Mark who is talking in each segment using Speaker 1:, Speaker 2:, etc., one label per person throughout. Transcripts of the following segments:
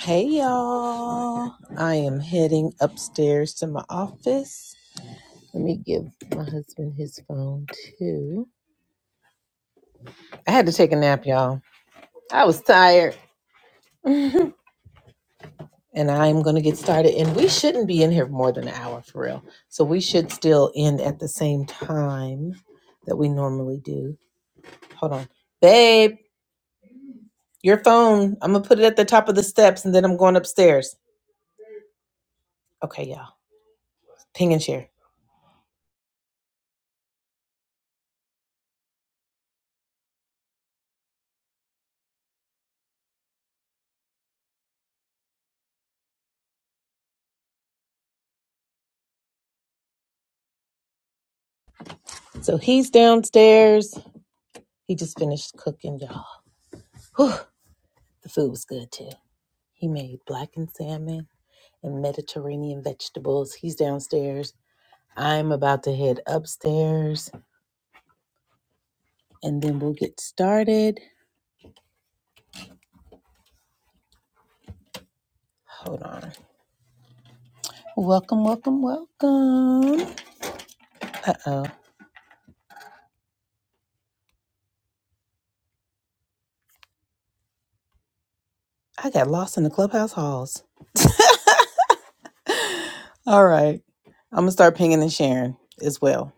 Speaker 1: Hey y'all. I am heading upstairs to my office. Let me give my husband his phone too. I had to take a nap, y'all. I was tired. and I'm going to get started. And we shouldn't be in here more than an hour for real. So we should still end at the same time that we normally do. Hold on. Babe, your phone. I'm going to put it at the top of the steps and then I'm going upstairs. Okay, y'all. Ping and share. So he's downstairs. He just finished cooking, y'all. Whew, the food was good too. He made blackened salmon and Mediterranean vegetables. He's downstairs. I'm about to head upstairs and then we'll get started. Hold on. Welcome, welcome, welcome. Uh oh. I got lost in the clubhouse halls. All right. I'm going to start pinging and sharing as well.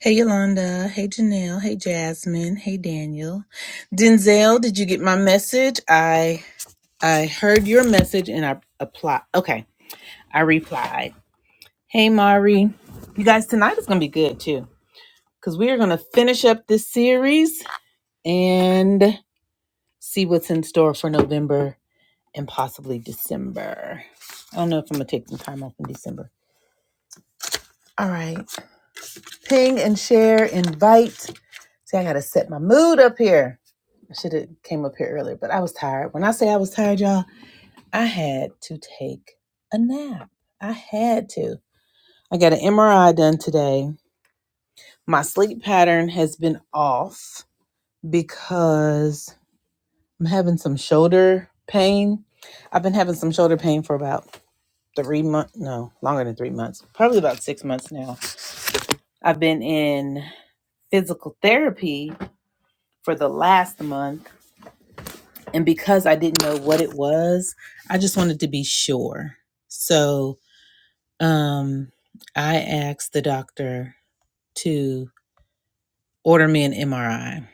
Speaker 1: Hey, Yolanda. Hey, Janelle. Hey, Jasmine. Hey, Daniel. Denzel, did you get my message? I I heard your message and I applied. Okay, I replied. Hey, Mari. You guys, tonight is going to be good too because we are going to finish up this series and see what's in store for November and possibly December. I don't know if I'm going to take some time off in December. All right. Ping and share, invite. See, I got to set my mood up here. I should have came up here earlier, but I was tired. When I say I was tired, y'all, I had to take a nap. I had to. I got an MRI done today. My sleep pattern has been off because I'm having some shoulder pain. I've been having some shoulder pain for about three months, no, longer than three months, probably about six months now. I've been in physical therapy for the last month. And because I didn't know what it was, I just wanted to be sure. So um, I asked the doctor to order me an MRI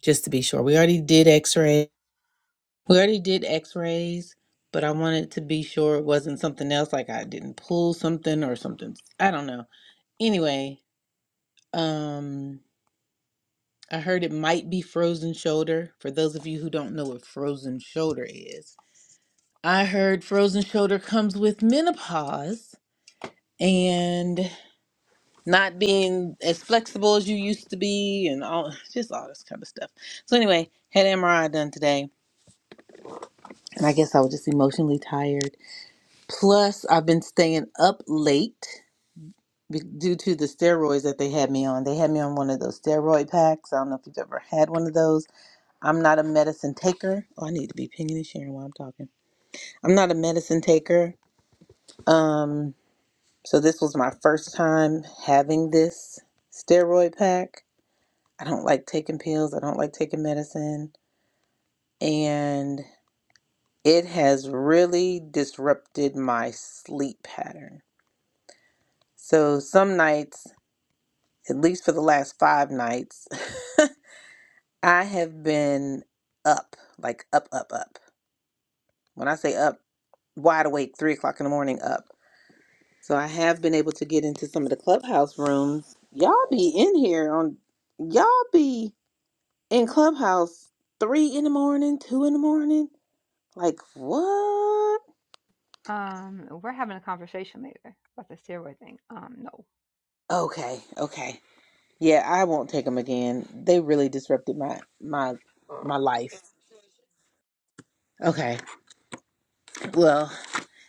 Speaker 1: just to be sure. We already did x ray. We already did x rays, but I wanted to be sure it wasn't something else, like I didn't pull something or something. I don't know. Anyway, um, I heard it might be frozen shoulder. For those of you who don't know what frozen shoulder is, I heard frozen shoulder comes with menopause and not being as flexible as you used to be and all just all this kind of stuff. So anyway, had MRI done today and I guess I was just emotionally tired Plus, I've been staying up late be- due to the steroids that they had me on. They had me on one of those steroid packs. I don't know if you've ever had one of those. I'm not a medicine taker. Oh, I need to be pinging and sharing while I'm talking. I'm not a medicine taker. Um, so this was my first time having this steroid pack. I don't like taking pills. I don't like taking medicine, and it has really disrupted my sleep pattern. So some nights at least for the last five nights, I have been up, like up, up, up. When I say up, wide awake, three o'clock in the morning, up. So I have been able to get into some of the clubhouse rooms. Y'all be in here on, y'all be in clubhouse three in the morning, two in the morning. Like what?
Speaker 2: Um, we're having a conversation later about the steroid thing. Um, no.
Speaker 1: Okay, okay. Yeah, I won't take them again. They really disrupted my my my life. Okay. Well,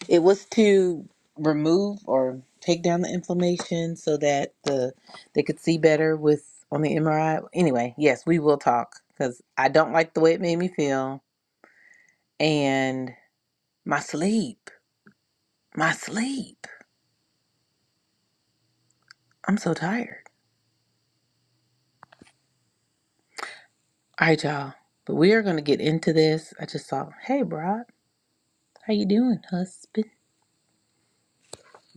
Speaker 1: It was to remove or take down the inflammation so that the they could see better with on the MRI. Anyway, yes, we will talk because I don't like the way it made me feel and my sleep, my sleep. I'm so tired. All right, y'all. But we are gonna get into this. I just saw, hey, Brock, how you doing, husband?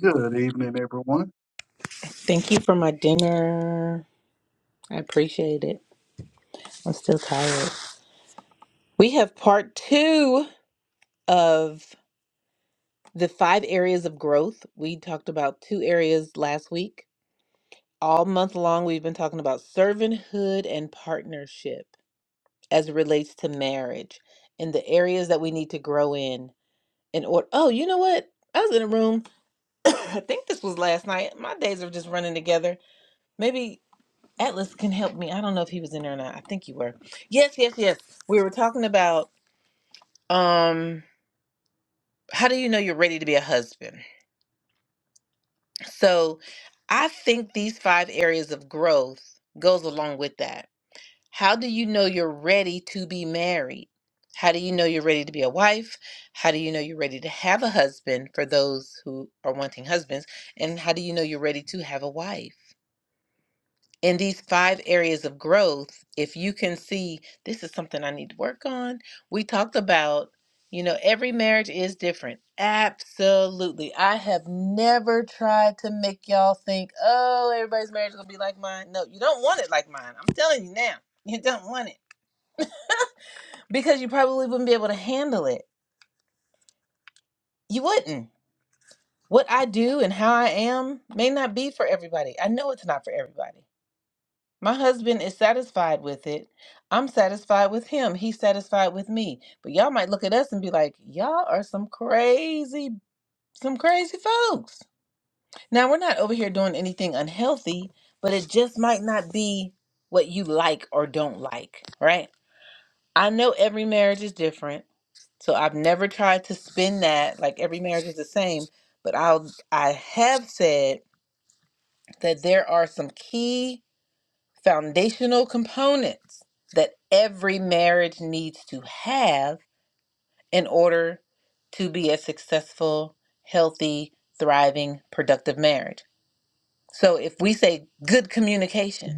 Speaker 3: Good evening, everyone.
Speaker 1: Thank you for my dinner. I appreciate it. I'm still tired. We have part two of The five areas of growth, we talked about two areas last week. All month long, we've been talking about servanthood and partnership as it relates to marriage and the areas that we need to grow in. In order, oh, you know what? I was in a room, I think this was last night. My days are just running together. Maybe Atlas can help me. I don't know if he was in there or not. I think you were. Yes, yes, yes. We were talking about um, how do you know you're ready to be a husband? So I think these five areas of growth goes along with that. How do you know you're ready to be married? How do you know you're ready to be a wife? How do you know you're ready to have a husband for those who are wanting husbands? And how do you know you're ready to have a wife? in these five areas of growth, if you can see this is something I need to work on, we talked about, you know, every marriage is different. Absolutely. I have never tried to make y'all think, oh, everybody's marriage is going to be like mine. No, you don't want it like mine. I'm telling you now, you don't want it because you probably wouldn't be able to handle it. You wouldn't. What I do and how I am may not be for everybody. I know it's not for everybody. My husband is satisfied with it. I'm satisfied with him. He's satisfied with me. But y'all might look at us and be like, y'all are some crazy, some crazy folks. Now, we're not over here doing anything unhealthy, but it just might not be what you like or don't like, right? I know every marriage is different. So I've never tried to spin that like every marriage is the same, but I'll I have said that there are some key foundational components that every marriage needs to have in order to be a successful, healthy, thriving, productive marriage. So if we say good communication,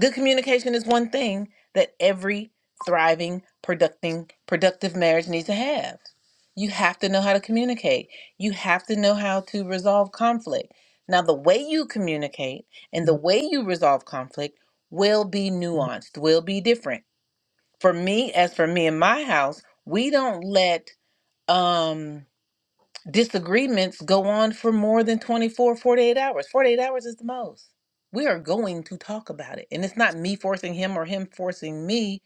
Speaker 1: Good communication is one thing that every thriving, producting, productive marriage needs to have. You have to know how to communicate. You have to know how to resolve conflict. Now, the way you communicate and the way you resolve conflict will be nuanced, will be different. For me, as for me in my house, we don't let um disagreements go on for more than 24, 48 hours 48 hours is the most we are going to talk about it and it's not me forcing him or him forcing me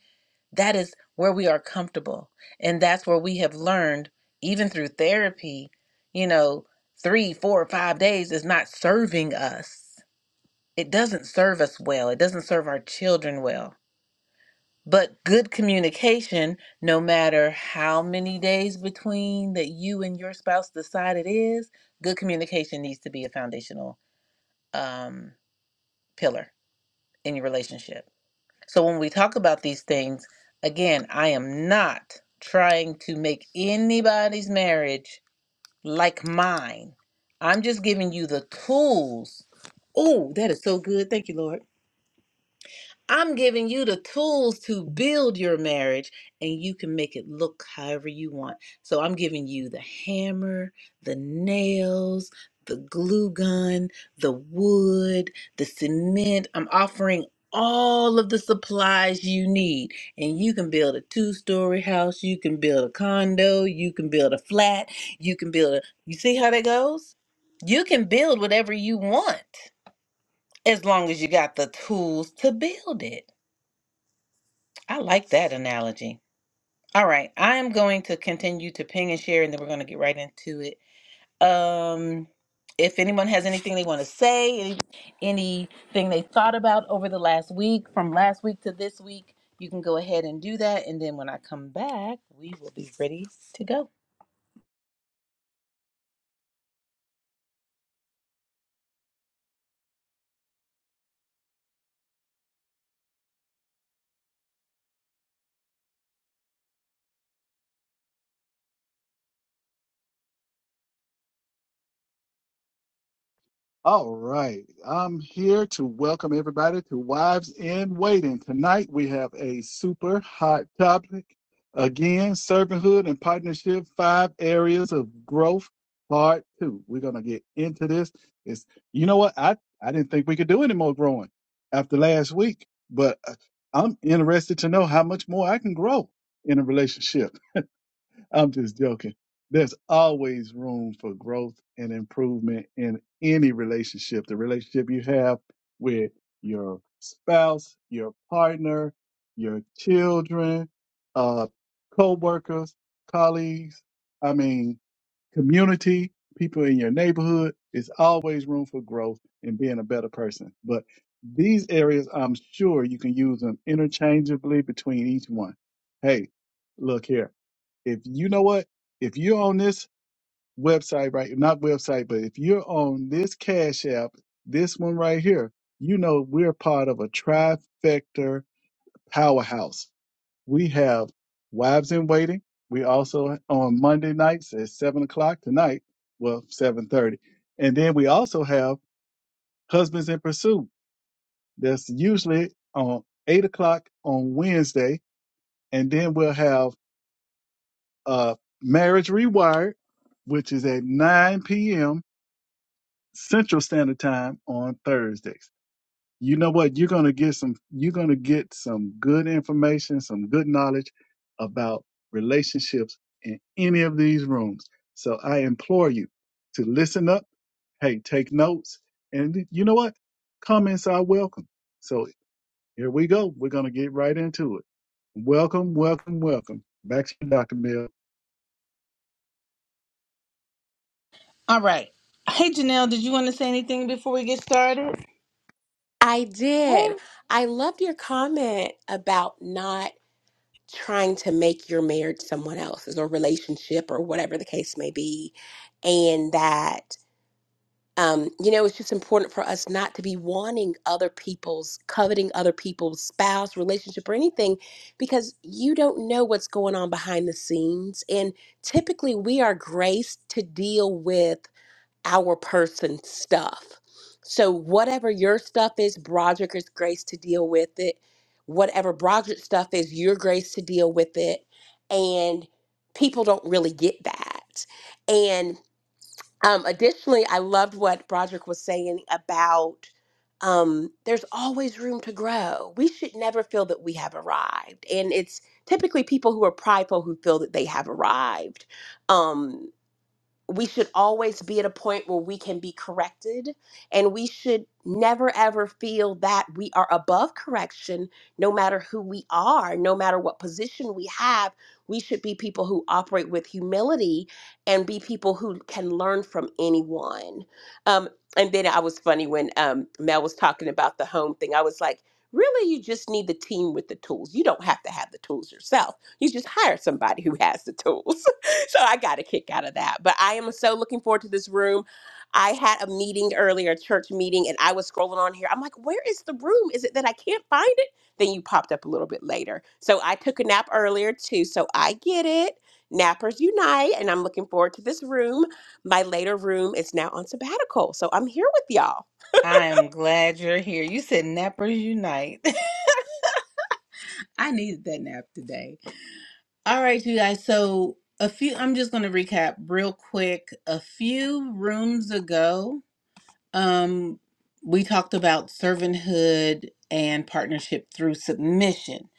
Speaker 1: that is where we are comfortable and that's where we have learned even through therapy you know three four five days is not serving us it doesn't serve us well it doesn't serve our children well but good communication, no matter how many days between that you and your spouse decide it is, good communication needs to be a foundational um, pillar in your relationship. So when we talk about these things, again, I am not trying to make anybody's marriage like mine. I'm just giving you the tools. Oh, that is so good. Thank you, Lord I'm giving you the tools to build your marriage and you can make it look however you want. So I'm giving you the hammer, the nails, the glue gun, the wood, the cement. I'm offering all of the supplies you need and you can build a two-story house, you can build a condo, you can build a flat, you can build a You see how that goes? You can build whatever you want as long as you got the tools to build it. I like that analogy. All right, I am going to continue to ping and share, and then we're going to get right into it. Um, if anyone has anything they want to say, any, anything they thought about over the last week, from last week to this week, you can go ahead and do that. And then when I come back, we will be ready to go.
Speaker 3: All right. I'm here to welcome everybody to Wives in Waiting. Tonight we have a super hot topic. Again, servanthood and partnership, five areas of growth, part two. We're gonna get into this. It's you know what? I, I didn't think we could do any more growing after last week, but uh, I'm interested to know how much more I can grow in a relationship. I'm just joking. There's always room for growth and improvement in any relationship. The relationship you have with your spouse, your partner, your children, uh, co-workers, colleagues. I mean, community, people in your neighborhood. It's always room for growth and being a better person. But these areas, I'm sure you can use them interchangeably between each one. Hey, look here. If you know what, if you're on this website, right? Not website, but if you're on this Cash App, this one right here, you know we're part of a trifecta powerhouse we have Wives in Waiting. We also on Monday nights at seven o'clock tonight, well seven thirty, and then we also have Husbands in Pursuit. That's usually on eight o'clock on Wednesday, and then we'll have uh, Marriage Rewired, which is at nine p.m. Central Standard Time on Thursdays. you know what you're going to get some you're going to get some good information some good knowledge about relationships in any of these rooms so i implore you to listen up hey take notes and you know what comments are welcome so here we go we're going to get right into it welcome welcome welcome back to you dr mill
Speaker 1: All right. Hey, Janelle, did you want to say anything before we get started?
Speaker 4: I
Speaker 1: Hey.
Speaker 4: did. I loved your comment about not trying to make your marriage someone else's or relationship or whatever the case may be. And that, um, you know, it's just important for us not to be wanting other people's, coveting other people's spouse, relationship, or anything because you don't know what's going on behind the scenes. And typically we are graced to deal with our person stuff. So whatever your stuff is, Broderick is grace to deal with it. Whatever Broderick's stuff is, your grace to deal with it. And people don't really get that. And um, additionally, I loved what Broderick was saying about um, there's always room to grow. We should never feel that we have arrived. And it's typically people who are prideful who feel that they have arrived. Um, we should always be at a point where we can be corrected and we should never ever feel that we are above correction no matter who we are no matter what position we have we should be people who operate with humility and be people who can learn from anyone um, and then i was funny when um, mel was talking about the home thing i was like really you just need the team with the tools you don't have to have the tools yourself you just hire somebody who has the tools so I got a kick out of that. But I am so looking forward to this room. I had a meeting earlier, a church meeting, and I was scrolling on here. I'm like, where is the room? Is it that I can't find it? Then you popped up a little bit later. So I took a nap earlier too. So I get it. Nappers unite, and I'm looking forward to this room. My later room is now on sabbatical. So I'm here with y'all.
Speaker 1: I am glad you're here. You said Nappers Unite. I needed that nap today. All right, you guys. So, a few, I'm just going to recap real quick. A few rooms ago, um, we talked about servanthood and partnership through submission.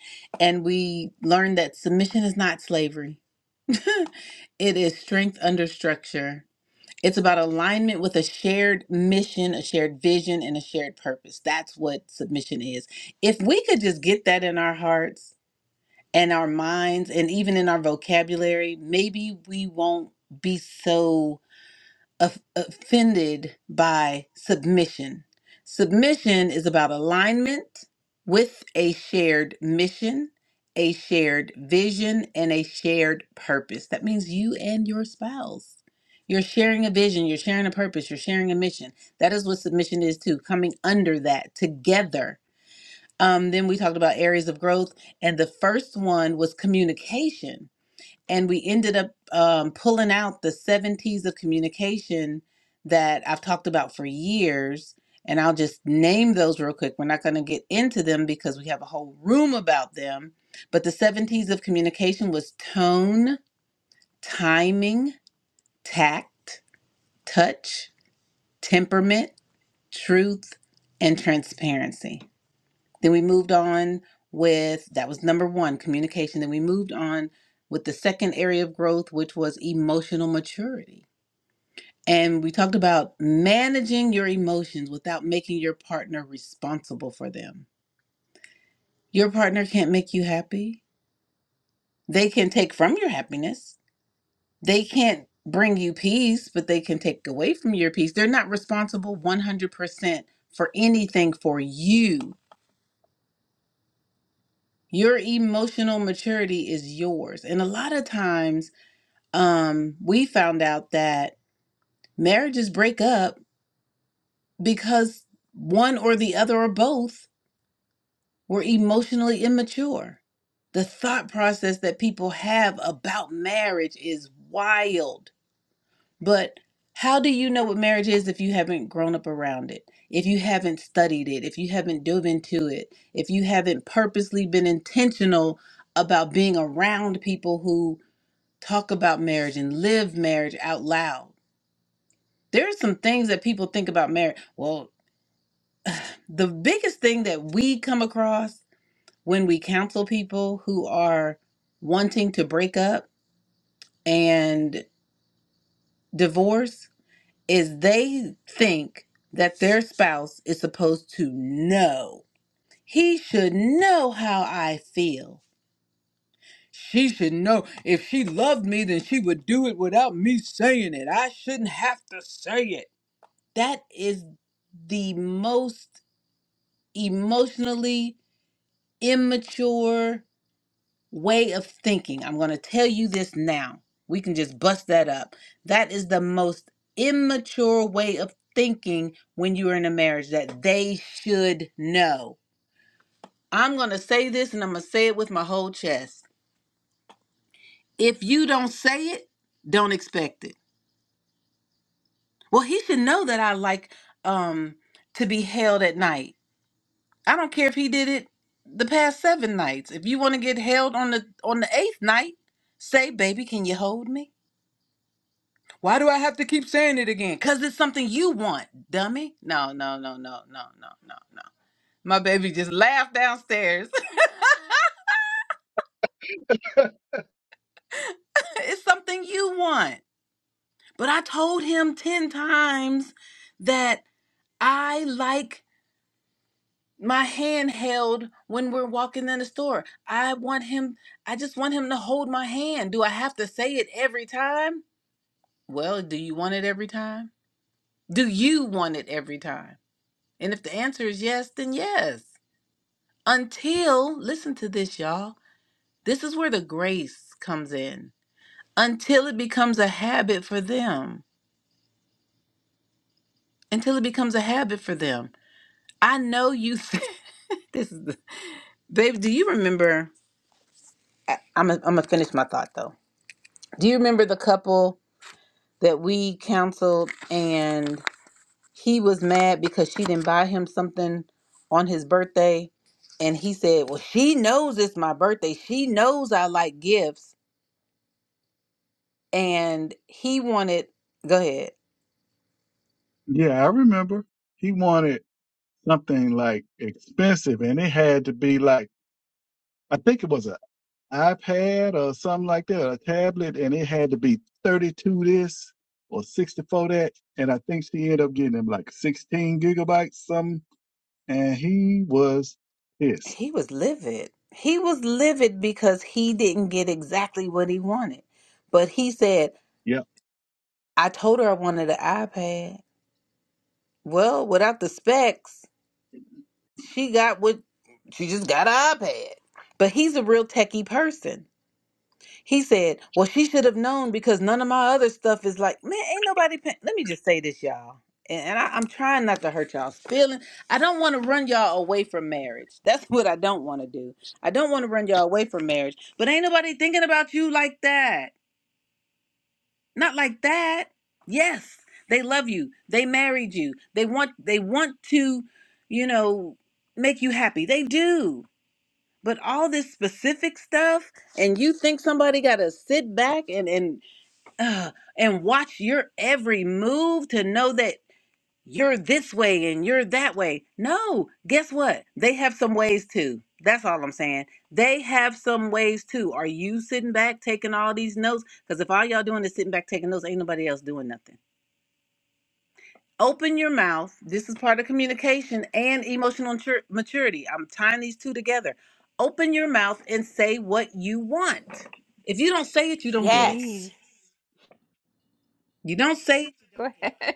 Speaker 1: And we learned that submission is not slavery, it is strength under structure It's about alignment with a shared mission, a shared vision, and a shared purpose. That's what submission is. If we could just get that in our hearts and our minds and even in our vocabulary, maybe we won't be so of- offended by submission. Submission is about alignment with a shared mission, a shared vision, and a shared purpose. That means you and your spouse. You're sharing a vision, you're sharing a purpose, you're sharing a mission. That is what submission is too, coming under that together. Um, then we talked about areas of growth, and the first one was communication and we ended up um, pulling out the seven T's of communication that I've talked about for years. And I'll just name those real quick. We're not going to get into them because we have a whole room about them. But the seven T's of communication was tone, timing, tact, touch, temperament, truth, and transparency. Then we moved on with that was number one, communication. Then we moved on with the second area of growth, which was emotional maturity. And we talked about managing your emotions without making your partner responsible for them. Your partner can't make you happy. They can take from your happiness. They can't bring you peace, but they can take away from your peace. They're not responsible 100% for anything for you your emotional maturity is yours and a lot of times um we found out that marriages break up because one or the other or both were emotionally immature the thought process that people have about marriage is wild but how do you know what marriage is if you haven't grown up around it if you haven't studied it if you haven't dove into it if you haven't purposely been intentional about being around people who talk about marriage and live marriage out loud. There are some things that people think about marriage. Well, the biggest thing that we come across when we counsel people who are wanting to break up and divorce is they think that their spouse is supposed to know. He should know how I feel. She should know if she loved me, then she would do it without me saying it. I shouldn't have to say it That is the most emotionally immature way of thinking. I'm going to tell you this now. We can just bust that up. That is the most immature way of thinking when you're in a marriage that they should know. I'm going to say this and I'm going to say it with my whole chest. If you don't say it, don't expect it. Well, he should know that I like um to be held at night. I don't care if he did it the past seven nights. If you want to get held on the on the eighth night, say, baby, can you hold me? Why do I have to keep saying it again? Cause it's something you want, dummy. No, no, no, no, no, no, no, no. My baby just laughed downstairs. it's something you want. But I told him ten times that I like my hand held when we're walking in the store. I want him I just want him to hold my hand. Do I have to say it every time? Well, do you want it every time? Do you want it every time? And if the answer is yes, then yes. Until, listen to this, y'all. This is where the grace comes in. Until it becomes a habit for them. Until it becomes a habit for them. I know you said this is the babe. Do you remember? I, I'm gonna I'm gonna finish my thought though. Do you remember the couple that we counseled and he was mad because she didn't buy him something on his birthday and he said well she knows it's my birthday she knows i like gifts and he wanted go ahead
Speaker 3: yeah i remember he wanted something like expensive and it had to be like i think it was a iPad or something like that, or a tablet, and it had to be 32 this or 64 that. And I think she ended up getting him like 16 gigabytes, something. And he was pissed.
Speaker 1: he was livid he was livid because he didn't get exactly what he wanted but he said
Speaker 3: Yep.
Speaker 1: i told her i wanted an ipad well without the specs she got what she just got an ipad but he's a real techie person He said, Well, she should have known because none of my other stuff is like, man, ain't nobody paying. Let me just say this, y'all. And, and I, I'm trying not to hurt y'all's feelings. I don't want to run y'all away from marriage. That's what I don't want to do. I don't want to run y'all away from marriage. But ain't nobody thinking about you like that. Not like that. Yes, they love you. They married you. They want they want to, you know, make you happy. They do. But all this specific stuff, and you think somebody got to sit back and and uh, and watch your every move to know that you're this way and you're that way. No, guess what? They have some ways too. That's all I'm saying. They have some ways too. Are you sitting back taking all these notes? Because if all y'all doing is sitting back taking notes, ain't nobody else doing nothing. Open your mouth. This is part of communication and emotional matur- maturity. I'm tying these two together. Open your mouth and say what you want. If you don't say it, you don't
Speaker 2: And
Speaker 1: get it.
Speaker 4: Yes.
Speaker 2: need.
Speaker 1: You don't say
Speaker 2: Go ahead.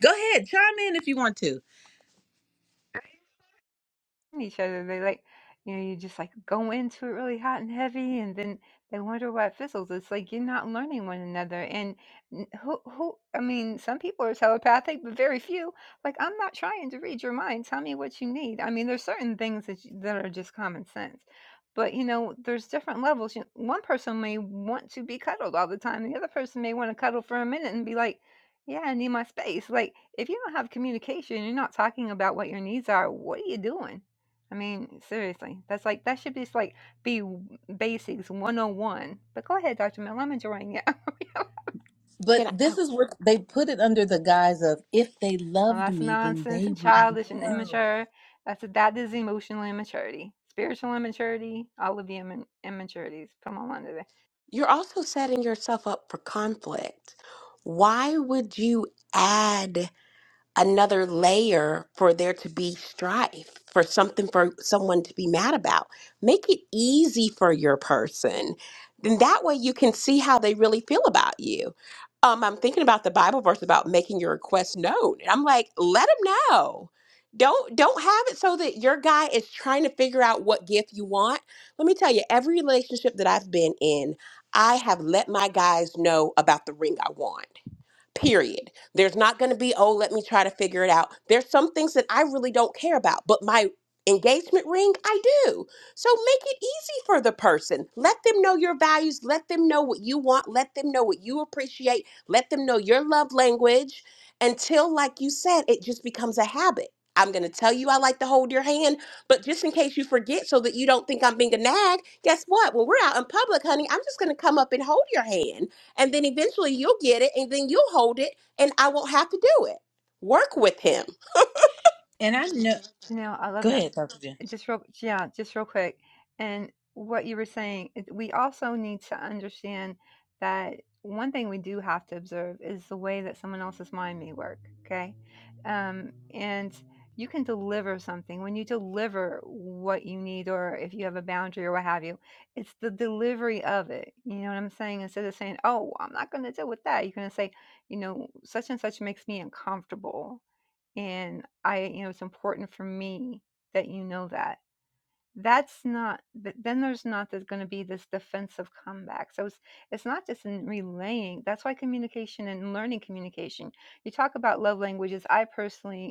Speaker 1: Go ahead, chime in if you want to.
Speaker 2: each other. They like, you know, you just like go into it really hot and heavy, and then they wonder why it fizzles. It's like you're not learning one another. And n- who, who? I mean, some people are telepathic, but very few. Like, I'm not trying to read your mind. Tell me what you need. I mean, there's certain things that you, that are just common sense. But you know, there's different levels. You one person may want to be cuddled all the time. The other person may want to cuddle for a minute and be like, "Yeah, I need my space." Like, if you don't have communication, you're not talking about what your needs are. What are you doing? I mean, seriously, that's like that should just like be w- basics 101. But go ahead, Dr. Mel, I'm enjoying it.
Speaker 1: But
Speaker 4: Can I,
Speaker 1: this
Speaker 4: oh,
Speaker 1: is what they put it under the guise of if they
Speaker 2: Well,
Speaker 1: loved
Speaker 2: that's
Speaker 1: me, then
Speaker 2: nonsense
Speaker 1: they
Speaker 2: and
Speaker 1: would. know."
Speaker 2: childish and immature. That's that is emotional immaturity, spiritual immaturity, all of the imma- immaturities. Come on under there.
Speaker 4: you're also setting yourself up for conflict. Why would you add? another layer for there to be strife, for something for someone to be mad about. Make it easy for your person. Then that way you can see how they really feel about you. Um, I'm thinking about the Bible verse about making your request known. And I'm like, let them know. Don't don't have it so that your guy is trying to figure out what gift you want. Let me tell you, every relationship that I've been in, I have let my guys know about the ring I want period. There's not going to be, oh, let me try to figure it out. There's some things that I really don't care about, but my engagement ring, I do. So make it easy for the person. Let them know your values. Let them know what you want. Let them know what you appreciate. Let them know your love language until, like you said, it just becomes a habit. I'm going to tell you I like to hold your hand, but just in case you forget so that you don't think I'm being a nag, guess what? When we're out in public, honey, I'm just going to come up and hold your hand and then eventually you'll get it and then you'll hold it and I won't have to do it. Work with him.
Speaker 1: And I know.
Speaker 2: Janelle, I
Speaker 1: Go
Speaker 2: love it.
Speaker 1: ahead, Dr. Jen.
Speaker 2: just real yeah just real quick and what you were saying it- we also need to understand that one thing we do have to observe is the way that someone else's mind may work okay um, and you can deliver something when you deliver what you need or if you have a boundary or what have you it's the delivery of it you know what i'm saying instead of saying oh i'm not going to deal with that you're going to say you know such and such makes me uncomfortable and i you know it's important for me that you know that that's not th- then there's not there's going to be this defensive comeback so it's it's not just in relaying that's why communication and learning communication you talk about love languages i personally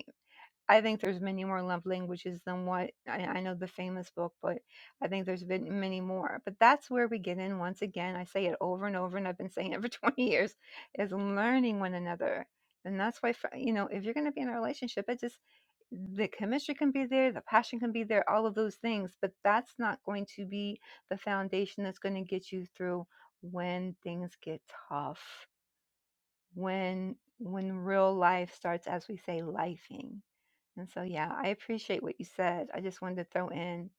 Speaker 2: I think there's many more love languages than what I, I know the famous book, but I think there's been many more. But that's where we get in once again. I say it over and over, and I've been saying it for 20 years, is learning one another. And that's why, fr- you know, if you're going to be in a relationship, it just, the chemistry can be there, the passion can be there, all of those things, but that's not going to be the foundation that's going to get you through when things get tough, when when real life starts, as we say, lifing and so, yeah, I appreciate what you said. I just wanted to throw in: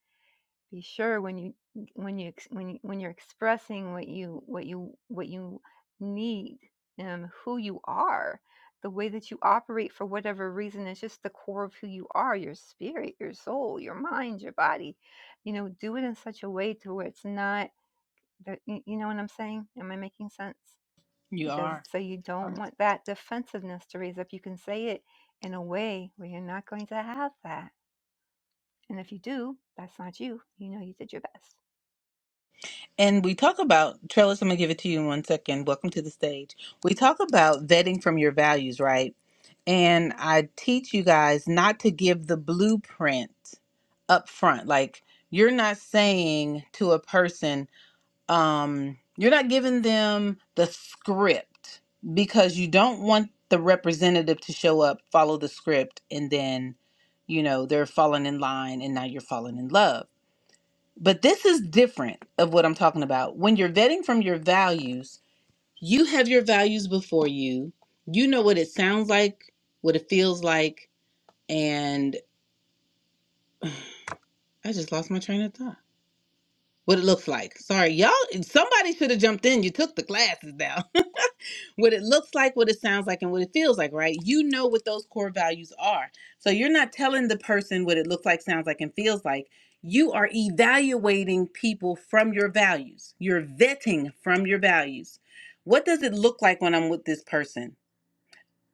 Speaker 2: be sure when you when you ex- when you, when you're expressing what you what you what you need, um, who you are, the way that you operate for whatever reason. It's just the core of who you are: your spirit, your soul, your mind, your body. You know, do it in such a way to where it's not. that- You you know what I'm saying? Am I making sense?
Speaker 1: You
Speaker 2: It does
Speaker 1: are.
Speaker 2: so you don't want that defensiveness to raise up. You can say it in a way where you're not going to have that and if you do, that's not you. You know you did your best.
Speaker 1: And we talk about, Trellis, I'm going to give it to you in one second. Welcome to the stage. We talk about vetting from your values, right? And I teach you guys not to give the blueprint up front. Like, you're not saying to a person, um you're not giving them the script because you don't want the representative to show up follow the script and then you know they're falling in line and now you're falling in love but this is different of what i'm talking about when you're vetting from your values you have your values before you you know what it sounds like what it feels like and i just lost my train of thought what it looks like. Sorry, y'all. Somebody should have jumped in. You took the classes now. what it looks like, what it sounds like, and what it feels like, right? You know what those core values are. So you're not telling the person what it looks like, sounds like, and feels like. You are evaluating people from your values. You're vetting from your values. What does it look like when I'm with this person?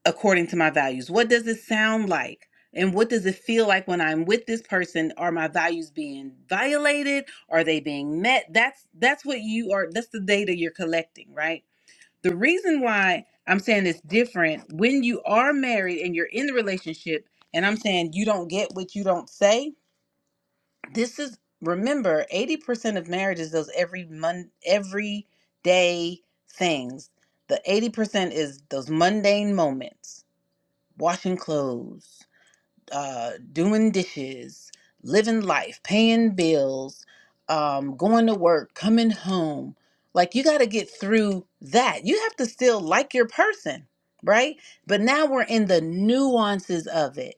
Speaker 1: according to my values? What does it sound like? And what does it feel like when I'm with this person? Are my values being violated? Are they being met? That's that's what you are that's the data you're collecting, right? The reason why I'm saying it's different when you are married and you're in the relationship and I'm saying you don't get what you don't say. This is remember 80% of marriages those every month every day things. The 80% is those mundane moments washing clothes, uh, doing dishes, living life, paying bills, um, going to work, coming home. Like you got to get through that. You have to still like your person, right? But now we're in the nuances of it.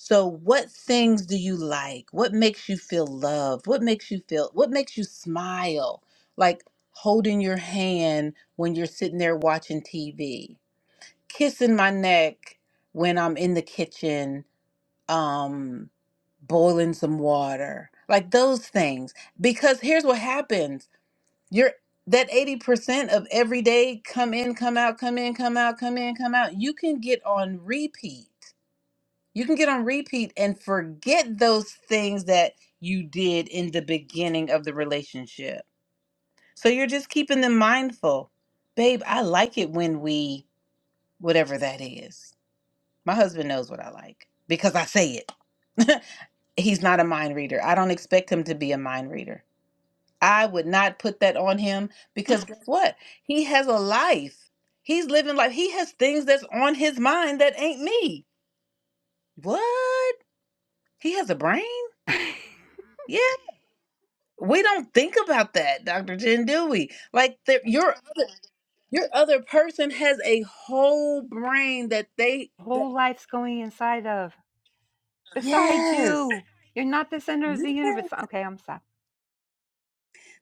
Speaker 1: So what things do you like? What makes you feel loved? What makes you feel what makes you smile? Like holding your hand when you're sitting there watching TV kissing my neck when I'm in the kitchen, um, boiling some water, like those things. Because here's what happens: you're that 80% of every day come in, come out, come in, come out, come in, come out. You can get on repeat. You can get on repeat and forget those things that you did in the beginning of the relationship. So you're just keeping them mindful. Babe, I like it when we whatever that is. My husband knows what I like because I say it. He's not a mind reader. I don't expect him to be a mind reader. I would not put that on him because guess what? He has a life. He's living life. He has things that's on his mind that ain't me. What? He has a brain? Yeah. We don't think about that, Dr. Jen, do we? Like the, your other your other person has a whole brain that they that,
Speaker 2: Whole life's going inside of, beside
Speaker 1: yes.
Speaker 2: you. You're not the center of
Speaker 1: Yeah.
Speaker 2: the universe. Okay, I'm stopped.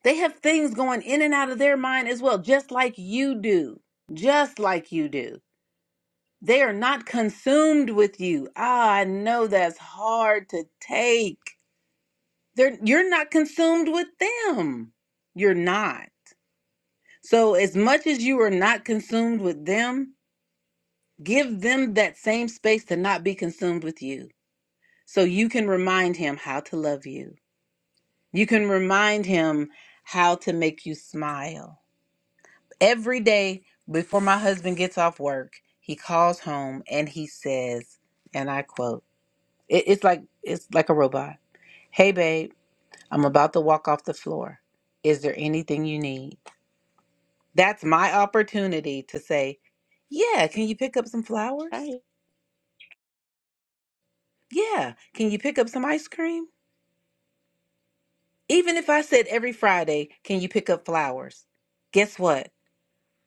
Speaker 1: They have things going in and out of their mind as well, just like you do. Just like you do. They are not consumed with you. Ah, I know that's hard to take. They're, you're not consumed with them. You're not. So, as much as you are not consumed with them, give them that same space to not be consumed with you. So, you can remind him how to love you. You can remind him how to make you smile Every day before my husband gets off work, he calls home and he says, and I quote, it, it's like it's like a robot. Hey babe, I'm about to walk off the floor. Is there anything you need? That's my opportunity to say, Yeah, can you pick up some flowers?
Speaker 4: Right.
Speaker 1: Yeah, can you pick up some ice cream? Even if I said every Friday, can you pick up flowers? Guess what?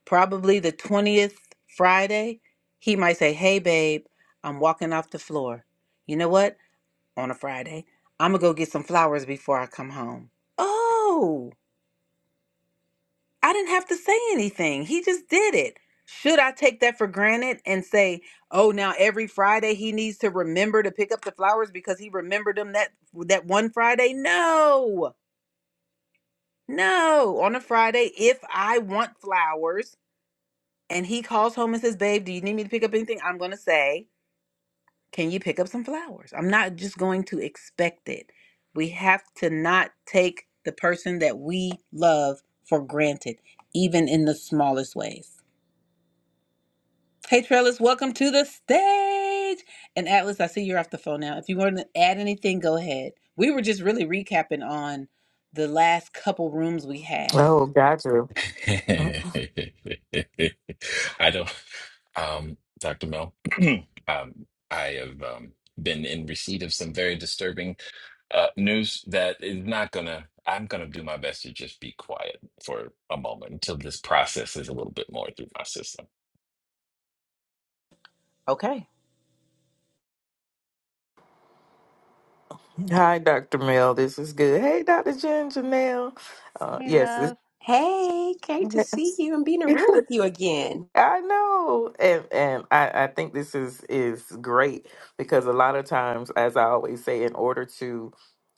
Speaker 1: probably the 20th Friday, he might say, Hey, babe, I'm walking off the floor. You know what? On a Friday, I'm going to go get some flowers before I come home. Oh, I didn't have to say anything. He just did it. Should I take that for granted and say, oh, now every Friday he needs to remember to pick up the flowers because he remembered them that that one Friday? No. No, on a Friday, if I want flowers, and he calls home and says, Babe, do you need me to pick up anything? I'm going to say, Can you pick up some flowers? I'm not just going to expect it. We have to not take the person that we love for granted, even in the smallest ways. Hey, Trellis, welcome to the stage. And Atlas, I see you're off the phone now. If you want to add anything, go ahead. We were just really recapping on the last couple rooms we had.
Speaker 5: Oh, gotcha. Mm-hmm.
Speaker 6: I don't, um, Dr. Mel, um, I have um, been in receipt of some very disturbing uh, news that is not gonna, I'm gonna do my best to just be quiet for a moment until this process is a little bit more through my system.
Speaker 1: Okay.
Speaker 5: Hi, Dr. Mel. This is good. Hey, Dr. Jen Janelle. Uh,
Speaker 2: Hey,
Speaker 5: yes. it-
Speaker 2: love.
Speaker 4: Hey, great to see
Speaker 5: yes.
Speaker 4: you and be in a room with you again.
Speaker 5: I know. And and I, I think this is is great because a lot of times, as I always say, in order to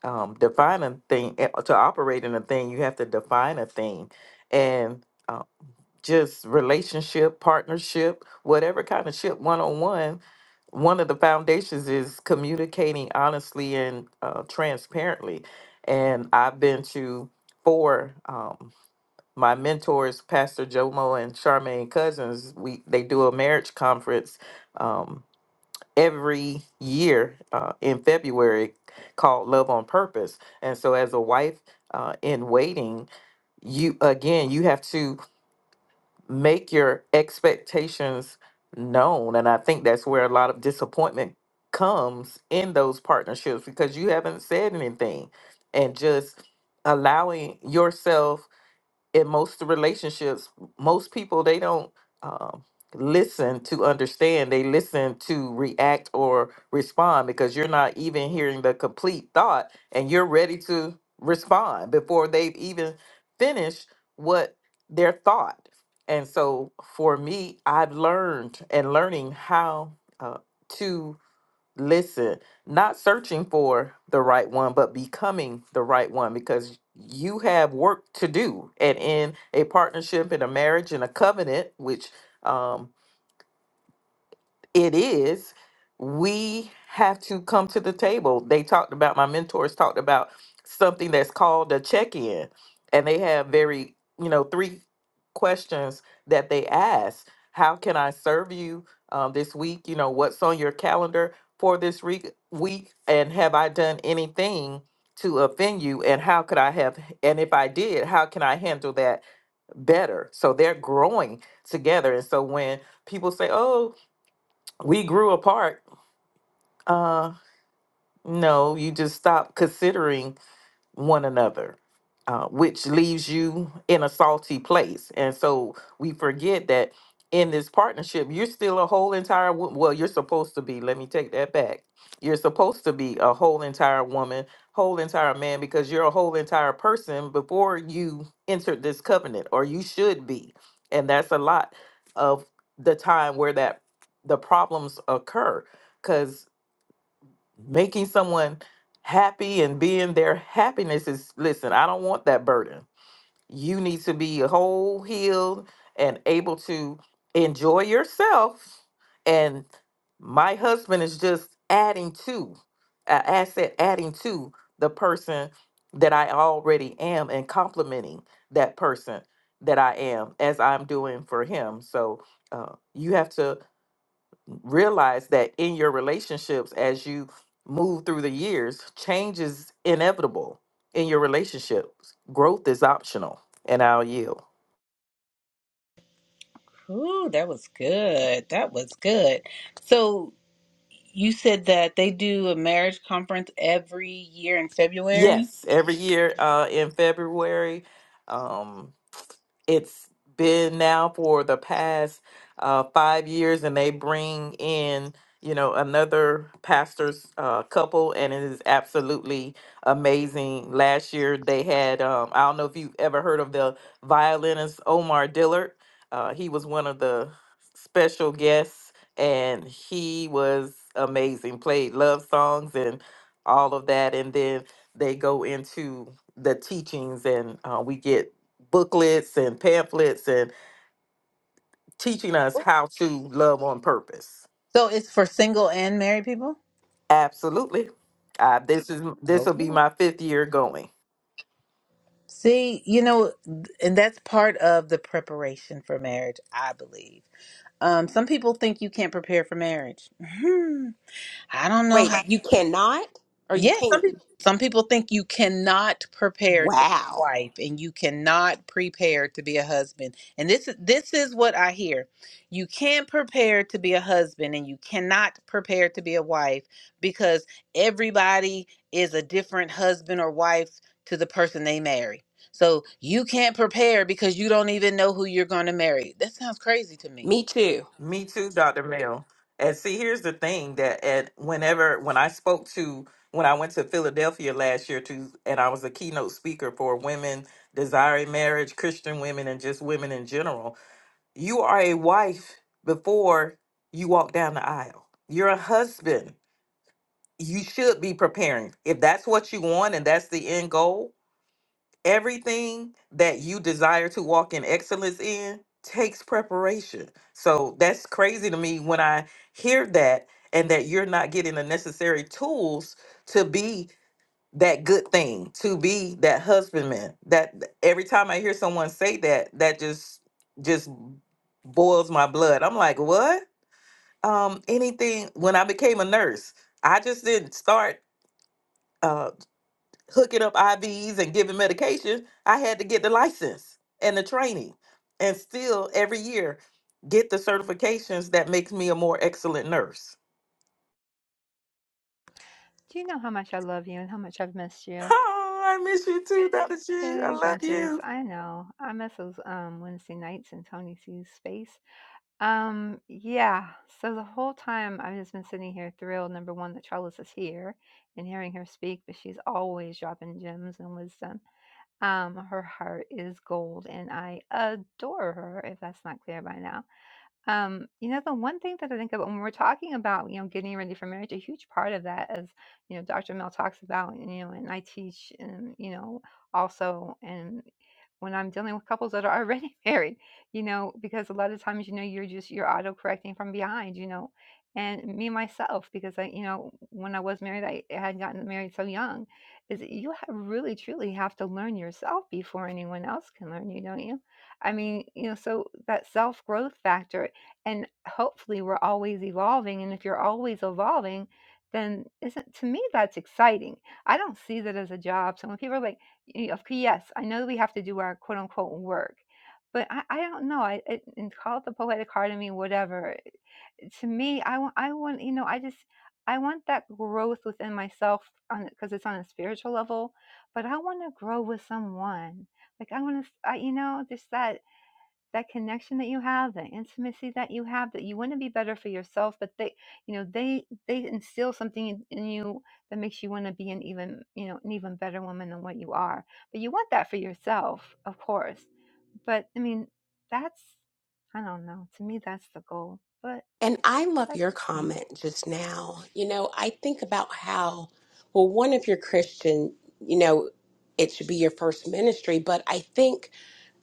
Speaker 5: um, define a thing, eh, to operate in a thing, you have to define a thing. And um, just relationship, partnership, whatever kind of ship, one on one, one of the foundations is communicating honestly and uh, transparently. And I've been to four. Um, my mentors, Pastor Jomo and Charmaine Cousins, we they do a marriage conference um, every year uh, in February called Love on Purpose. And so, as a wife uh, in waiting, you again you have to make your expectations known and i think that's where a lot of disappointment comes in those partnerships because you haven't said anything and just allowing yourself in most relationships, most people they don't um, listen to understand. They listen to react or respond because you're not even hearing the complete thought, and you're ready to respond before they've even finished what their thought. And so, for me, I've learned and learning how uh, to listen, not searching for the right one, but becoming the right one because you have work to do. And in a partnership, in a marriage, in a covenant, which um, it is we have to come to the table they talked about my mentors talked about something that's called a check-in and they have very you know three questions that they ask how can i serve you um, this week you know what's on your calendar for this re- week and have i done anything to offend you and how could i have and if i did how can i handle that better so they're growing together and so when people say, "Oh, we grew apart. Uh, no, you just stopped considering one another, uh, which leaves you in a salty place. And so we forget that in this partnership, you're still a whole entire wo- well, you're supposed to be. Let me take that back. You're supposed to be a whole entire woman, whole entire man, because you're a whole entire person before you entered this covenant, or you should be. And that's a lot of the time where that the problems occur because making someone happy and being their happiness is listen i don't want that burden you need to be whole healed and able to enjoy yourself and my husband is just adding to a asset adding to the person that i already am and complimenting that person that i am as i'm doing for him so uh, you have to realize that in your relationships as you move through the years change is inevitable in your relationships growth is optional and i'll yield
Speaker 1: Ooh, that was good. That was good. So You said that they do a marriage conference every year in February.
Speaker 5: yes every year uh, in february um, it's been now for the past uh, five years, and they bring in you know another pastor's uh, couple, and it is absolutely amazing. Last year they had um, I don't know if you've ever heard of the violinist Omar Dillard. Uh, he was one of the special guests, and he was amazing. Played love songs and all of that, and then they go into the teachings, and uh, we get booklets and pamphlets and teaching us how to love on purpose.
Speaker 1: So it's for single and married people?
Speaker 5: Absolutely. Uh, this is this will
Speaker 1: Okay.
Speaker 5: be my fifth year going.
Speaker 1: See, you know, and that's part of the preparation for marriage, I believe. Um, some people think you can't prepare for marriage. Hmm. I don't know
Speaker 4: Wait,
Speaker 1: how.
Speaker 4: you cannot or you
Speaker 1: Yeah, some
Speaker 4: can?
Speaker 1: people some people think you cannot prepare to be a
Speaker 4: Wow.
Speaker 1: wife and you cannot prepare to be a husband. And this is this is what I hear. You can't prepare to be a husband and you cannot prepare to be a wife because everybody is a different husband or wife to the person they marry. So you can't prepare because you don't even know who you're going to marry. That sounds crazy to me.
Speaker 4: Me too.
Speaker 5: Me too, Dr. Mill. And see, here's the thing that at whenever when I spoke to when I went to Philadelphia last year to and I was a keynote speaker for women desiring marriage, Christian women, and just women in general, you are a wife before you walk down the aisle. You're a husband you should be preparing. If that's what you want and that's the end goal, everything that you desire to walk in excellence in takes preparation. So that's crazy to me when I hear that and that you're not getting the necessary tools to be that good thing, to be that husbandman. That every time I hear someone say that, that just just boils my blood. I'm like, what? Um, anything when I became a nurse, I just didn't start Uh, hooking up IVs and giving medication, I had to get the license and the training and still every year get the certifications that makes me a more excellent nurse.
Speaker 2: Do you know how much I love you and how much I've missed you?
Speaker 5: Oh, I miss you too, Dr. G. I
Speaker 2: Big
Speaker 5: love
Speaker 2: bunches.
Speaker 5: you.
Speaker 2: I know. I miss those um Wednesday nights in Tony C's space. Um, yeah. So the whole time I've just been sitting here thrilled, number one, that Trellis is here and hearing her speak, but she's always dropping gems and wisdom. Um, her heart is gold, and I adore her, if that's not clear by now. Um, you know, the one thing that I think about when we're talking about, you know, getting ready for marriage, a huge part of that is, you know, Dr. Mel talks about, you know, and I teach, and, you know, also, and when I'm dealing with couples that are already married, you know, because a lot of times, you know, you're just, you're auto correcting from behind, you know, and me myself, because I, you know, when I was married, I had gotten married so young, is that you ha- really, truly have to learn yourself before anyone else can learn you, don't you? I mean, you know, so that self growth factor and hopefully we're always evolving and if you're always evolving then isn't to me that's exciting i don't see that as a job so when people are like you know, okay, yes i know we have to do our quote unquote work but i, I don't know i it, and call it the poetic heart of me whatever to me i want i want you know i just i want that growth within myself on because it's on a spiritual level but i want to grow with someone like i want to i you know just that that connection that you have that intimacy that you have that you want to be better for yourself but they you know they they instill something in, in you that makes you want to be an even you know an even better woman than what you are but you want that for yourself of course but i mean that's i don't know to me that's the goal but
Speaker 4: And I love
Speaker 2: that's
Speaker 4: your
Speaker 2: just me
Speaker 4: comment just now. You know, I think about how, well, one, if you're Christian, you know, it should be your first ministry. But I think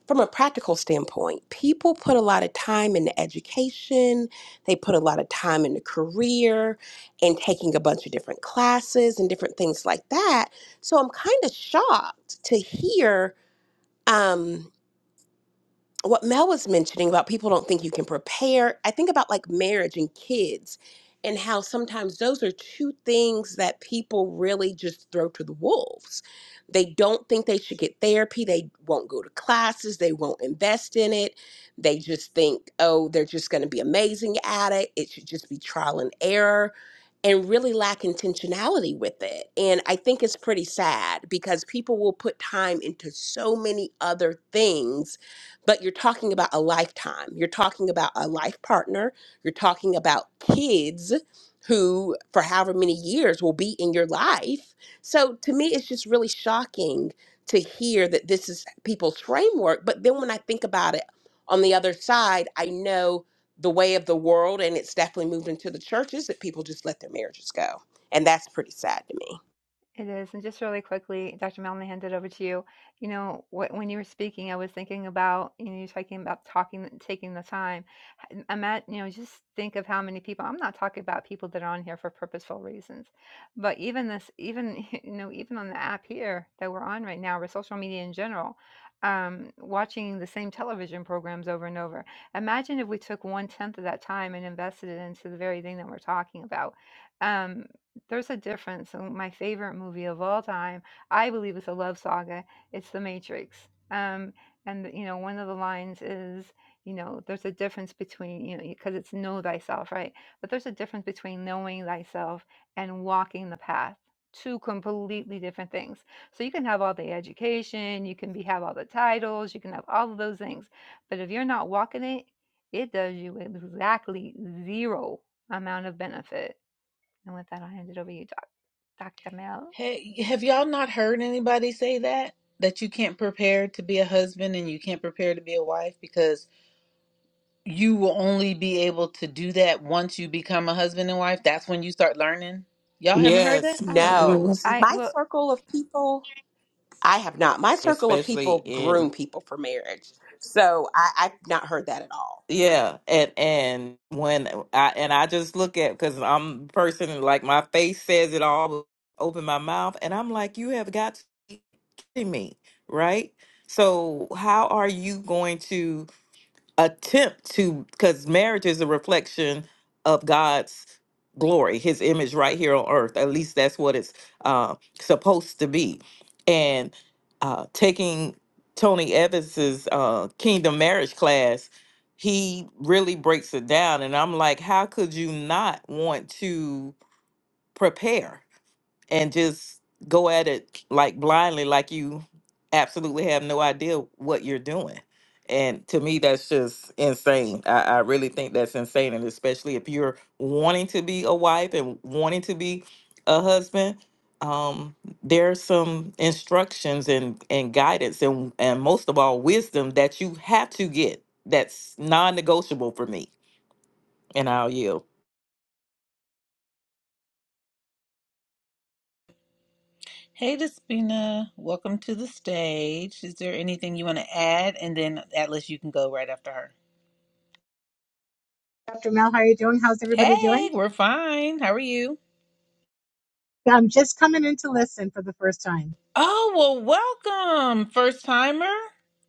Speaker 4: from a practical standpoint, people put a lot of time into education, they put a lot of time into career and taking a bunch of different classes and different things like that. So I'm kind of shocked to hear. Um, what Mel was mentioning about people don't think you can prepare, I think about like marriage and kids and how sometimes those are two things that people really just throw to the wolves. They don't think they should get therapy, they won't go to classes, they won't invest in it. They just think, oh, they're just going to be amazing at it. It should just be trial and error and really lack intentionality with it. And I think it's pretty sad because people will put time into so many other things but you're talking about a lifetime. You're talking about a life partner. You're talking about kids who, for however many years, will be in your life. So to me, it's just really shocking to hear that this is people's framework. But then when I think about it on the other side, I know the way of the world, and it's definitely moved into the churches that people just let their marriages go. And that's pretty sad to me.
Speaker 2: It is. And just really quickly, Dr. Melman, hand it over to you. You know, wh- when you were speaking, I was thinking about, you know, you're talking about talking, taking the time. I- I'm at, you know, just think of how many people, I'm not talking about people that are on here for purposeful reasons, but even this, even, you know, even on the app here that we're on right now, or social media in general, um, watching the same television programs over and over. Imagine if we took one tenth of that time and invested it into the very thing that we're talking about. Um, there's a difference. So my favorite movie of all time, I believe, is a love saga. It's The Matrix. Um, and you know, one of the lines is, you know, there's a difference between you know, because it's know thyself, right? But there's a difference between knowing thyself and walking the path. Two completely different things. So you can have all the education, you can be have all the titles, you can have all of those things, but if you're not walking it, it does you exactly zero amount of benefit. And with that, I'll hand it over to you, Dr. Mel.
Speaker 1: Hey, have y'all not heard anybody say that? That you can't prepare to be a husband and you can't prepare to be a wife because you will only be able to do that once you become a husband and wife. That's when you start learning. Y'all haven't heard that?
Speaker 5: Yes.
Speaker 2: I, uh,
Speaker 4: No.
Speaker 5: Mhm.
Speaker 4: See,
Speaker 2: I
Speaker 4: my
Speaker 2: will.
Speaker 4: circle of people I have not. My circle of
Speaker 5: Especially
Speaker 4: people
Speaker 5: in.
Speaker 4: groom people for marriage. So I, I've not heard that at all.
Speaker 5: Yeah, and and when I and I just look at because I'm a person and, like my face says it all, open my mouth, and I'm like, you have got to be kidding me, right? So how are you going to? attempt to because marriage is a reflection of god's glory his image right here on earth at least that's what it's uh, supposed to be and uh, taking tony evans's uh, kingdom marriage class he really breaks it down and i'm like how could you not want to prepare and just go at it like blindly, like you absolutely have no idea what you're doing. And to me, that's just insane. I, I really think that's insane. And especially if you're wanting to be a wife and wanting to be a husband, um, there's some instructions and, and guidance and, and most of all, wisdom that you have to get that's non negotiable for me. And I'll yield.
Speaker 1: Hey, Despina, welcome to the stage. Is there anything you want to add? And then Atlas, you can go right after her.
Speaker 7: Dr. Mel, how are you doing? How's everybody doing?
Speaker 1: Hey, we're fine. How are you?
Speaker 7: Yeah, I'm just coming in to listen for the first time.
Speaker 1: Oh, well, welcome, first timer.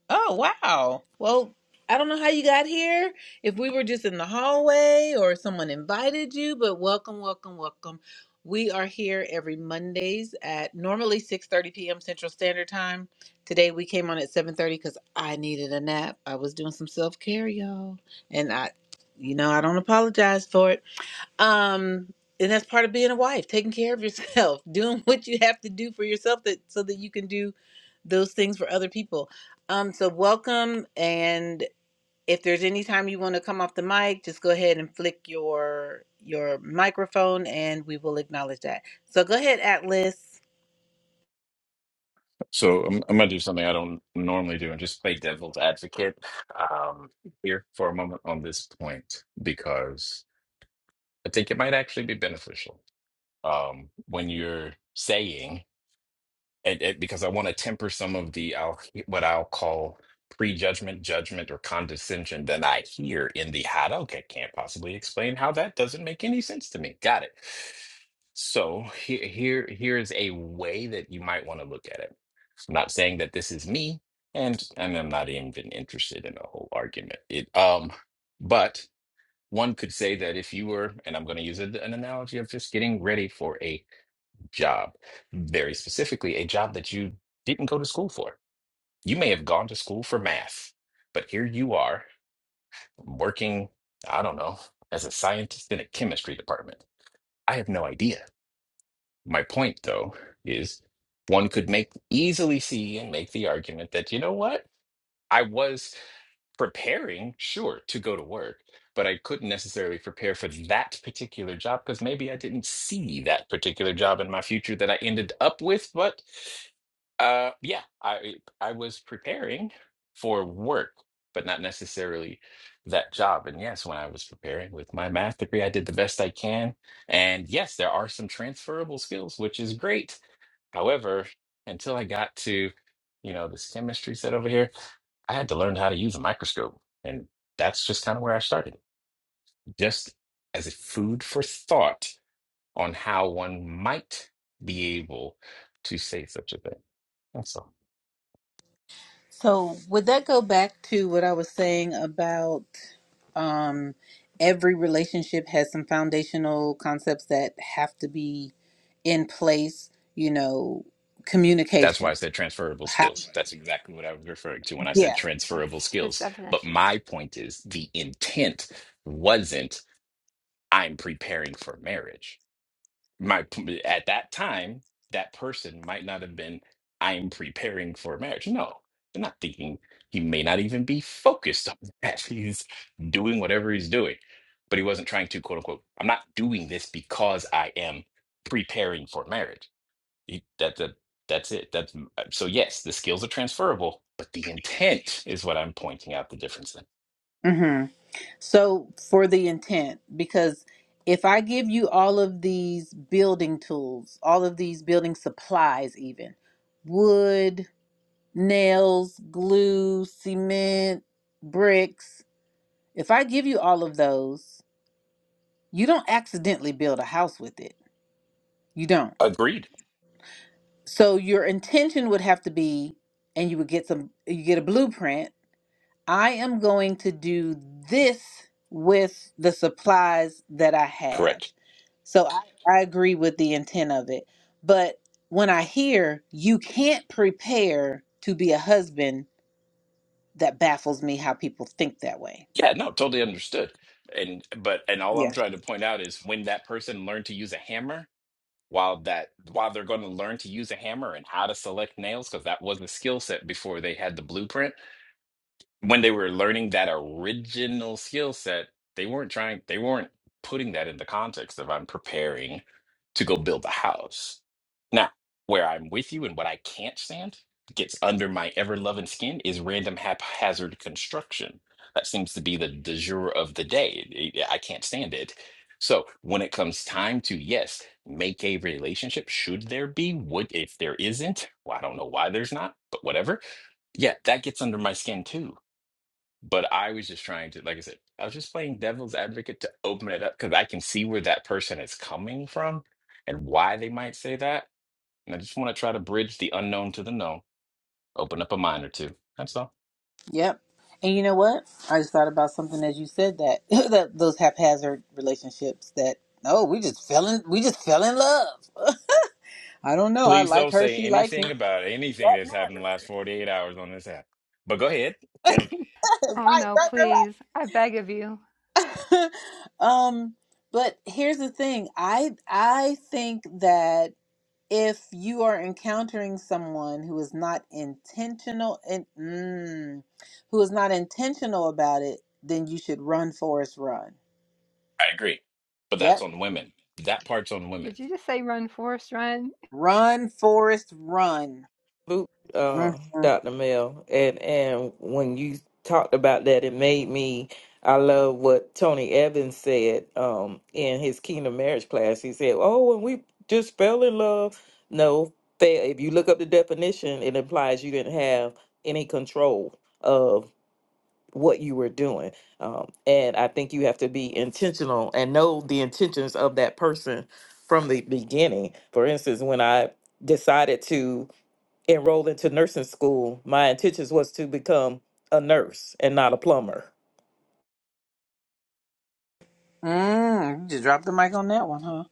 Speaker 1: Oh, wow. Well, I don't know how you got here, if we were just in the hallway or someone invited you, but welcome, welcome, welcome. We are here every Mondays at normally 6:30 p.m. Central Standard Time. Today we came on at 7:30 because I needed a nap. I was doing some self-care, y'all, and I, you know, I don't apologize for it um and that's part of being a wife taking care of yourself doing what you have to do for yourself that so that you can do those things for other people um so welcome and if there's any time you want to come off the mic just go ahead and flick your your microphone and we will acknowledge that so go ahead atlas
Speaker 6: So I'm, I'm gonna do something I don't normally do and just play devil's advocate um, here for a moment on this point because I think it might actually be beneficial um, when you're saying. and, and because I want to temper some of the I'll, what I'll call prejudgment, judgment, or condescension that I hear in the how to, okay, can't possibly explain how that doesn't make any sense to me. Got it. So here, here, here is a way that you might want to look at it. I'm not saying that this is me, and and I'm not even interested in a whole argument. It um, but one could say that if you were, and I'm going to use a- an analogy of just getting ready for a job, very specifically, a job that you didn't go to school for. You may have gone to school for math, but here you are working, I don't know, as a scientist in a chemistry department. I have no idea. My point, though, is one could make easily see and make the argument that, you know what? I was preparing, sure, to go to work, but I couldn't necessarily prepare for that particular job because maybe I didn't see that particular job in my future that I ended up with. But uh, yeah, I I was preparing for work, but not necessarily that job. And yes, when I was preparing with my math degree, I did the best I can. And yes, there are some transferable skills, which is great. However, until I got to, you know, this chemistry set over here. I had to learn how to use a microscope. And that's just kind of where I started, just as a food for thought on how one might be able to say such a thing. That's all.
Speaker 1: so would that go back to what i was saying about um every relationship has some foundational concepts that have to be in place, you know,
Speaker 6: That's why I
Speaker 1: communication.
Speaker 6: said transferable
Speaker 1: How,
Speaker 6: skills. That's exactly what I was referring to when I said
Speaker 1: yeah.
Speaker 2: That's
Speaker 6: transferable
Speaker 2: his
Speaker 6: skills. But
Speaker 2: definition.
Speaker 6: my point is the intent wasn't, I'm preparing for marriage. my p- at that time that person might not have been i'm preparing for marriage no they're not thinking he may not even be focused on that he's doing whatever he's doing but he wasn't trying to quote unquote i'm not doing this because i am preparing for marriage He- that, that that's it that's so yes the skills are transferable but the intent is what i'm pointing out the difference in
Speaker 1: hmm So for the intent, because if I give you all of these building tools, all of these building supplies, even wood, nails, glue, cement, bricks, if I give you all of those, you don't accidentally build a house with it. You don't.
Speaker 6: agreed
Speaker 1: So your intention would have to be, and you would get some, you get a blueprint I am going to do this with the supplies that I have.
Speaker 6: correct
Speaker 1: So I, I agree with the intent of it. But when I hear you can't prepare to be a husband, that baffles me how people think that way.
Speaker 6: Yeah, no, totally understood. And but and all I'm
Speaker 1: Yeah.
Speaker 6: trying to point out is when that person learned to use a hammer, while that while they're going to learn to use a hammer and how to select nails, because that wasn't a skill set before they had the blueprint when they were learning that original skill set, they weren't trying, they weren't putting that in the context of I'm preparing to go build a house. Now, where I'm with you and what I can't stand gets under my ever loving skin is random haphazard construction. That seems to be the de jour of the day. It- yeah, I can't stand it. So when it comes time to, yes, make a relationship, should there be? Would if there isn't? Well, I don't know why there's not, but whatever. Yeah, that gets under my skin too but I was just trying to, like I said, I was just playing devil's advocate to open it up because I can see where that person is coming from and why they might say that. And I just want to try to bridge the unknown to the known, open up a mind or two. That's all.
Speaker 1: Yep. And you know what? I just thought about something as you said that, that those haphazard relationships that oh we just fell in we just fell in love. I don't know. I
Speaker 6: Please
Speaker 1: like
Speaker 6: don't
Speaker 1: her.
Speaker 6: say
Speaker 1: She likes me.
Speaker 6: anything about anything
Speaker 1: That
Speaker 6: that's happened in the last 48 hours on this app. But go ahead. I
Speaker 1: right,
Speaker 2: Oh
Speaker 1: right,
Speaker 2: no,
Speaker 1: right, right.
Speaker 2: please! I beg of you.
Speaker 1: um but here's the thing i i think that if you are encountering someone who is not intentional and mm, who is not intentional about it then you should run forest run
Speaker 6: agree. But
Speaker 1: yep
Speaker 6: that's on women. That part's on women.
Speaker 2: Did you just say run, Forrest, run?
Speaker 1: run forest run
Speaker 5: boot, uh,
Speaker 1: Mhm. mm
Speaker 5: Dr. Mel, and and when you talked about that, it made me. I love what Tony Evans said um, in his Kingdom Marriage class. He said, "Oh, when we just fell in love, no, fa- if you look up the definition, it implies you didn't have any control of." what you were doing um, and i think you have to be intentional and know the intentions of that person from the beginning for instance when i decided to enrolled into nursing school, my intentions was to become a nurse and not a plumber.
Speaker 1: mm. you just dropped the mic on that one huh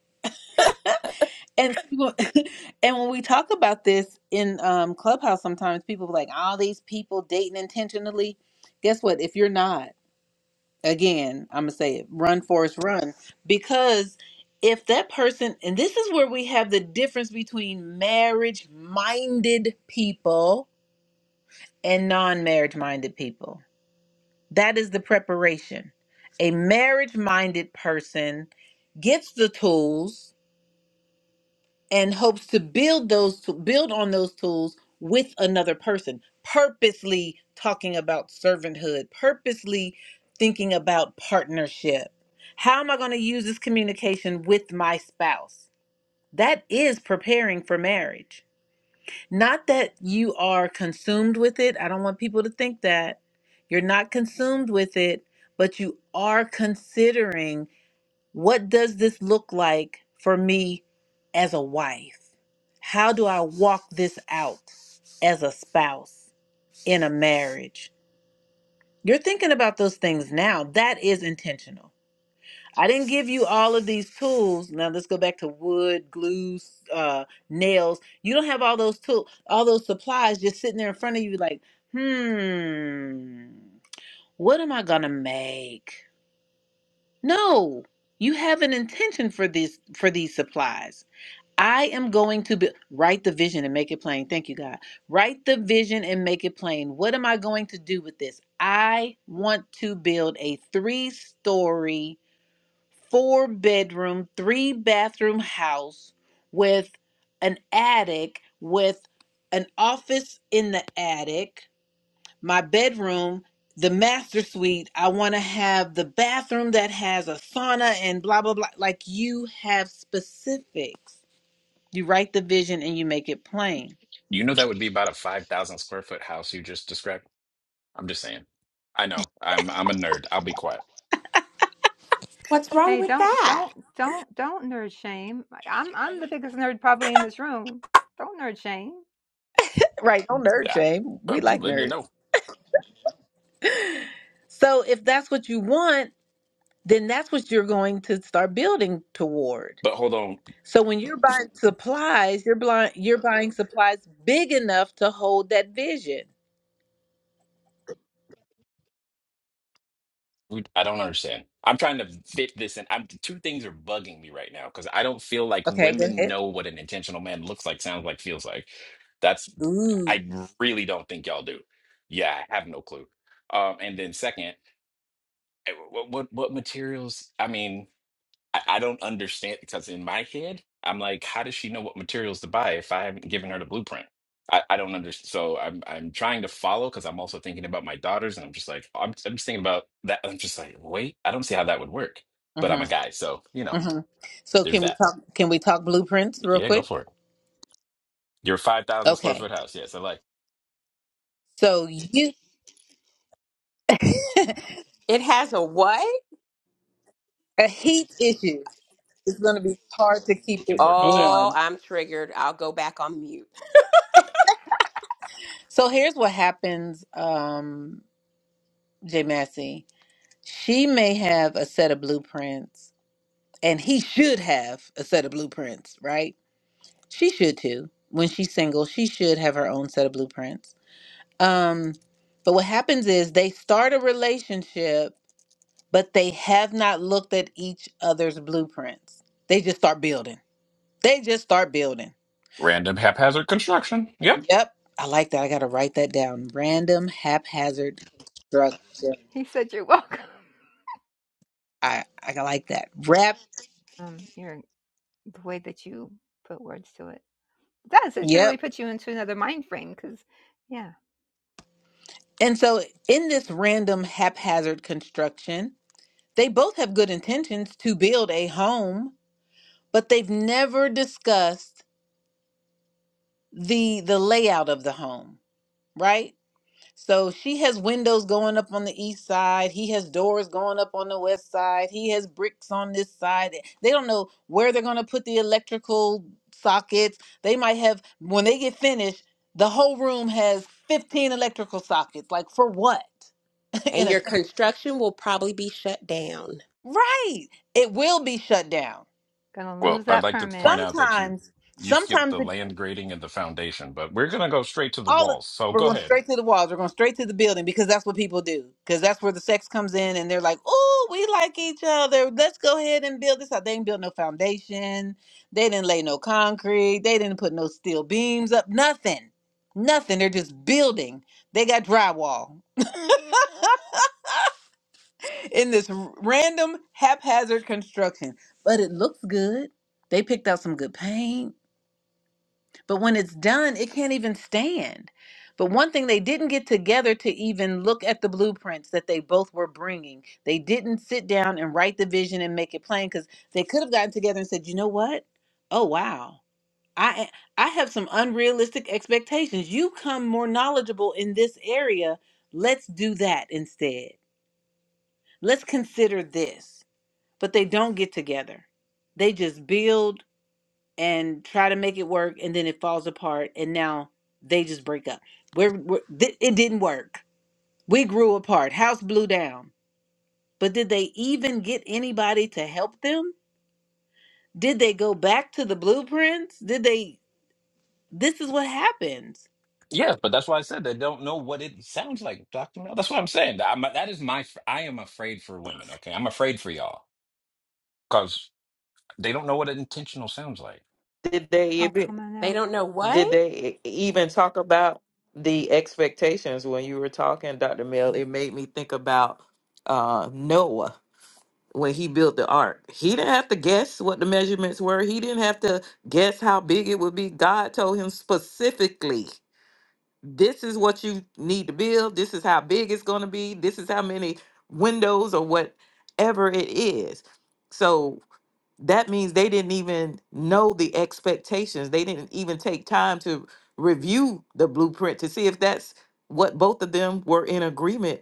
Speaker 1: and people- and when we talk about this in um clubhouse sometimes people are like all these people dating intentionally guess what if you're not again, I'm gonna say it, run Forrest run because if that person and this is where we have the difference between marriage minded people and non-marriage minded people. That is the preparation. A marriage minded person gets the tools and hopes to build those build on those tools with another person purposely talking about servanthood purposely thinking about partnership how am i going to use this communication with my spouse that is preparing for marriage not that you are consumed with it i don't want people to think that you're not consumed with it but you are considering what does this look like for me as a wife? How do I walk this out as a spouse in a marriage? You're thinking about those things now. That is intentional. I didn't give you all of these tools. Now let's go back to wood, glues, uh, nails. You don't have all those tools, all those supplies just sitting there in front of you, like, hmm, what am I gonna make? No, you have an intention for these for these supplies. I am going to be, write the vision and make it plain. Thank you, God. Write the vision and make it plain. What am I going to do with this? I want to build a three story, four bedroom, three bathroom house with an attic, with an office in the attic, my bedroom, the master suite. I want to have the bathroom that has a sauna and blah, blah, blah. Like you have specifics you write the vision and you make it plain.
Speaker 6: You know that would be about a 5,000 square foot house you just described? I'm just saying. I know. I'm I'm a nerd. I'll be quiet.
Speaker 4: What's wrong
Speaker 2: Hey,
Speaker 4: with
Speaker 2: don't,
Speaker 4: that?
Speaker 2: don't, don't, don't nerd shame. I- am I'm the biggest nerd probably in this room. Don't nerd shame.
Speaker 1: Right, don't nerd
Speaker 6: Yeah,
Speaker 1: shame. We
Speaker 6: I'm just
Speaker 1: like
Speaker 6: letting you
Speaker 1: nerds.
Speaker 6: know.
Speaker 1: So if that's what you want, then that's what you're going to start building toward.
Speaker 6: But hold on,
Speaker 1: So when you're buying supplies, you're blind, you're buying supplies big enough to hold that vision.
Speaker 6: we- I don't understand. I'm trying to fit this in. I'm two things are bugging me right now because I don't feel like
Speaker 1: Okay, go
Speaker 6: women
Speaker 1: ahead.
Speaker 6: know what an intentional man looks like, sounds like, feels like. That's
Speaker 1: Ooh.
Speaker 6: I really don't think y'all do. Yeah, I have no clue. Um, and then second, eh, what what, what materials? I mean. I, I don't understand because in my head, I'm like, how does she know what materials to buy if I haven't given her the blueprint? I, I don't understand. So I'm I'm trying to follow because I'm also thinking about my daughters, and I'm just like, I'm I'm just thinking about that. I'm just like, wait, I don't see how that would work. But I'm a
Speaker 1: Mhm.
Speaker 6: guy, so you know,
Speaker 1: Mhm. So
Speaker 6: there's
Speaker 1: can we
Speaker 6: that.
Speaker 1: talk can we talk blueprints real
Speaker 6: Yeah, go
Speaker 1: quick?
Speaker 6: for it. Your five thousand square
Speaker 1: Okay.
Speaker 6: foot house. Yes, I like.
Speaker 1: So you
Speaker 4: It has a what?
Speaker 1: a heat issue. It's going to be hard to keep
Speaker 6: We
Speaker 1: it
Speaker 6: can work on that.
Speaker 1: warm.
Speaker 4: Oh, I'm triggered. I'll go back on mute.
Speaker 1: So here's what happens. Um J Massey, she may have a set of blueprints, and he should have a set of blueprints, right? She should too. When she's single, she should have her own set of blueprints. Um, but what happens is they start a relationship, but they have not looked at each other's blueprints. They just start building. They just start building.
Speaker 6: Random haphazard construction. Yep.
Speaker 1: Yep. I like that. I gotta write that down. Random haphazard construction.
Speaker 2: He said you're welcome.
Speaker 1: I I like that. Rap.
Speaker 2: Um, you're the way that you put words to it does. It truly
Speaker 1: Yep.
Speaker 2: put you into another mind frame. Because yeah,
Speaker 1: And so, in this random haphazard construction, they both have good intentions to build a home, but they've never discussed the the layout of the home, right? So she has windows going up on the east side, he has doors going up on the west side, he has bricks on this side. They don't know where they're going to put the electrical sockets. They might have when they get finished, the whole room has 15 electrical sockets. Like for what? in
Speaker 4: And
Speaker 1: a
Speaker 4: your construction will probably be shut down.
Speaker 1: Right. It will be shut down.
Speaker 2: gonna
Speaker 6: Well,
Speaker 2: lose
Speaker 6: I'd
Speaker 2: that
Speaker 6: like to
Speaker 2: permit.
Speaker 6: point out that you
Speaker 1: Sometimes,
Speaker 6: you skipped
Speaker 1: sometimes
Speaker 6: the
Speaker 1: it,
Speaker 6: land grading and the foundation, but we're gonna go straight to the
Speaker 1: all of,
Speaker 6: walls. So
Speaker 1: we're
Speaker 6: go
Speaker 1: going
Speaker 6: ahead.
Speaker 1: straight to the walls. We're going straight to the building because that's what people do. Because that's where the sex comes in, and they're like, "Oh, we like each other. Let's go ahead and build this out." They didn't build no foundation. They didn't lay no concrete. They didn't put no steel beams up. Nothing. Nothing. They're just building. They got drywall. in this r- random haphazard construction. But it looks good. They picked out some good paint, but when it's done, it can't even stand. But one thing they didn't get together to even look at the blueprints that they both were bringing. They didn't sit down and write the vision and make it plain because they could have gotten together and said, "You know what? Oh wow, I I have some unrealistic expectations. You come more knowledgeable in this area. Let's do that instead. Let's consider this." but they don't get together. They just build and try to make it work, and then it falls apart, and now they just break up. We're, we're th- it didn't work. We grew apart. House blew down. But did they even get anybody to help them? Did they go back to the blueprints? Did they? This is what happens.
Speaker 6: Yeah, but that's why I said they don't know what it sounds like, Dr. Mel. That's what I'm saying. I'm, that is my, I am afraid for women, okay? I'm afraid for y'all because they don't know what an intentional sounds like.
Speaker 5: Did they
Speaker 2: Oh
Speaker 5: even
Speaker 2: come on
Speaker 4: They
Speaker 2: now,
Speaker 4: don't know
Speaker 5: did
Speaker 4: what?
Speaker 5: they e, even talk about the expectations when you were talking, Dr. Mill? It made me think about uh, Noah when he built the ark. He didn't have to guess what the measurements were. He didn't have to guess how big it would be. God told him specifically this is what you need to build. This is how big it's going to be. This is how many windows or whatever it is. So that means they didn't even know the expectations. They didn't even take time to review the blueprint to see if that's what both of them were in agreement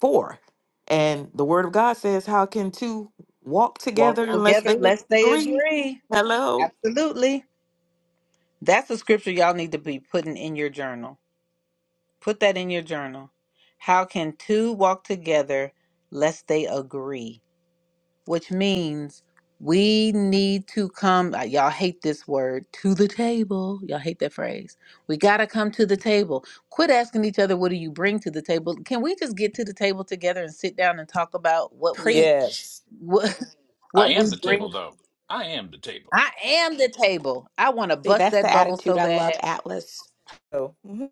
Speaker 5: for. And the word of God says, How can two walk
Speaker 1: Walk
Speaker 5: together unless
Speaker 1: together,
Speaker 5: they
Speaker 1: lest they
Speaker 5: agree?
Speaker 1: agree.
Speaker 5: Hello?
Speaker 1: Absolutely. That's a scripture y'all need to be putting in your journal. Put that in your journal. How can two walk together lest they agree? Which means we need to come, uh, y'all hate this word, to the table. Y'all hate that phrase. We got to come to the table. Quit asking each other, what do you bring to the table? Can we just get to the table together and sit down and talk about what we,
Speaker 4: Preach.
Speaker 5: Yes.
Speaker 1: what,
Speaker 6: I
Speaker 1: what we
Speaker 6: am the table,
Speaker 1: bring?
Speaker 6: though. I am the table.
Speaker 1: I am the table. I want to
Speaker 4: See,
Speaker 1: bust
Speaker 4: that's the
Speaker 1: that bubble
Speaker 4: attitude
Speaker 1: so
Speaker 4: I love,
Speaker 1: bad.
Speaker 4: Atlas.
Speaker 5: So, mhm.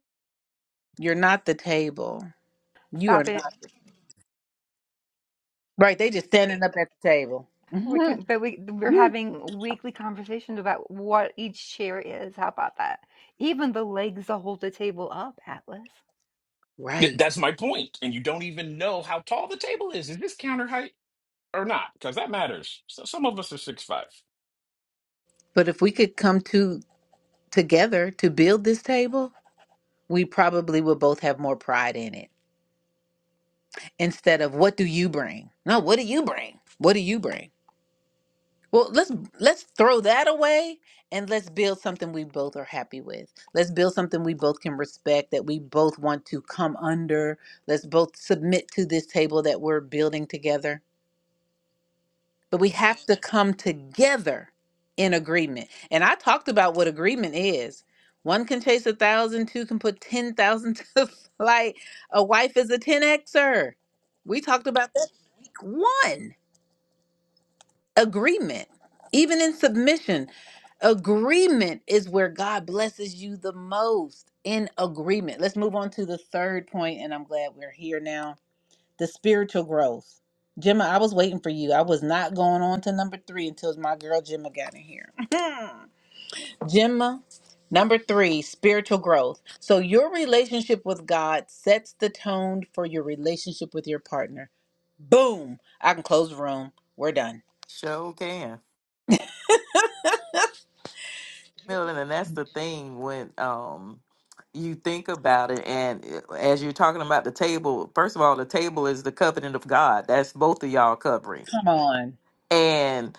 Speaker 1: You're not the table. You are
Speaker 2: stop
Speaker 1: not.
Speaker 2: it.
Speaker 1: Right. They just standing up at the table.
Speaker 2: We
Speaker 1: Mhm.
Speaker 2: can, but we we're
Speaker 1: Mhm.
Speaker 2: having weekly conversations about what each chair is. How about that? Even the legs that hold the table up, Atlas.
Speaker 6: Th-
Speaker 1: Right.
Speaker 6: That's my point. And you don't even know how tall the table is. Is this counter height or not? Because that matters. So some of us are six five.
Speaker 1: But if we could come to together to build this table, we probably would both have more pride in it instead of what do you bring? No, what do you bring? What do you bring? Well, let's let's throw that away and let's build something we both are happy with. Let's build something we both can respect that we both want to come under. Let's both submit to this table that we're building together but we have to come together in agreement. And I talked about what agreement is. One can chase a thousand, two can put 10,000 to the flight. A wife is a 10Xer. We talked about that week one. Agreement. Even in submission, agreement is where God blesses you the most. In agreement. Let's move on to the third point, and I'm glad we're here now the spiritual growth. Gemma, I was waiting for you. I was not going on to number three until my girl Gemma got in here. Gemma, number three, spiritual growth. So, your relationship with God sets the tone for your relationship with your partner. Boom. I can close the room. We're done.
Speaker 5: Sure can. Milton, and that's the thing when um you think about it, and uh, as you're talking about the table, first of all, the table is the covenant of God. That's both of y'all covering.
Speaker 1: Come on.
Speaker 5: And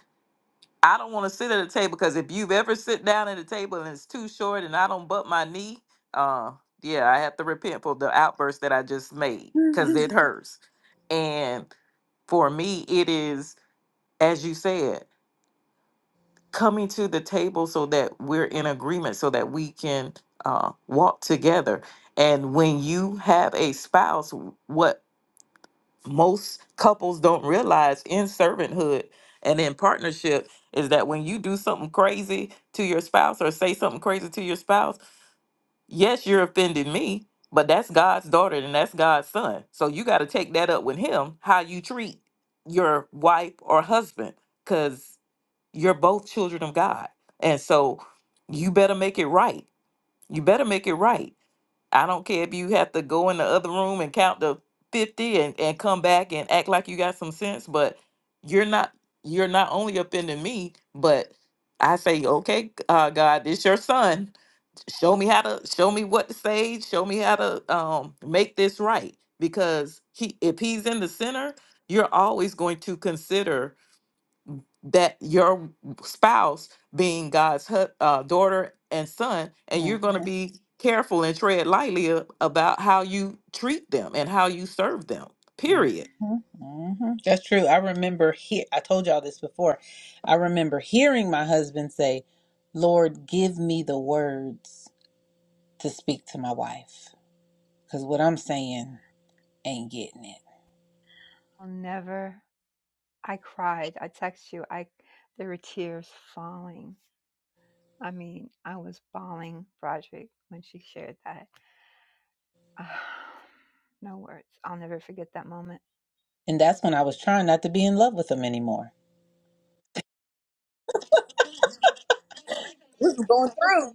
Speaker 5: I don't want to sit at a table because if you've ever sit down at a table and it's too short and I don't butt my knee, uh, yeah, I have to repent for the outburst that I just made because it hurts. And for me, it is as you said. coming to the table so that we're in agreement so that we can uh, walk together and when you have a spouse what most couples don't realize in servanthood and in partnership is that when you do something crazy to your spouse or say something crazy to your spouse yes you're offending me but that's god's daughter and that's god's son so you got to take that up with him how you treat your wife or husband because. You're both children of God. And so you better make it right. You better make it right. I don't care if you have to go in the other room and count to 50 and, and come back and act like you got some sense, but you're not you're not only offending me, but I say, okay, uh, God, this your son. Show me how to show me what to say. Show me how to um, make this right. Because he, if he's in the center, you're always going to consider that your spouse being God's hu- uh, daughter and son, and you're
Speaker 1: Mhm.
Speaker 5: going to be careful and tread lightly a- about how you treat them and how you serve them.
Speaker 1: Mhm.
Speaker 5: Period.
Speaker 1: Mhm. That's true. I remember he- I told y'all this before. I remember hearing my husband say, "Lord, give me the words." to speak to my wife because what I'm saying ain't getting it.
Speaker 2: I'll never. I cried. I text you. I there were tears falling. I mean, I was bawling, Broderick, when she shared that. no words. I'll never forget that moment.
Speaker 1: And that's when I was trying not to be in love with him anymore. This is going through.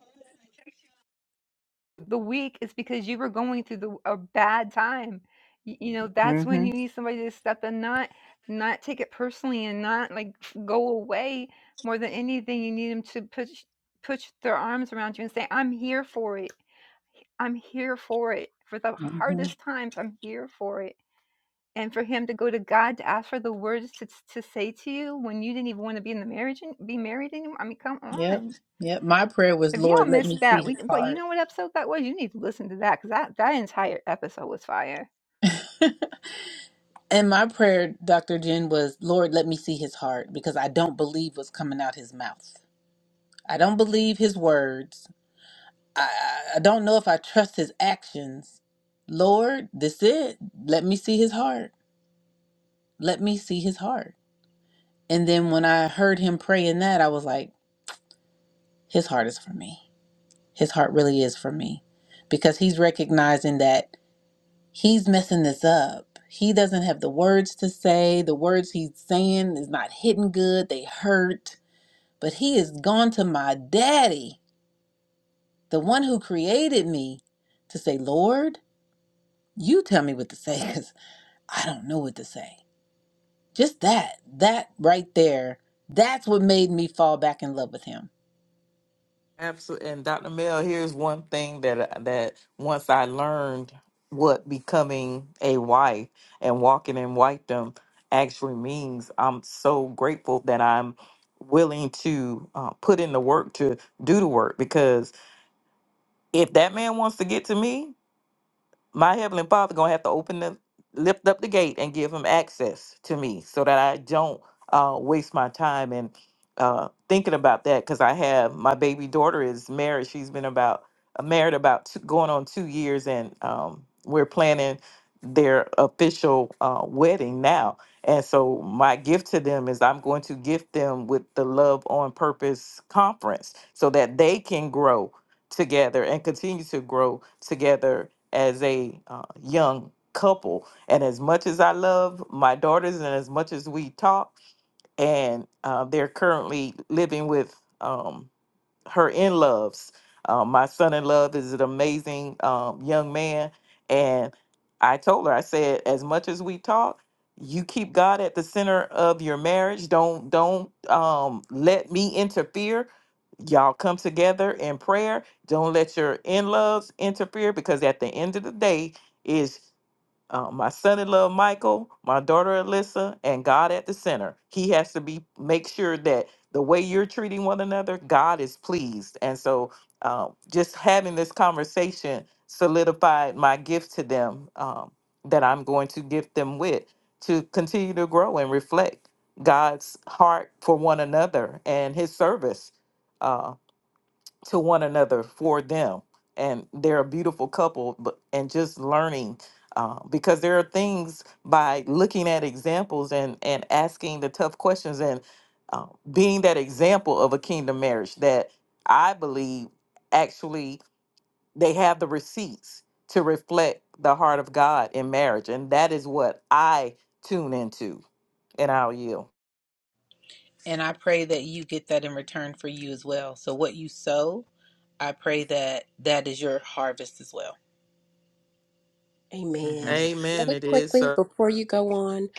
Speaker 2: the week is because you were going through the, a bad time. You, you know, that's
Speaker 1: mm
Speaker 2: when
Speaker 1: hmm
Speaker 2: you need somebody to step in, not not take it personally, and not like f- go away. More than anything, you need them to push push their arms around you and say, "I'm here for it. I'm here for it. For the
Speaker 1: mm hmm
Speaker 2: hardest times, I'm here for it." And for him to go to God to ask for the words to, to say to you when you didn't even want to be in the marriage and be married anymore. I mean, come
Speaker 1: Yep.
Speaker 2: on
Speaker 1: Yep. My prayer was,
Speaker 2: if y'all
Speaker 1: Lord, let
Speaker 2: missed
Speaker 1: me see
Speaker 2: that,
Speaker 1: his
Speaker 2: we but you
Speaker 1: heart.
Speaker 2: know what episode that was? You need to listen to that because that, that entire episode was fire.
Speaker 1: And my prayer, Dr. Jen, was, Lord, let me see his heart because I don't believe what's coming out his mouth. I don't believe his words. I, I I don't know if I trust his actions. Lord, this it. Let me see his heart. Let me see his heart. And then when I heard him praying that, I was like, his heart is for me. His heart really is for me because he's recognizing that he's messing this up. He doesn't have the words to say. The words he's saying is not hitting good. They hurt. But he has gone to my daddy, the one who created me, to say, Lord, you tell me what to say because I don't know what to say. Just that, that right there, that's what made me fall back in love with him
Speaker 5: Absolutely. And Dr. Mel, here's one thing that I- that once I learned what becoming a wife and walking in wifedom actually means. I'm so grateful that I'm willing to uh, put in the work to do the work because if that man wants to get to me my heavenly father gonna have to open the lift up the gate and give him access to me so that i don't uh, waste my time and uh, thinking about that because i have my baby daughter is married she's been about uh, married about two, going on two years and um, we're planning their official uh, wedding now and so my gift to them is i'm going to gift them with the love on purpose conference so that they can grow together and continue to grow together as a uh, young couple. And as much as I love my daughters and as much as we talk, and uh, they're currently living with. Um, her in loves. Uh, my son in love is an amazing um, young man. And I told her, I said, as much as we talk, you keep God at the center of your marriage. Don't don't um, let me interfere. Y'all come together in prayer. Don't let your in loves interfere because at the end of the day, is uh, my son-in-law Michael, my daughter Alyssa, and God at the center. He has to be make sure that the way you're treating one another, God is pleased. And so, uh, just having this conversation solidified my gift to them um, that I'm going to gift them with to continue to grow and reflect God's heart for one another and His service. uh, to one another for them and they're a beautiful couple but and just learning uh, because there are things by looking at examples and and asking the tough questions and uh, being that example of a kingdom marriage that i believe actually they have the receipts to reflect the heart of god in marriage and that is what i tune into and i'll yield
Speaker 1: And I pray that you get that in return for you as well. So what you sow, I pray that that is your harvest as well.
Speaker 4: Amen.
Speaker 1: hmm
Speaker 5: amen
Speaker 4: Really
Speaker 5: it is
Speaker 4: quickly,
Speaker 5: so
Speaker 4: before you go on,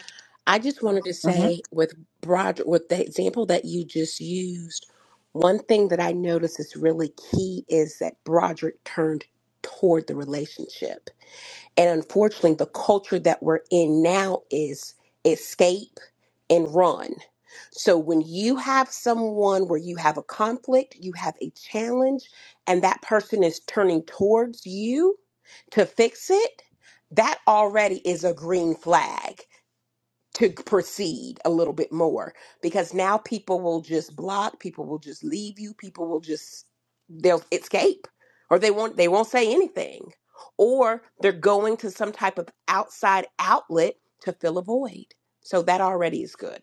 Speaker 4: I just wanted to say with Roger, with the example that you just used, one thing that I noticed is really key is that Broderick turned toward the relationship. And unfortunately, the culture that we're in now is escape and run. So when you have someone where you have a conflict, you have a challenge, and that person is turning towards you to fix it, that already is a green flag to proceed a little bit more because now people will just block people will just leave you people will just they'll escape or they won't they won't say anything or they're going to some type of outside outlet to fill a void so that already is good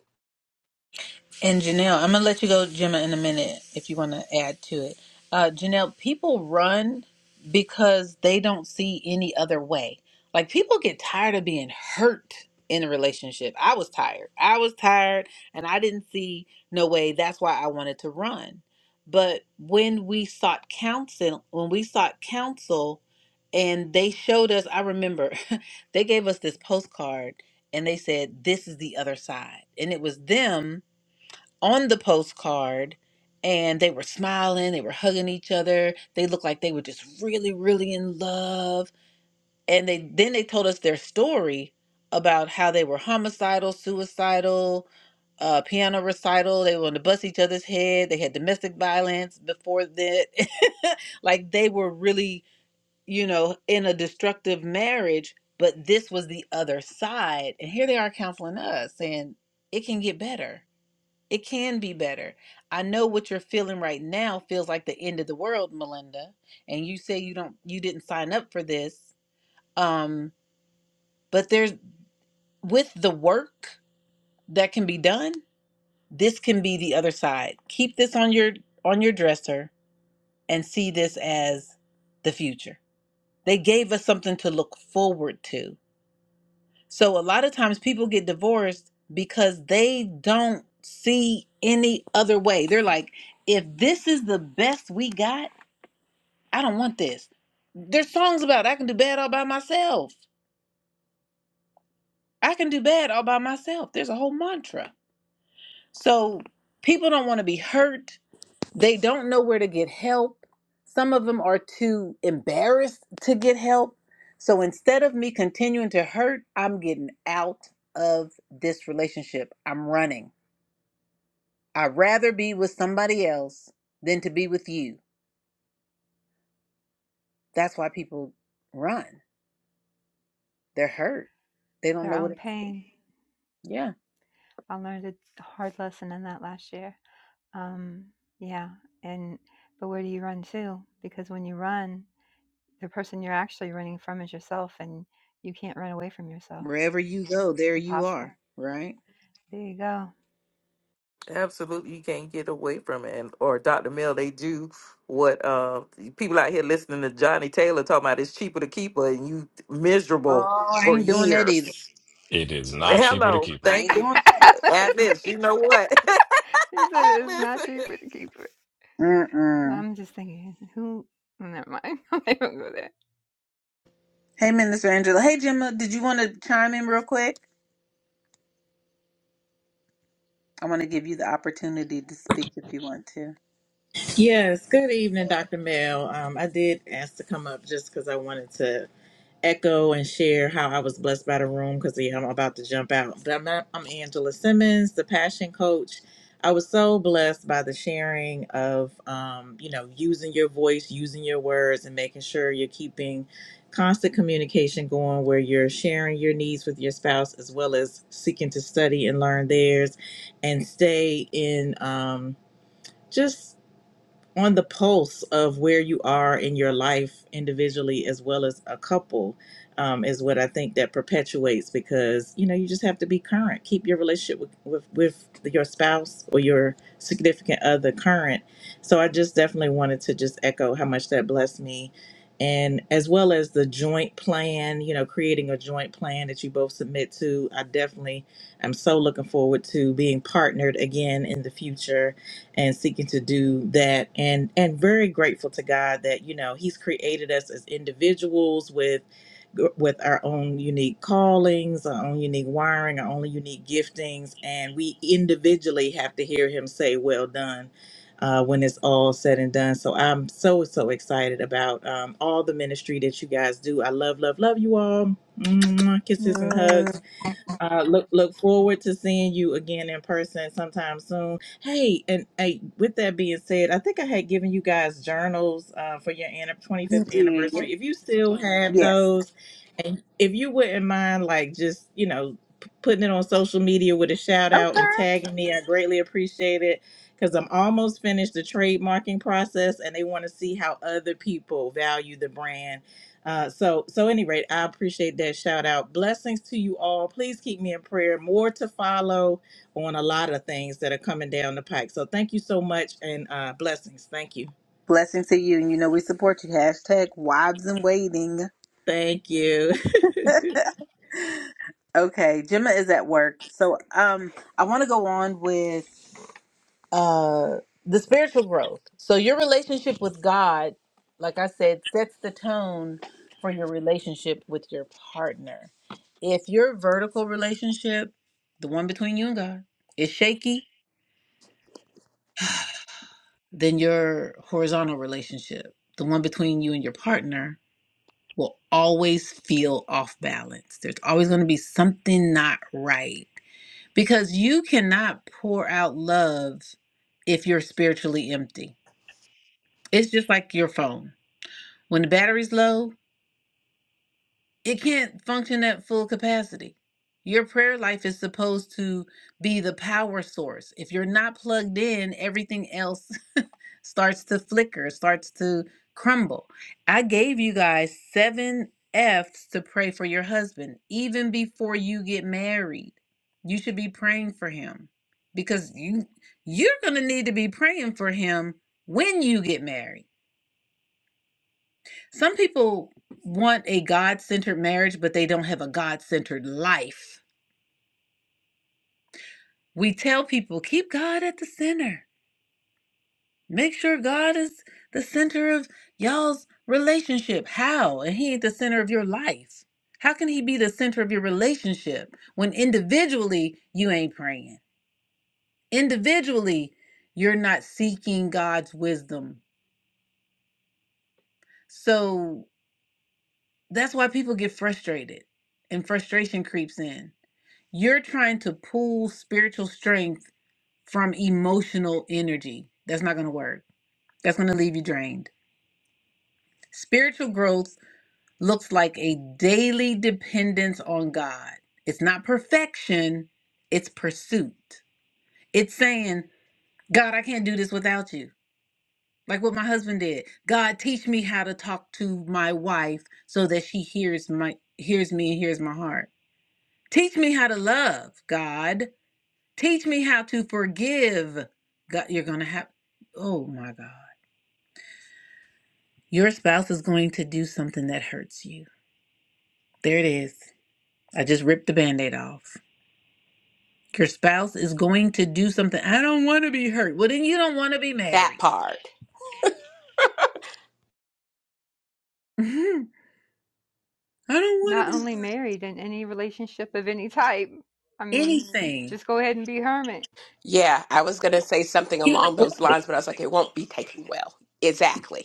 Speaker 1: And Janelle, I'm gonna let you go, Gemma, in a minute if you want to add to it. Uh, Janelle, people run because they don't see any other way. Like people get tired of being hurt in a relationship. I was tired. I was tired, and I didn't see no way. That's why I wanted to run. But when we sought counsel, when we sought counsel, and they showed us, I remember they gave us this postcard, and they said, "This is the other side," and it was them on the postcard and they were smiling, they were hugging each other. They looked like they were just really really in love. And they then they told us their story about how they were homicidal, suicidal, uh, piano recital. They wanted to bust each other's head. They had domestic violence before that. like they were really, you know, in a destructive marriage, but this was the other side. And here they are counseling us saying it can get better it can be better. I know what you're feeling right now feels like the end of the world, Melinda, and you say you don't you didn't sign up for this. Um but there's with the work that can be done, this can be the other side. Keep this on your on your dresser and see this as the future. They gave us something to look forward to. So a lot of times people get divorced because they don't see any other way. They're like, if this is the best we got, I don't want this. There's songs about I can do bad all by myself. I can do bad all by myself. There's a whole mantra. So people don't want to be hurt. They don't know where to get help. Some of them are too embarrassed to get help. So instead of me continuing to hurt, I'm getting out of this relationship. I'm running. I'd rather be with somebody else than to be with you. That's why people run. They're hurt. They don't
Speaker 2: Their
Speaker 1: know what
Speaker 2: own
Speaker 1: else to do.
Speaker 2: pain.
Speaker 1: Yeah.
Speaker 2: I learned a hard lesson in that last year. Um, yeah. And but where do you run to? Because when you run, the person you're actually running from is yourself and you can't run away from yourself.
Speaker 1: Wherever you go, there
Speaker 2: It's
Speaker 1: you are,
Speaker 2: impossible.
Speaker 1: right?
Speaker 2: There you go.
Speaker 5: Absolutely, you can't get away from it. And or Dr. Mill, they do what uh, people out here listening to Johnny Taylor talking about. It's cheaper to keep her, and you miserable
Speaker 1: Oh, I
Speaker 5: for
Speaker 1: ain't doing that either.
Speaker 5: years.
Speaker 6: It is not cheaper to
Speaker 5: Hello,
Speaker 6: keep her.
Speaker 1: I ain't
Speaker 5: thank you,
Speaker 1: doing
Speaker 5: Atlas. You
Speaker 2: he
Speaker 5: know
Speaker 2: said
Speaker 5: what,
Speaker 2: he said it's not
Speaker 5: Atlas?
Speaker 2: cheaper to keep it.
Speaker 1: that.
Speaker 2: And
Speaker 1: Mm-mm.
Speaker 2: I'm just thinking, who never mind. I'm not even gonna go there.
Speaker 1: Hey, Minister Angela. Hey, Gemma, did you want to chime in real quick? I want to give you the opportunity to speak if you want to.
Speaker 8: Yes, good evening, Dr. Mel. Um, I did ask to come up just because I wanted to echo and share how I was blessed by the room because yeah, I'm about to jump out. But I'm, not, I'm Angela Simmons, the passion coach. I was so blessed by the sharing of, um, you know, using your voice, using your words, and making sure you're keeping constant communication going where you're sharing your needs with your spouse as well as seeking to study and learn theirs and stay in. Um, just on the pulse of where you are in your life individually as well as a couple um, is what I think that perpetuates because you know you just have to be current. Keep your relationship with, with with your spouse or your significant other current. So I just definitely wanted to just echo how much that blessed me, and as well as the joint plan. You know, creating a joint plan that you both submit to. I definitely am so looking forward to being partnered again in the future and seeking to do that and and very grateful to God that you know he's created us as individuals with with our own unique callings, our own unique wiring, our own unique giftings and we individually have to hear him say well done uh, when it's all said and done. So I'm so so excited about um, all the ministry that you guys do. I love love love you all. Mwah, Kisses and hugs
Speaker 1: Mm,
Speaker 8: uh, look look forward to seeing you again in person sometime soon. Hey, and hey, with that being said, I think I had given you guys journals uh, for your anni-
Speaker 1: you
Speaker 8: 25th
Speaker 1: did.
Speaker 8: anniversary. If you still have
Speaker 1: Yes.
Speaker 8: those, and if you wouldn't mind, like just you know, p- putting it on social media with a shout out
Speaker 1: Okay.
Speaker 8: and tagging me, I greatly appreciate it because I'm almost finished the trademarking process, and they want to see how other people value the brand uh, so, so any rate, I appreciate that shout out. Blessings to you all. Please keep me in prayer. More to follow on a lot of things that are coming down the pike. So, thank you so much and uh, blessings. Thank you.
Speaker 1: Blessings to you. And you know, we support you. Hashtag wives in waiting.
Speaker 8: Thank you.
Speaker 1: Okay, Gemma is at work. So um I want to go on with uh the spiritual growth. So your relationship with God, like I said, sets the tone for your relationship with your partner. If your vertical relationship, the one between you and God, is shaky, then your horizontal relationship, the one between you and your partner, will always feel off balance. There's always going to be something not right because you cannot pour out love if you're spiritually empty. It's just like your phone. When the battery's low, it can't function at full capacity. Your prayer life is supposed to be the power source. If you're not plugged in, everything else starts to flicker, starts to crumble. I gave you guys seven F's to pray for your husband, even before you get married. You should be praying for him because you you're gonna need to be praying for him when you get married. Some people want a God centered marriage, but they don't have a God centered life. We tell people, keep God at the center. Make sure God is the center of y'all's relationship. How? And He ain't the center of your life. How can He be the center of your relationship when individually you ain't praying? Individually, you're not seeking God's wisdom. So that's why people get frustrated and frustration creeps in You're trying to pull spiritual strength from emotional energy. That's not going to work. That's going to leave you drained. Spiritual growth looks like a daily dependence on God. It's not perfection, it's pursuit. It's saying, God, I can't do this without you. Like what my husband did. God, teach me how to talk to my wife so that she hears my hears me and hears my heart. Teach me how to love, God Teach me how to forgive. God, you're going to have, oh my God. Your spouse is going to do something that hurts you. There it is. I just ripped the band aid off. Your spouse is going to do something. I don't want to be hurt. Well, then you don't want to be
Speaker 4: that
Speaker 1: married.
Speaker 4: part
Speaker 1: Mhm. I don't want to
Speaker 2: Not
Speaker 1: be
Speaker 2: only
Speaker 1: hurt.
Speaker 2: married in any relationship of any type. I mean,
Speaker 1: anything.
Speaker 2: just go ahead and be a hermit.
Speaker 4: yeah i was going to say something
Speaker 1: You can
Speaker 4: along
Speaker 1: avoid
Speaker 4: those lines
Speaker 1: it.
Speaker 4: but i was like it won't be taken well exactly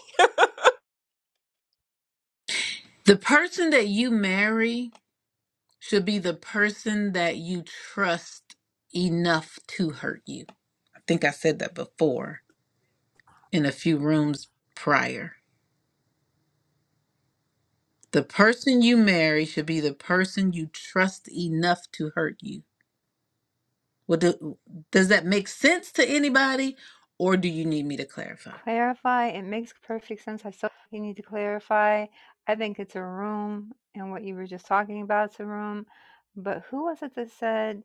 Speaker 1: The person that you marry should be the person that you trust enough to hurt you. I think I said that before in a few rooms prior The person you marry should be the person you trust enough to hurt you. Well, do, does that make sense to anybody, or do you need me to clarify?
Speaker 2: Clarify. It makes perfect sense. I so you need to clarify. I think it's a room and what you were just talking about is a room. But who was it that said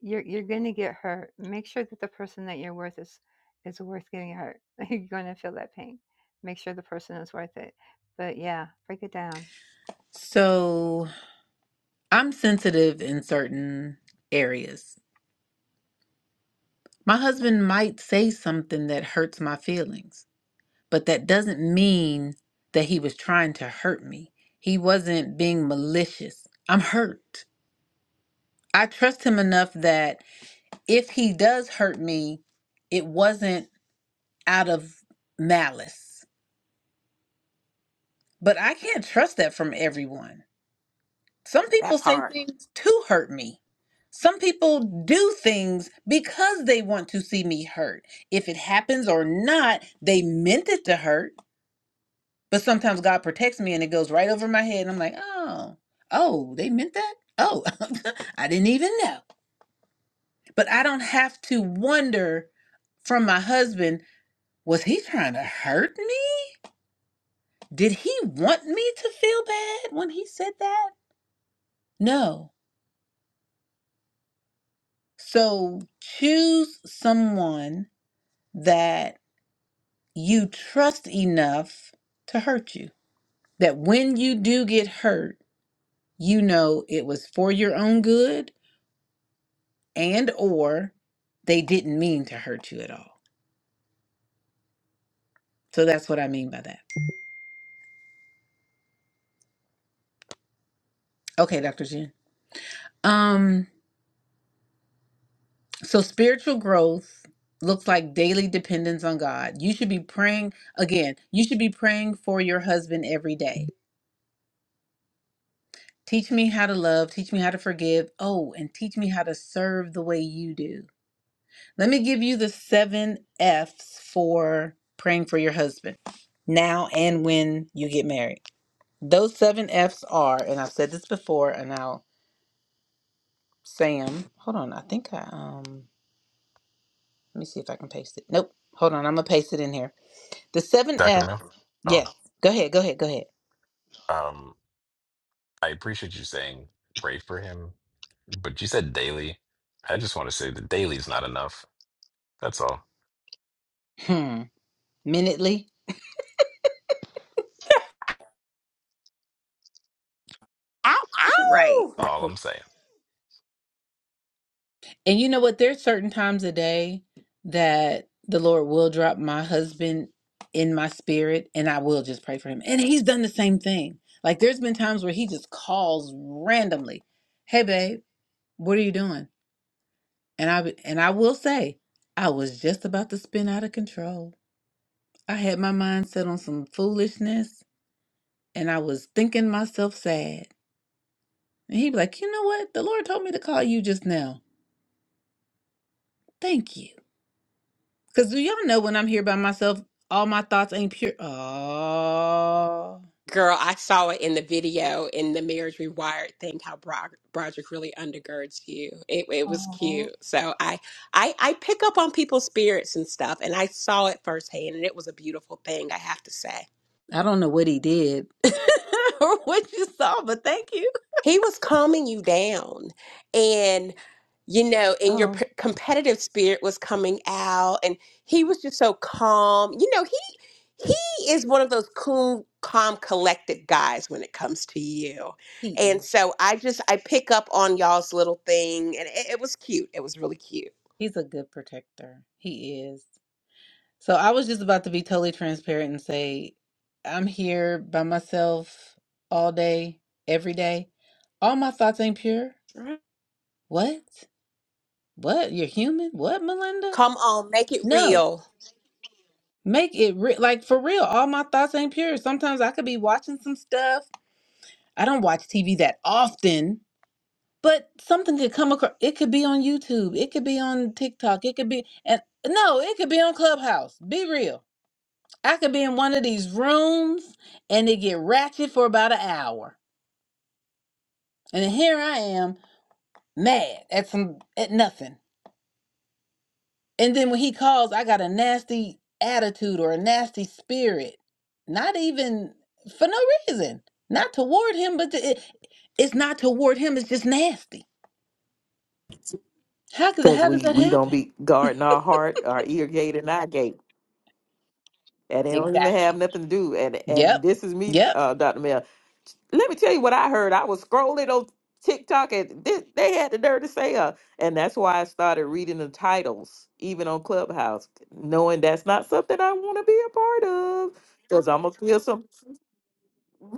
Speaker 2: you're you're gonna get hurt? Make sure that the person that you're worth is is worth getting hurt. you're gonna feel that pain. Make sure the person is worth it. But yeah, break it down.
Speaker 1: So, I'm sensitive in certain areas. My husband might say something that hurts my feelings, but that doesn't mean that he was trying to hurt me. He wasn't being malicious. I'm hurt. I trust him enough that if he does hurt me, it wasn't out of malice. But I can't trust that from everyone. Some people
Speaker 4: that
Speaker 1: say
Speaker 4: part
Speaker 1: things to hurt me. Some people do things because they want to see me hurt. If it happens or not, they meant it to hurt. But sometimes God protects me and it goes right over my head. And I'm like, oh, oh, they meant that? Oh, I didn't even know. But I don't have to wonder from my husband, was he trying to hurt me? Did he want me to feel bad when he said that? No. So choose someone that you trust enough to hurt you. That when you do get hurt, you know it was for your own good and or they didn't mean to hurt you at all. So that's what I mean by that. Okay, Dr. Jen. Um So spiritual growth looks like daily dependence on God. You should be praying again. You should be praying for your husband every day. Teach me how to love, teach me how to forgive. Oh, and teach me how to serve the way you do. Let me give you the 7 F's for praying for your husband now and when you get married. Those 7 F's are, and I've said this before and I'll say 'em. Hold on, I think I um let me see if I can paste it. Nope. Hold on, I'm going to paste it in here. The seven
Speaker 6: Dr.
Speaker 1: F.
Speaker 6: Mel? Oh,
Speaker 1: Yes. Go ahead. Go ahead. Go ahead.
Speaker 6: um, I appreciate you saying pray for him, but you said daily. I just want to say that daily is not enough. That's all.
Speaker 1: Hmm. Minutely.
Speaker 4: ow
Speaker 1: Right.
Speaker 4: ow
Speaker 6: All I'm saying.
Speaker 1: And you know what? There's certain times a day that the Lord will drop my husband in my spirit and I will just pray for him. And he's done the same thing. Like there's been times where he just calls randomly, "Hey babe, what are you doing?" And I and I will say, I was just about to spin out of control. I had my mind set on some foolishness and I was thinking myself sad. And he'd be like, you know what? The Lord told me to call you just now. Thank you. Because do y'all know when I'm here by myself, all my thoughts ain't pure? Oh,
Speaker 4: Girl, I saw it in the video in the Marriage Rewired thing how Bro- Broderick really undergirds you. It, it was
Speaker 1: Oh,
Speaker 4: cute. So I, I I pick up on people's spirits and stuff, and I saw it firsthand, and it was a beautiful thing. I have to say.
Speaker 1: I don't know what he did or what you saw, but thank you.
Speaker 4: He was calming you down. And, you know, and your
Speaker 1: oh,
Speaker 4: p- competitive spirit was coming out. And he was just so calm. You know, he he is one of those cool, calm, collected guys when it comes to you.
Speaker 1: He
Speaker 4: And
Speaker 1: is.
Speaker 4: so I just, I pick up on y'all's little thing. And it, it was cute. It was really cute.
Speaker 1: He's a good protector. He is. So I was just about to be totally transparent and say, I'm here by myself all day, every day. All my thoughts ain't pure.
Speaker 4: Right.
Speaker 1: What? What? You're human? What, Melinda?
Speaker 4: Come on, make it
Speaker 1: No,
Speaker 4: real.
Speaker 1: make it re- like for real. All my thoughts ain't pure. Sometimes I could be watching some stuff. I don't watch TV that often, but something could come across. It could be on YouTube. It could be on TikTok. It could be and no, it could be on Clubhouse. Be real. I could be in one of these rooms and it get ratchet for about an hour, and then here I am mad at some at nothing. And then when he calls, I got a nasty attitude or a nasty spirit. Not even for no reason. Not toward him, but to, it, it's not toward him. It's just nasty. How could
Speaker 5: Because
Speaker 1: how did
Speaker 5: we
Speaker 1: that
Speaker 5: we don't
Speaker 1: happen?
Speaker 5: be guarding our heart, our ear gate, and eye gate. And they don't even have
Speaker 1: Exactly.
Speaker 5: nothing to do. And and
Speaker 1: Yep.
Speaker 5: this is me,
Speaker 1: Yep.
Speaker 5: uh, Dr. Mel. Let me tell you what I heard. I was scrolling on TikTok and they, they had the nerve to say, uh, and that's why I started reading the titles, even on Clubhouse, knowing that's not something I want to be a part of. Because I'm going to feel some.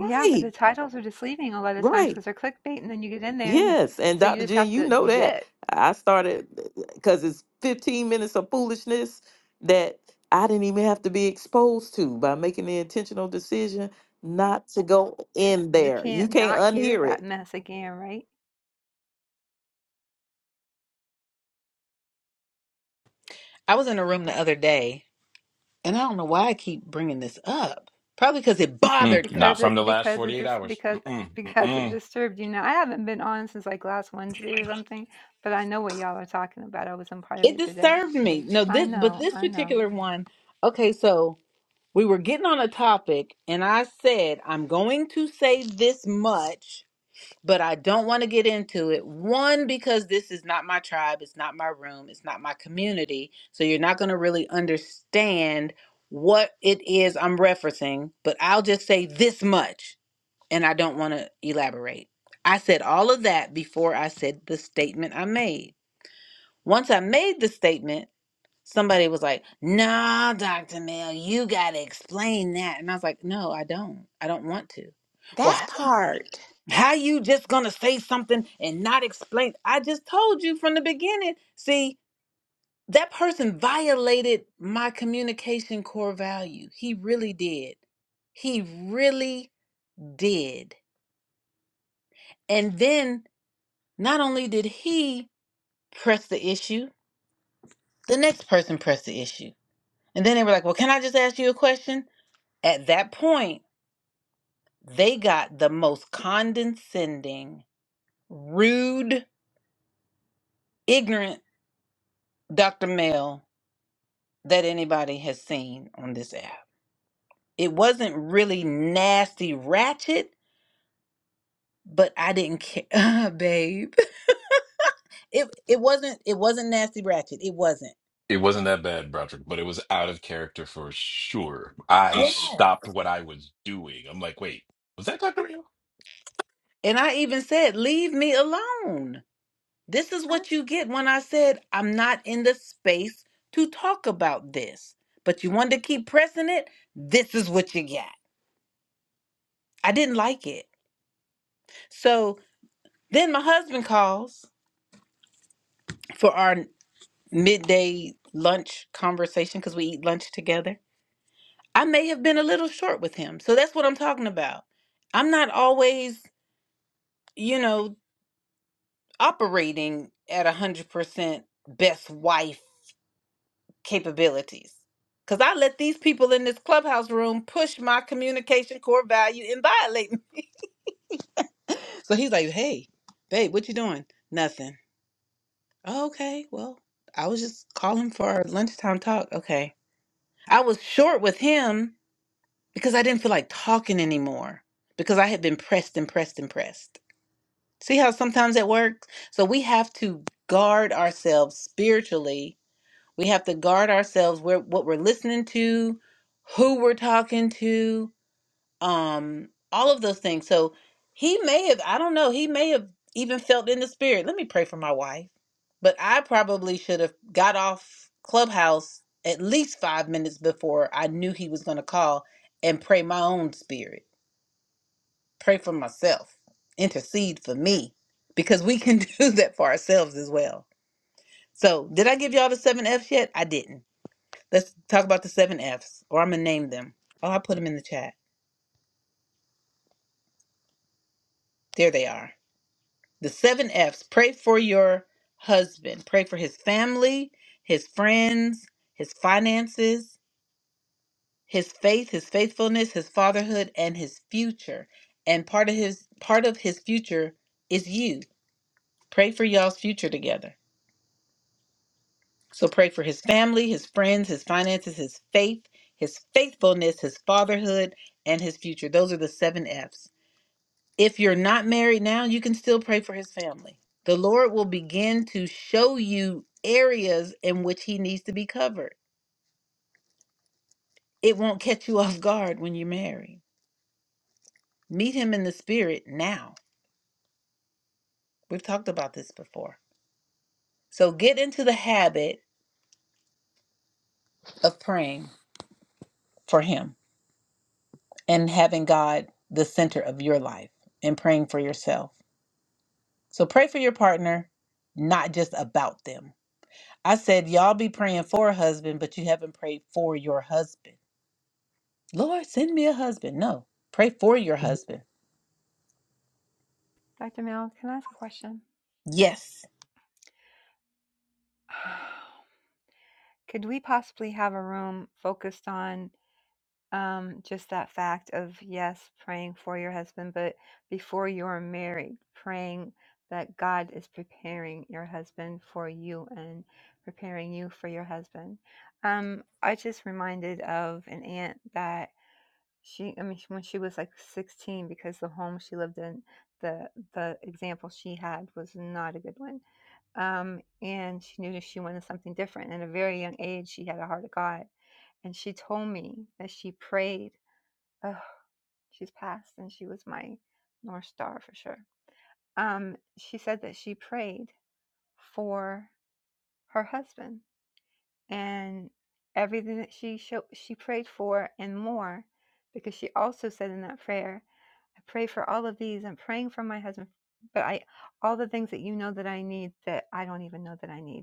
Speaker 2: Yeah, but the titles are just leaving a lot of times
Speaker 5: right.
Speaker 2: because they're clickbait, and then you get in there, and it's
Speaker 5: Yes, and
Speaker 2: so you
Speaker 5: Dr.
Speaker 2: just
Speaker 5: Jen,
Speaker 2: have
Speaker 5: you
Speaker 2: to
Speaker 5: know that.
Speaker 2: jit.
Speaker 5: I started because it's 15 minutes of foolishness that I didn't even have to be exposed to by making the intentional decision not to go in
Speaker 2: You
Speaker 5: there. You
Speaker 2: can't
Speaker 5: can't
Speaker 2: not hear
Speaker 5: unhear
Speaker 2: that
Speaker 5: it.
Speaker 2: mess again, right?
Speaker 1: I was in a room the other day, and I don't know why I keep bringing this up. Probably because it
Speaker 6: Mm-mm.
Speaker 1: bothered me.
Speaker 6: Not
Speaker 2: Because
Speaker 6: from
Speaker 2: it
Speaker 6: the last
Speaker 2: because it
Speaker 6: 48
Speaker 2: just
Speaker 6: hours.
Speaker 2: because
Speaker 6: Mm-mm.
Speaker 2: because it
Speaker 6: Mm-mm.
Speaker 2: disturbed you. Now I haven't been on since like last Wednesday or something, but I know what y'all are talking about. I was not part of
Speaker 1: It
Speaker 2: it today.
Speaker 1: disturbed me. No,
Speaker 2: I
Speaker 1: this but
Speaker 2: know,
Speaker 1: this
Speaker 2: I know.
Speaker 1: particular one. Okay, so we were getting on a topic, and I said I'm going to say this much but I don't want to get into it. One, because this is not my tribe, it's not my room, it's not my community. So you're not going to really understand what it is I'm referencing, but I'll just say this much and I don't want to elaborate. I said all of that before I said the statement I made. Once I made the statement, somebody was like, Nah, Dr. Mel, you got to explain that. And I was like, No, I don't. I don't want to.
Speaker 4: That
Speaker 1: Well,
Speaker 4: part.
Speaker 1: how you just gonna say something and not explain? I just told you from the beginning. See, that person violated my communication core value. He really did. He really did. And then not only did he press the issue, the next person pressed the issue. And then they were like, Well, can I just ask you a question? At that point, they got the most condescending, rude, ignorant Dr. Mel that anybody has seen on this app. It wasn't really nasty ratchet, but I didn't care, babe. It it wasn't it wasn't nasty ratchet. It wasn't.
Speaker 6: It wasn't that bad, Broderick, but it was out of character for sure. I
Speaker 1: Yeah.
Speaker 6: stopped what I was doing. I'm like, wait, was that Dr. Evil?
Speaker 1: And I even said, "Leave me alone." This is what you get when I said I'm not in the space to talk about this. But you wanted to keep pressing it. This is what you got. I didn't like it. So then my husband calls for our. midday lunch conversation because we eat lunch together. I may have been a little short with him. So that's what I'm talking about. I'm not always, you know, operating at 100% best wife capabilities because I let these people in this clubhouse room push my communication core value and violate me. so he's like, hey, babe, what you doing? Nothing. "Oh, okay, well, I was just calling for our lunchtime talk. Okay. I was short with him because I didn't feel like talking anymore because I had been pressed and pressed and pressed. See how sometimes it works? So we have to guard ourselves spiritually. We have to guard ourselves where what we're listening to, who we're talking to, um all of those things so he may have i don't know he may have even felt in the spirit let me pray for my wife but i probably should have got off clubhouse at least five minutes before i knew he was going to call and pray my own spirit pray for myself intercede for me because we can do that for ourselves as well so did i give y'all the seven f's yet i didn't let's talk about the seven f's or i'm gonna name them oh i put them in the chat there they are the seven F's. Pray for your husband, pray for his family, his friends, his finances, his faith, his faithfulness, his fatherhood, and his future. And part of his part of his future is you. Pray for y'all's future together. So pray for his family, his friends, his finances, his faith, his faithfulness, his fatherhood, and his future. Those are the seven F's. If you're not married now, you can still pray for his family. The Lord will begin to show you areas in which he needs to be covered. It won't catch you off guard when you're married. Meet him in the spirit now. We've talked about this before. So get into the habit of praying for him and having God the center of your life and praying for yourself. So pray for your partner, not just about them. I said, y'all be praying for a husband, but you haven't prayed for your husband Lord, send me a husband. No, pray for your husband.
Speaker 2: Dr. Mel, can I ask a question?
Speaker 1: Yes,
Speaker 2: Could we possibly have a room focused on Um, just that fact of yes, praying for your husband, but before you're married, praying that God is preparing your husband for you and preparing you for your husband. Um, I just reminded of an aunt that she, I mean, she- when she was like 16, because the home she lived in, the the example she had was not a good one. Um, and she knew that she wanted something different. And at a very young age, she had a heart of God and she told me that she prayed Oh, she's passed, and she was my north star for sure. Um, she said that she prayed for her husband and everything that she show, she prayed for and more, because she also said in that prayer, "I pray for all of these. I'm praying for my husband, but I all the things that you know that I need that I don't even know that I need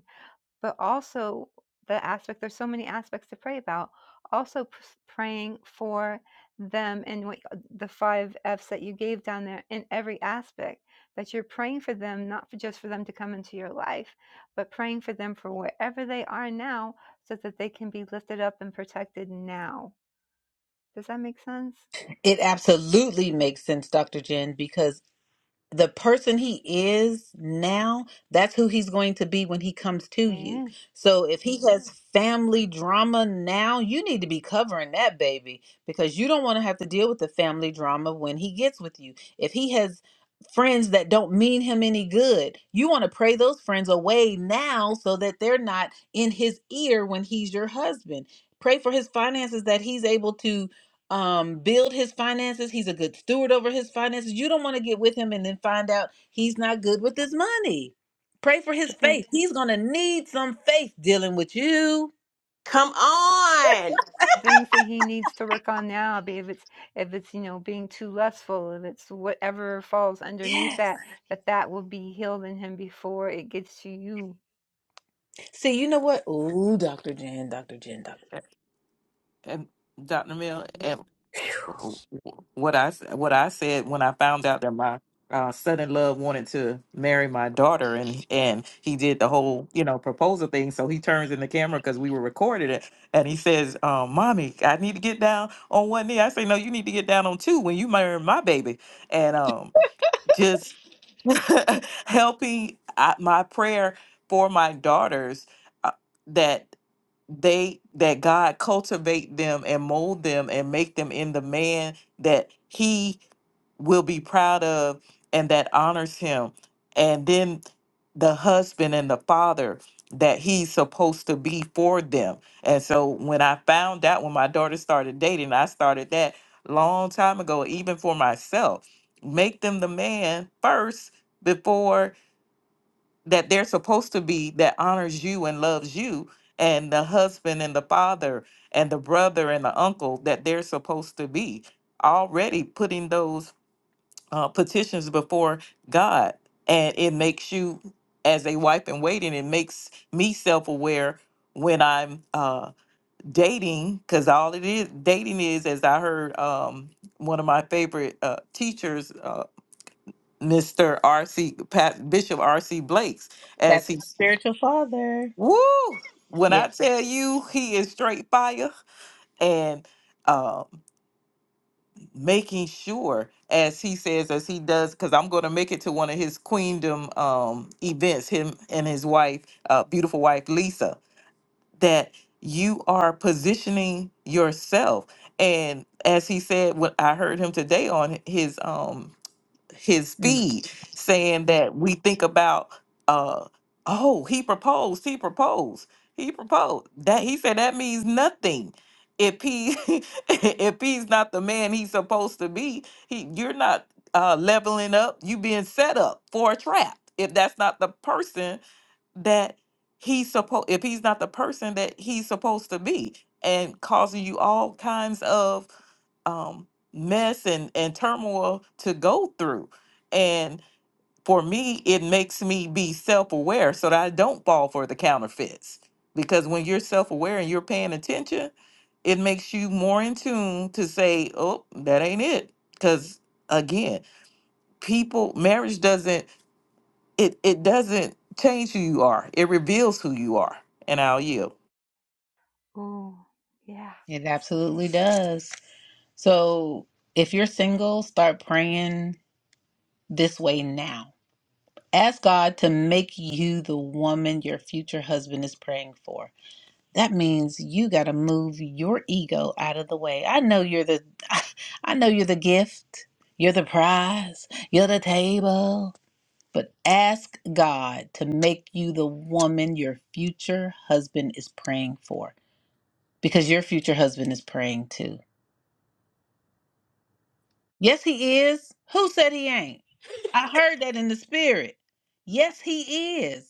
Speaker 2: but also the aspect there's so many aspects to pray about also p- praying for them and what uh, the five f's that you gave down there in every aspect that you're praying for them not for just for them to come into your life but praying for them for wherever they are now so that they can be lifted up and protected now does that make sense
Speaker 1: it absolutely makes sense, Dr. Jen, because the person he is now, that's who he's going to be when he comes to you.
Speaker 2: yeah
Speaker 1: So if he has family drama now, you need to be covering that baby because you don't want to have to deal with the family drama when he gets with you. If he has friends that don't mean him any good, you want to pray those friends away now so that they're not in his ear when he's your husband. Pray for his finances that he's able to um build his finances he's a good steward over his finances you don't want to get with him and then find out he's not good with his money pray for his
Speaker 2: but then
Speaker 1: faith he's gonna need some faith dealing with you
Speaker 4: Come on.
Speaker 2: things that he needs to work on now be if it's if it's you know being too lustful if it's whatever falls underneath
Speaker 1: Yes.
Speaker 2: that that that will be healed in him before it gets to you
Speaker 1: see you know what ooh dr jen dr jen dr
Speaker 5: A- And Dr. Mill, and what I s- what I said when I found out that my uh, son in love wanted to marry my daughter, and and he did the whole you know proposal thing. So he turns in the camera because we were recording it, and he says, um, "Mommy, I need to get down on one knee." I say, "No, you need to get down on two when you marry my baby," and um, just helping I, my prayer for my daughters uh, that they that God cultivate them and mold them and make them in the man that he will be proud of and that honors him and then the husband and the father that he's supposed to be for them and so when I found out when my daughter started dating I started that long time ago even for myself make them the man first before that they're supposed to be that honors you and loves you and the husband and the father and the brother and the uncle that they're supposed to be already putting those uh, petitions before god and it makes you as a wife in waiting it makes me self-aware when i'm uh, dating because all it is dating is as i heard um, one of my favorite uh, teachers uh, mr rc Pat, bishop rc blake's as
Speaker 1: that's
Speaker 5: he
Speaker 1: my spiritual father
Speaker 5: Woo! When
Speaker 1: yeah
Speaker 5: I tell you he is straight fire and uh, making sure, as he says, as he does, because I'm going to make it to one of his queendom um, events, him and his wife, uh, beautiful wife Lisa, that you are positioning yourself. And as he said, what I heard him today on his um, his
Speaker 1: Mm.
Speaker 5: feed saying that we think about uh oh he proposed he proposed he proposed that he said that means nothing if he if he's not the man he's supposed to be he you're not uh leveling up you being set up for a trap if that's not the person that he's supposed if he's not the person that he's supposed to be and causing you all kinds of um mess and and turmoil to go through and for me it makes me be self-aware so that i don't fall for the counterfeits because when you're self-aware and you're paying attention it makes you more in tune to say oh that ain't it because again people marriage doesn't it it doesn't change who you are. It reveals who you are. And I'll yield.
Speaker 2: oh yeah
Speaker 1: it absolutely does so if you're single start praying this way now ask god to make you the woman your future husband is praying for that means you got to move your ego out of the way. I know you're the I know you're the gift. You're the prize. You're the table. But ask God to make you the woman your future husband is praying for because your future husband is praying too. Yes, he is. Who said he ain't? I heard that in the spirit. Yes, he is.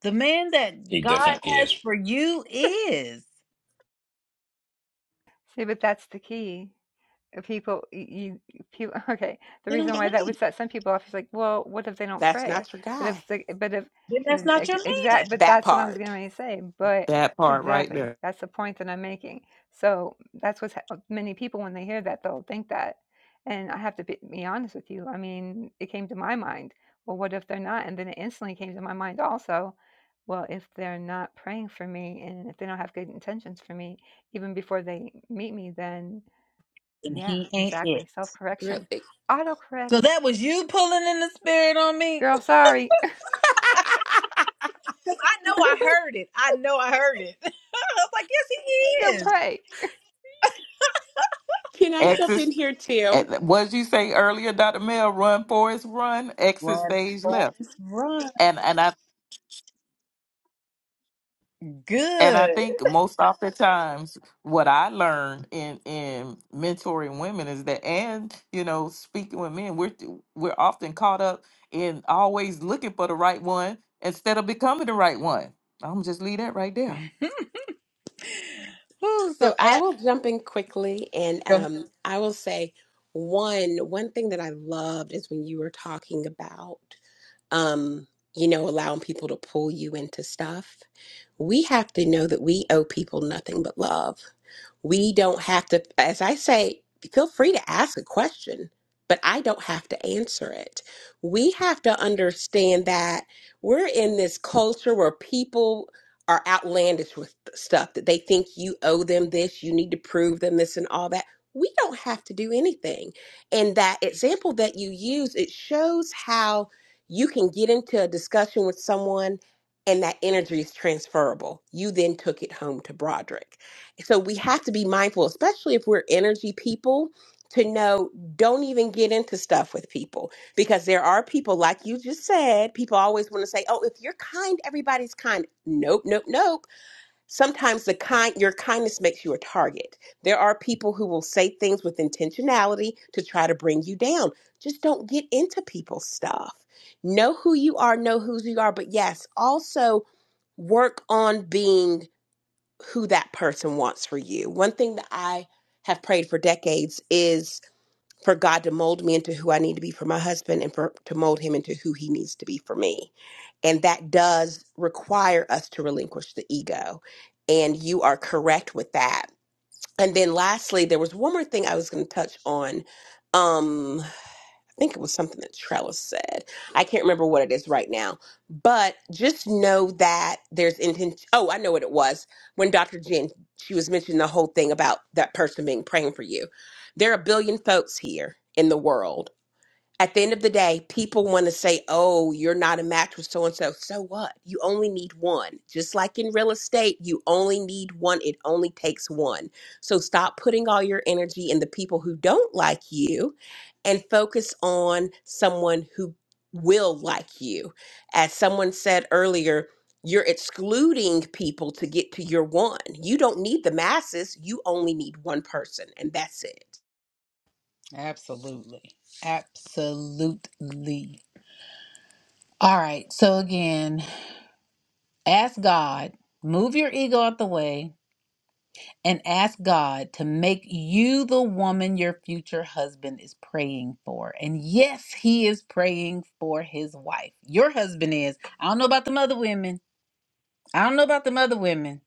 Speaker 1: The man that
Speaker 6: He
Speaker 1: God
Speaker 6: definitely is.
Speaker 1: has for you is.
Speaker 2: see but that's the key people you people okay the
Speaker 1: They don't
Speaker 2: reason why that would
Speaker 1: believe.
Speaker 2: set some people off is like well what if they don't
Speaker 4: That's
Speaker 2: pray
Speaker 4: not your
Speaker 2: but if
Speaker 4: guy.
Speaker 2: the but if
Speaker 1: Then that's not your man.
Speaker 2: exact but
Speaker 4: That
Speaker 2: that's what i was
Speaker 4: part.
Speaker 2: going to say but
Speaker 5: That part right
Speaker 2: exactly
Speaker 5: there.
Speaker 2: that's the point that i'm making so that's what many people when they hear that they'll think that and i have to be, be honest with you i mean it came to my mind well what if they're not and then it instantly came to my mind also well if they're not praying for me and if they don't have good intentions for me even before they meet me then
Speaker 1: and
Speaker 2: yeah,
Speaker 1: he ain't it.
Speaker 2: exactly. Self correction.
Speaker 4: Really?
Speaker 1: So
Speaker 2: Autocorrect.
Speaker 1: that was you pulling in the spirit on me?
Speaker 2: Girl, sorry.
Speaker 1: I know I heard it. I know I heard it. I was like, yes, he
Speaker 2: Don't
Speaker 1: is.
Speaker 2: pray.
Speaker 4: Can I jump
Speaker 5: Exit.
Speaker 4: in here too?
Speaker 5: What did you say earlier, Dr. Mel? Run, Forrest, run. Exit
Speaker 1: Run,
Speaker 5: stage
Speaker 1: Forrest,
Speaker 5: left.
Speaker 1: run.
Speaker 5: And and I and I
Speaker 1: Good.
Speaker 5: think most oftentimes what I learn in in mentoring women is that, and you know, speaking with men, we're we're often caught up in always looking for the right one instead of becoming the right one. I'm just leave that right there.
Speaker 1: Whew,
Speaker 4: So
Speaker 1: so
Speaker 4: I
Speaker 1: ab-
Speaker 4: will jump in quickly and
Speaker 1: Go ahead.
Speaker 4: um, I will say one one thing that I loved is when you were talking about um, you know, allowing people to pull you into stuff. We have to know that we owe people nothing but love. We don't have to, as I say, feel free to ask a question, but I don't have to answer it. We have to understand that we're in this culture where people are outlandish with stuff that they think you owe them this, you need to prove them this and all that. We don't have to do anything. And that example that you use, it shows how you can get into a discussion with someone and that energy is transferable. You then took it home to Broderick so we have to be mindful especially if we're energy people to know don't even get into stuff with people because there are people like you just said people always want to say oh if you're kind everybody's kind nope nope nope sometimes the kind your kindness makes you a target there are people who will say things with intentionality to try to bring you down just don't get into people's stuff know who you are know whose you are but yes also work on being who that person wants for you. One thing that I have prayed for decades is for God to mold me into who I need to be for my husband and for to mold him into who he needs to be for me. And that does require us to relinquish the ego. And you are correct with that. And then lastly, there was one more thing I was going to touch on. Um I think it was something that Trellis said. I can't remember what it is right now, but just know that there's intent. Oh, I know what it was when Dr. Jen she was mentioning the whole thing about that person being praying for you. There are a billion folks here in the world at the end of the day, people want to say, oh, you're not a match with so and so. So what? You only need one. Just like in real estate, you only need one. It only takes one. So stop putting all your energy in the people who don't like you and focus on someone who will like you. As someone said earlier, you're excluding people to get to your one. You don't need the masses. You only need one person, and that's it.
Speaker 1: absolutely. Absolutely. All right. So again, ask God, move your ego out the way, and ask God to make you the woman your future husband is praying for. And yes, he is praying for his wife. Your husband is. I don't know about the other women. I don't know about the other women,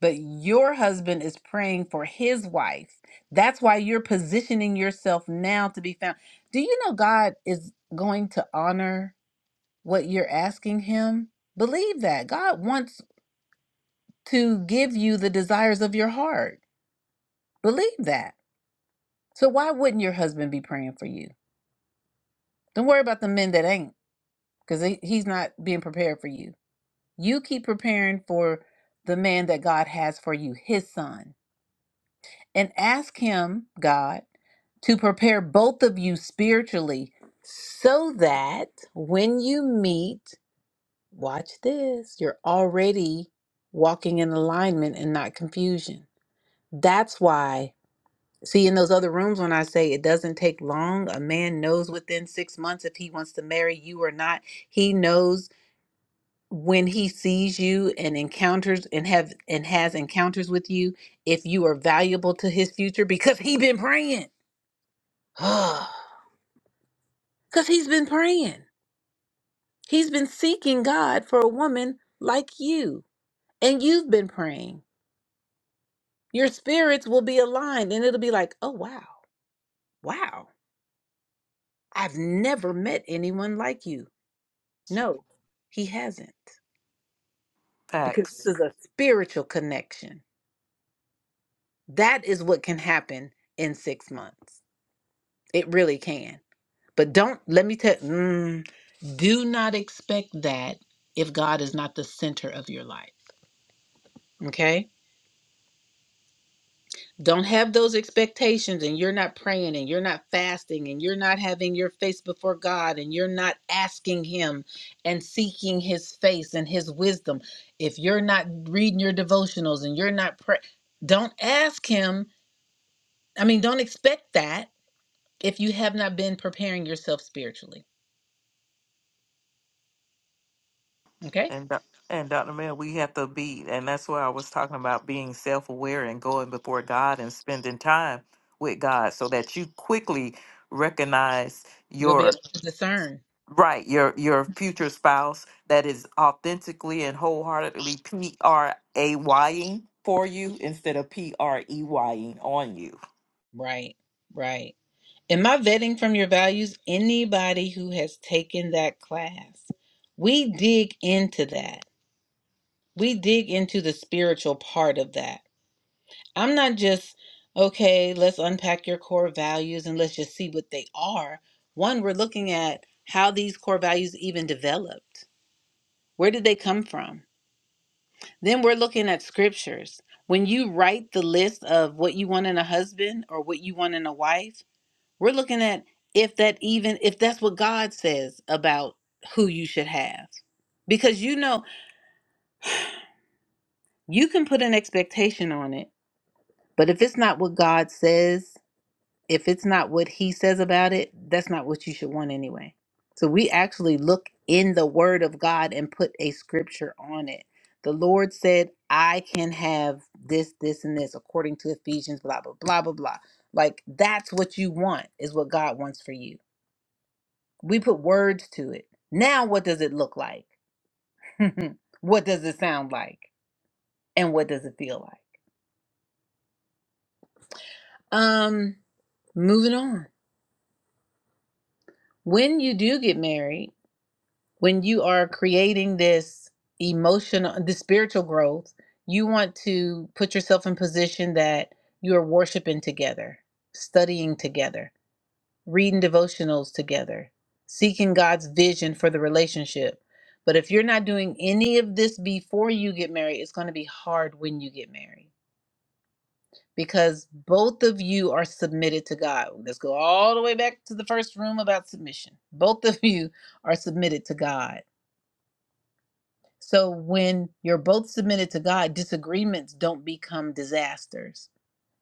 Speaker 1: but your husband is praying for his wife. That's why you're positioning yourself now to be found. Do you know God is going to honor what you're asking him? Believe that. God wants to give you the desires of your heart. Believe that. So why wouldn't your husband be praying for you? Don't worry about the men that ain't, because he's not being prepared for you. You keep preparing for the man that God has for you, his son, and ask him, God, to prepare both of you spiritually so that when you meet, watch this, you're already walking in alignment and not confusion. That's why See, in those other rooms, when I say it doesn't take long, a man knows within six months if he wants to marry you or not. He knows when he sees you and encounters and have and has encounters with you if you are valuable to his future because he been praying. Because he's been praying. He's been seeking God for a woman like you. And you've been praying. Your spirits will be aligned and it'll be like, oh wow, wow. I've never met anyone like you. No, he hasn't. Because
Speaker 5: Facts.
Speaker 1: this is a spiritual connection. That is what can happen in six months. It really can. But don't, let me tell mm, do not expect that if God is not the center of your life. Okay? don't have those expectations and you're not praying and you're not fasting and you're not having your face before God and you're not asking him and seeking his face and his wisdom if you're not reading your devotionals and you're not pray don't ask him I mean don't expect that if you have not been preparing yourself spiritually okay
Speaker 5: And Doc- and Dr. Mel, we have to be, and that's why I was talking about being self aware and going before God and spending time with God so that you quickly recognize
Speaker 1: you'll be
Speaker 5: your
Speaker 1: able to discern
Speaker 5: right, your your future spouse that is authentically and wholeheartedly P R A Y ing for you instead of P R E Y ing on you.
Speaker 1: right right am I vetting from your values anybody who has taken that class we dig into that we dig into the spiritual part of that. I'm not just, okay, let's unpack your core values and let's just see what they are. One, we're looking at how these core values even developed. Where did they come from? Then we're looking at scriptures. When you write the list of what you want in a husband or what you want in a wife, we're looking at if that even if that's what God says about who you should have. Because you know, you can put an expectation on it But if it's not what God says, if it's not what He says about it, that's not what you should want anyway. So we actually look in the Word of God and put a scripture on it. The Lord said, I can have this, this, and this according to Ephesians, blah, blah, blah, blah, blah. Like that's what you want, is what God wants for you. We put words to it. Now, what does it look like? what does it sound like? And what does it feel like? Um, moving on. When you do get married, when you are creating this emotional the spiritual growth you want to put yourself in position that you are worshiping together studying together reading devotionals together seeking god's vision for the relationship but if you're not doing any of this before you get married it's going to be hard when you get married because both of you are submitted to god let's go all the way back to the first room about submission both of you are submitted to god So when you're both submitted to God, disagreements don't become disasters.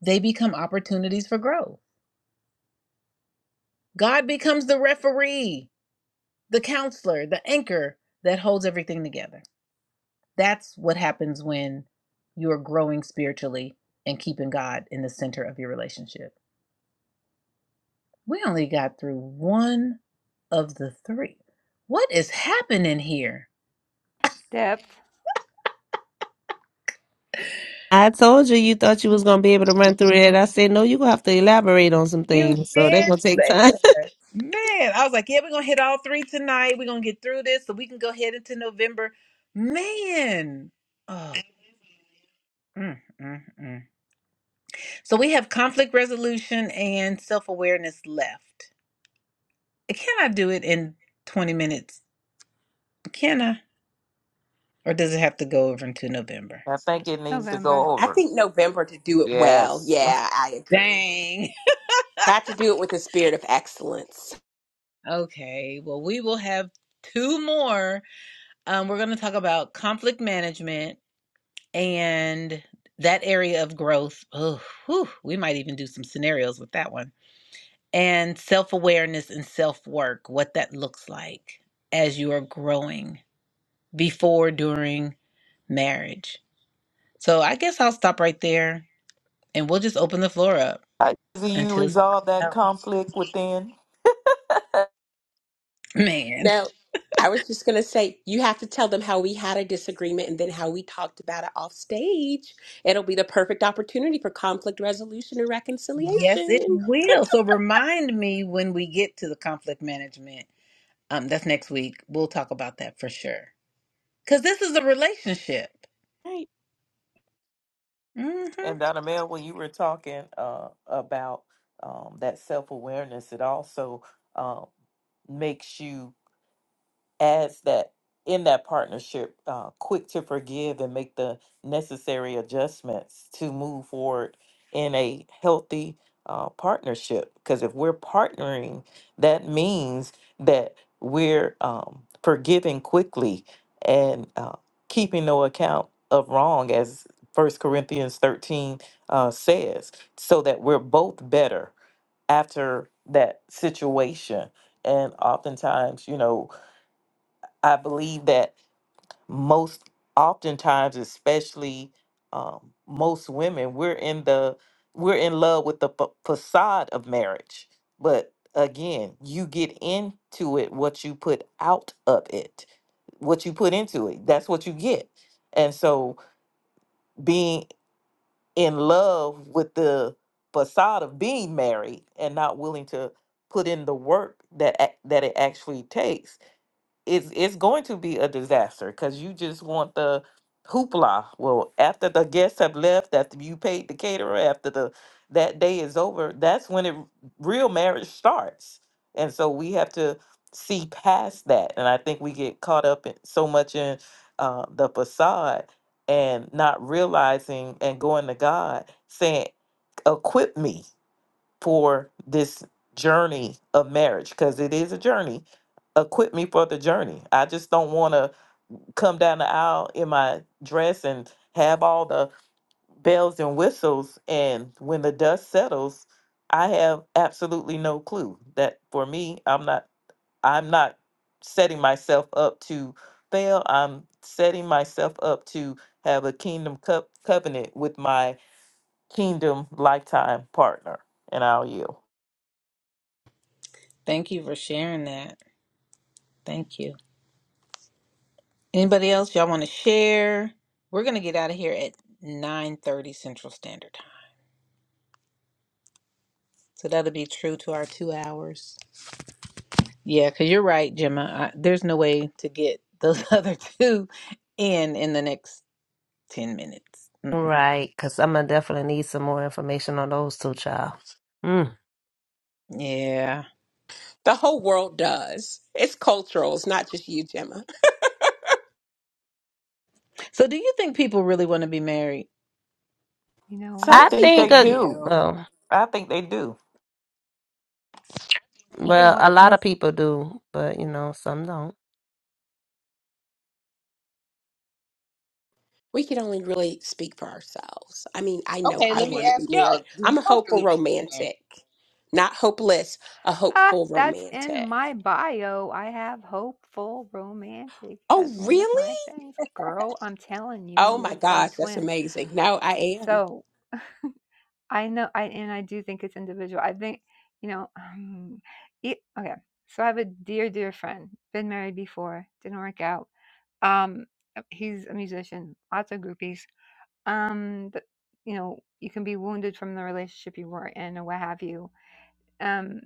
Speaker 1: They become opportunities for growth. God becomes the referee, the counselor, the anchor that holds everything together. That's what happens when you're growing spiritually and keeping God in the center of your relationship. We only got through one of the three. What is happening here?
Speaker 2: Depth.
Speaker 9: I told you you thought you was gonna be able to run through it. I said no, you gonna have to elaborate on some
Speaker 1: You
Speaker 9: things, so they're
Speaker 1: did
Speaker 9: gonna take
Speaker 1: say
Speaker 9: time.
Speaker 1: that. Man, I was like, yeah, we're gonna hit all three tonight. We're gonna get through this so we can go ahead into November. Man. Oh, mm, mm, mm. So we have conflict resolution and self-awareness left. Can I do it in 20 minutes? Can I? Or does it have to go over into November?
Speaker 5: I think it needs to go
Speaker 2: November.
Speaker 4: I
Speaker 5: over.
Speaker 4: think November to do it well.
Speaker 5: Yes.
Speaker 4: Yeah, I agree.
Speaker 1: Dang.
Speaker 4: Got to do it with a spirit of excellence.
Speaker 1: Okay. Well, we will have two more. Um, we're gonna talk about conflict management and that area of growth oh whew, we might even do some scenarios with that one and self-awareness and self-work what that looks like as you are growing before during marriage so i guess i'll stop right there and we'll just open the floor up
Speaker 5: do you
Speaker 1: until it's
Speaker 5: resolve that
Speaker 1: Oh,
Speaker 5: conflict within.
Speaker 1: man
Speaker 4: No, I was just going to say, you have to tell them how we had a disagreement and then how we talked about it off stage. It'll be the perfect opportunity for conflict resolution and
Speaker 1: yes it
Speaker 4: reconciliation.
Speaker 1: will so remind me when we get to the conflict management um that's next week we'll talk about that for sure because this is a relationship
Speaker 4: Right.
Speaker 1: hmm.
Speaker 5: And Donna Mel, when you were talking uh, about um, that self awareness, it also uh, makes you as that in that partnership, uh, quick to forgive and make the necessary adjustments to move forward in a healthy uh, partnership. Because if we're partnering, that means that we're um, forgiving quickly and uh, keeping no account of wrong, as First Corinthians 13 uh, says, so that we're both better after that situation and oftentimes you know I believe that most oftentimes, especially um, most women, we're in the we're in love with the fa- facade of marriage. But again, you get into it what you put out of it, what you put into it. That's what you get. And so, being in love with the facade of being married and not willing to put in the work that ac- that it actually takes it's it's going to be a disaster because you just want the hoopla. Well, after the guests have left, after you paid the caterer, after the that day is over, that's when it real marriage starts. And so we have to see past that. And I think we get caught up in, so much in uh, the facade and not realizing and going to God saying, "Equip me." for this journey of marriage because it is a journey. Equip me for the journey. I just don't want to come down the aisle in my dress and have all the bells and whistles. And when the dust settles, I have absolutely no clue. That for me, I'm not. I'm not setting myself up to fail. I'm setting myself up to have a kingdom co- covenant with my kingdom lifetime partner. And I'll yield.
Speaker 1: Thank you for sharing that. Thank you. Anybody else y'all want to share? We're gonna get out of here at nine thirty Central Standard Time, so that'll be true to our two hours. Yeah, because you're right, Gemma. I, there's no way to get those other two in in the next ten minutes. Mm-mm.
Speaker 9: Right, because I'm gonna definitely need some more information on those two, child. Mm.
Speaker 1: Yeah.
Speaker 4: The whole world does. It's cultural, it's not just you, Gemma.
Speaker 1: So, do you think people really want to be married?
Speaker 2: You know what?
Speaker 5: I
Speaker 4: Some
Speaker 9: I
Speaker 5: think
Speaker 4: people
Speaker 9: think,
Speaker 5: they
Speaker 9: uh,
Speaker 5: do.
Speaker 4: do.
Speaker 9: oh,
Speaker 5: I think they do.
Speaker 2: They
Speaker 9: well,
Speaker 2: went.
Speaker 9: a lot of people do, but you know, some don't.
Speaker 4: We can only really speak for ourselves. I mean, I know
Speaker 1: Okay,
Speaker 4: I
Speaker 1: let me
Speaker 4: want to be married.
Speaker 1: out.
Speaker 4: I'm a hopeful
Speaker 1: Really want to be
Speaker 4: romantic, not hopeless, a
Speaker 2: Ah,
Speaker 4: hopeful
Speaker 2: that's in
Speaker 4: romantic.
Speaker 2: my bio. I have hopeful romantic
Speaker 4: Oh,
Speaker 2: as one of my
Speaker 4: really?
Speaker 2: things. Girl, I'm telling you,
Speaker 4: Oh
Speaker 2: we're
Speaker 4: my
Speaker 2: like
Speaker 4: gosh, that's
Speaker 2: twins.
Speaker 4: amazing. No, I am.
Speaker 2: So I know, I and I do think it's individual. I think, you know, um, it, okay. So I have a dear, dear friend. Been married before. Didn't work out. Um, he's a musician. Lots of groupies um that you know you can be wounded from the relationship you were in or what have you um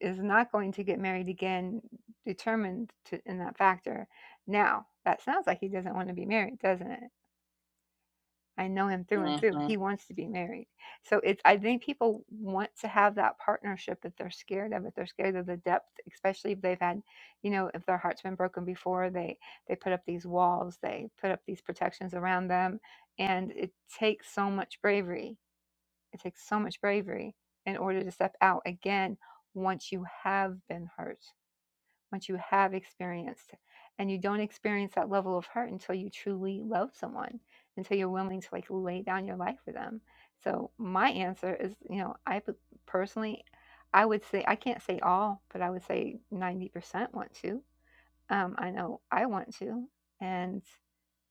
Speaker 2: is not going to get married again determined to in that factor now that sounds like he doesn't want to be married doesn't it i know him through and
Speaker 1: married.
Speaker 2: through
Speaker 1: hmm
Speaker 2: he wants to be married so it's i think people want to have that partnership that they're scared of it they're scared of the depth especially if they've had you know if their heart's been broken before they they put up these walls they put up these protections around them and it takes so much bravery It takes so much bravery in order to step out again once you have been hurt, once you have experienced. And you don't experience that level of hurt until you truly love someone, until you're willing to like lay down your life for them. So my answer is, you know, I personally, I would say I can't say all, but I would say ninety percent want to. Um, I know I want to, and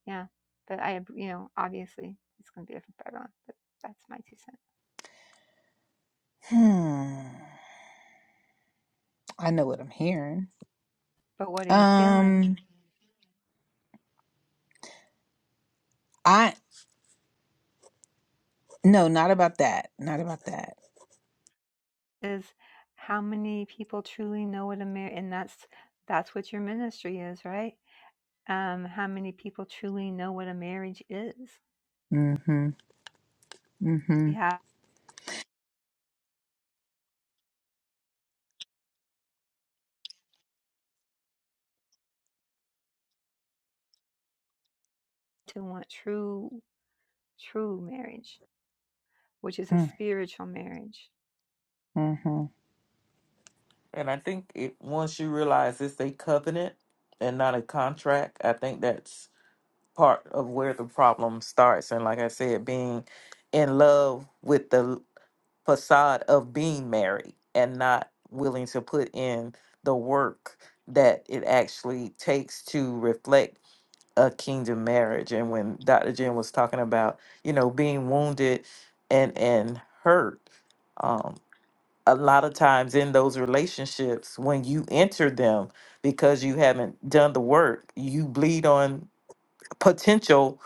Speaker 2: yeah, but I, you know, obviously it's going to be different for everyone. But that's my two cents.
Speaker 1: Hmm. I know what I'm hearing.
Speaker 2: But what are you feeling?
Speaker 1: Um. I No, not about that. Not about that.
Speaker 2: is how many people truly know what a marriage and that's that's what your ministry is right um how many people truly know what a marriage is
Speaker 1: Mm-hmm. Mm-hmm.
Speaker 2: you have to want true true marriage which is a
Speaker 1: mm,
Speaker 2: spiritual marriage
Speaker 1: Mm-hmm.
Speaker 5: And I think it, once you realize it's a covenant and not a contract, I think that's part of where the problem starts. And like I said, being in love with the facade of being married and not willing to put in the work that it actually takes to reflect a kingdom marriage. And when Dr. Jen was talking about, you know, being wounded and and hurt, um, a lot of times in those relationships when you enter them because you haven't done the work you bleed on potential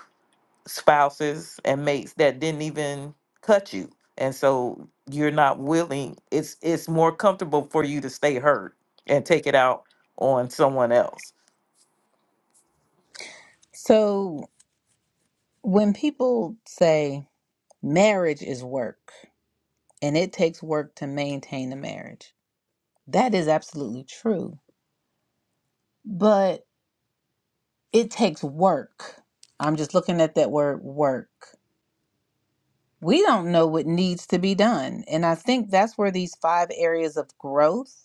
Speaker 5: spouses and mates that didn't even cut you and so you're not willing it's it's more comfortable for you to stay hurt and take it out on someone else
Speaker 1: So when people say marriage is work and it takes work to maintain a marriage, that is absolutely true. But it takes work. I'm just looking at that word work. We don't know what needs to be done. And I think that's where these five areas of growth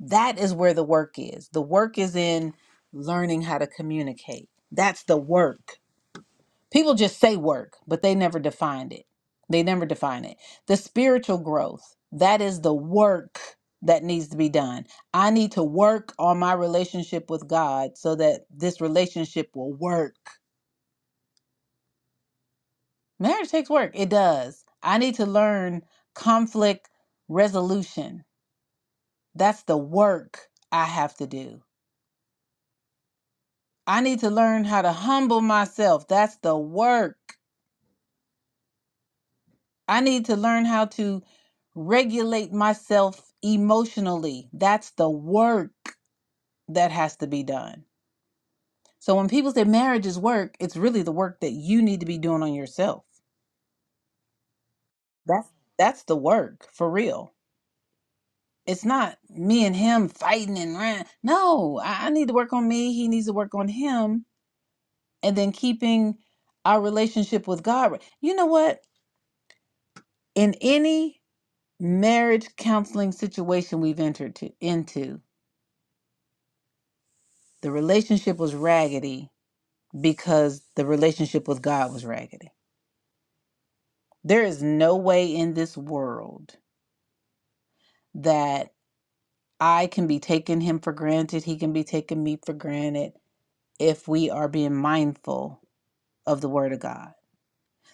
Speaker 1: That is where the work is. The work is in learning how to communicate. That's the work. People just say work, but they never defined it. They never define it. The spiritual growth, that is the work that needs to be done. I need to work on my relationship with God so that this relationship will work. Marriage takes work. It does. I need to learn conflict resolution. That's the work I have to do. I need to learn how to humble myself. That's the work. I need to learn how to regulate myself emotionally. That's the work that has to be done. So when people say marriage is work, it's really the work that you need to be doing on yourself. That's that's the work for real. It's not me and him fighting and rah. no. I, I need to work on me. He needs to work on him, and then keeping our relationship with God. You know what? In any marriage counseling situation we've entered to, into, the relationship was raggedy because the relationship with God was raggedy. There is no way in this world that I can be taking him for granted, he can be taking me for granted if we are being mindful of the word of God.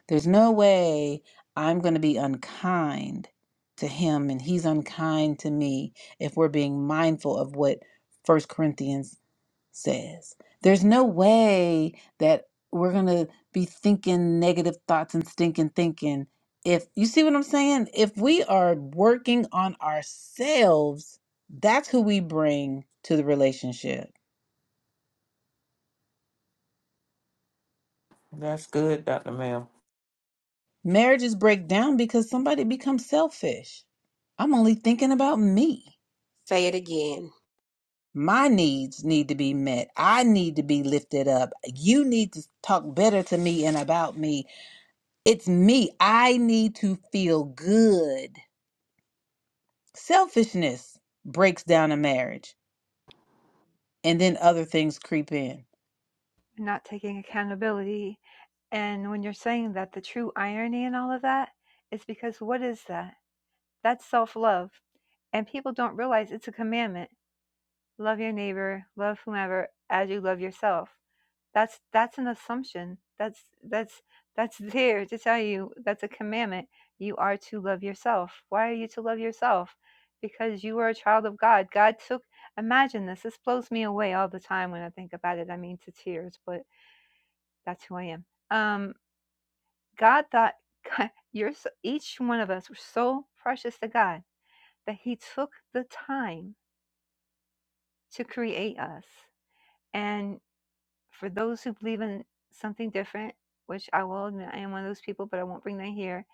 Speaker 1: There's no way I'm going to be unkind to him and he's unkind to me if we're being mindful of what First Corinthians says. There's no way that we're going to be thinking negative thoughts and stinking thinking. If you see what I'm saying, if we are working on ourselves, that's who we bring to the relationship.
Speaker 5: that's good dr mel
Speaker 1: Marriages break down because somebody becomes selfish. I'm only thinking about me.
Speaker 4: Say it again.
Speaker 1: My needs need to be met. I need to be lifted up. You need to talk better to me and about me. It's me. I need to feel good. Selfishness breaks down a marriage, and then other things creep in.
Speaker 2: You're not taking accountability and when you're saying that the true irony and all of that is because what is that that's self-love and people don't realize it's a commandment love your neighbor, love whomever as you love yourself. That's that's an assumption. That's that's that's there to tell you that's a commandment. You are to love yourself. Why are you to love yourself? Because you are a child of God. God took imagine this. This blows me away all the time when I think about it. I mean to tears, but that's who I am. Um God thought God, you're so, each one of us were so precious to God that he took the time to create us. and. for those who believe in something different, which I will admit I am one of those people, but I won't bring that here,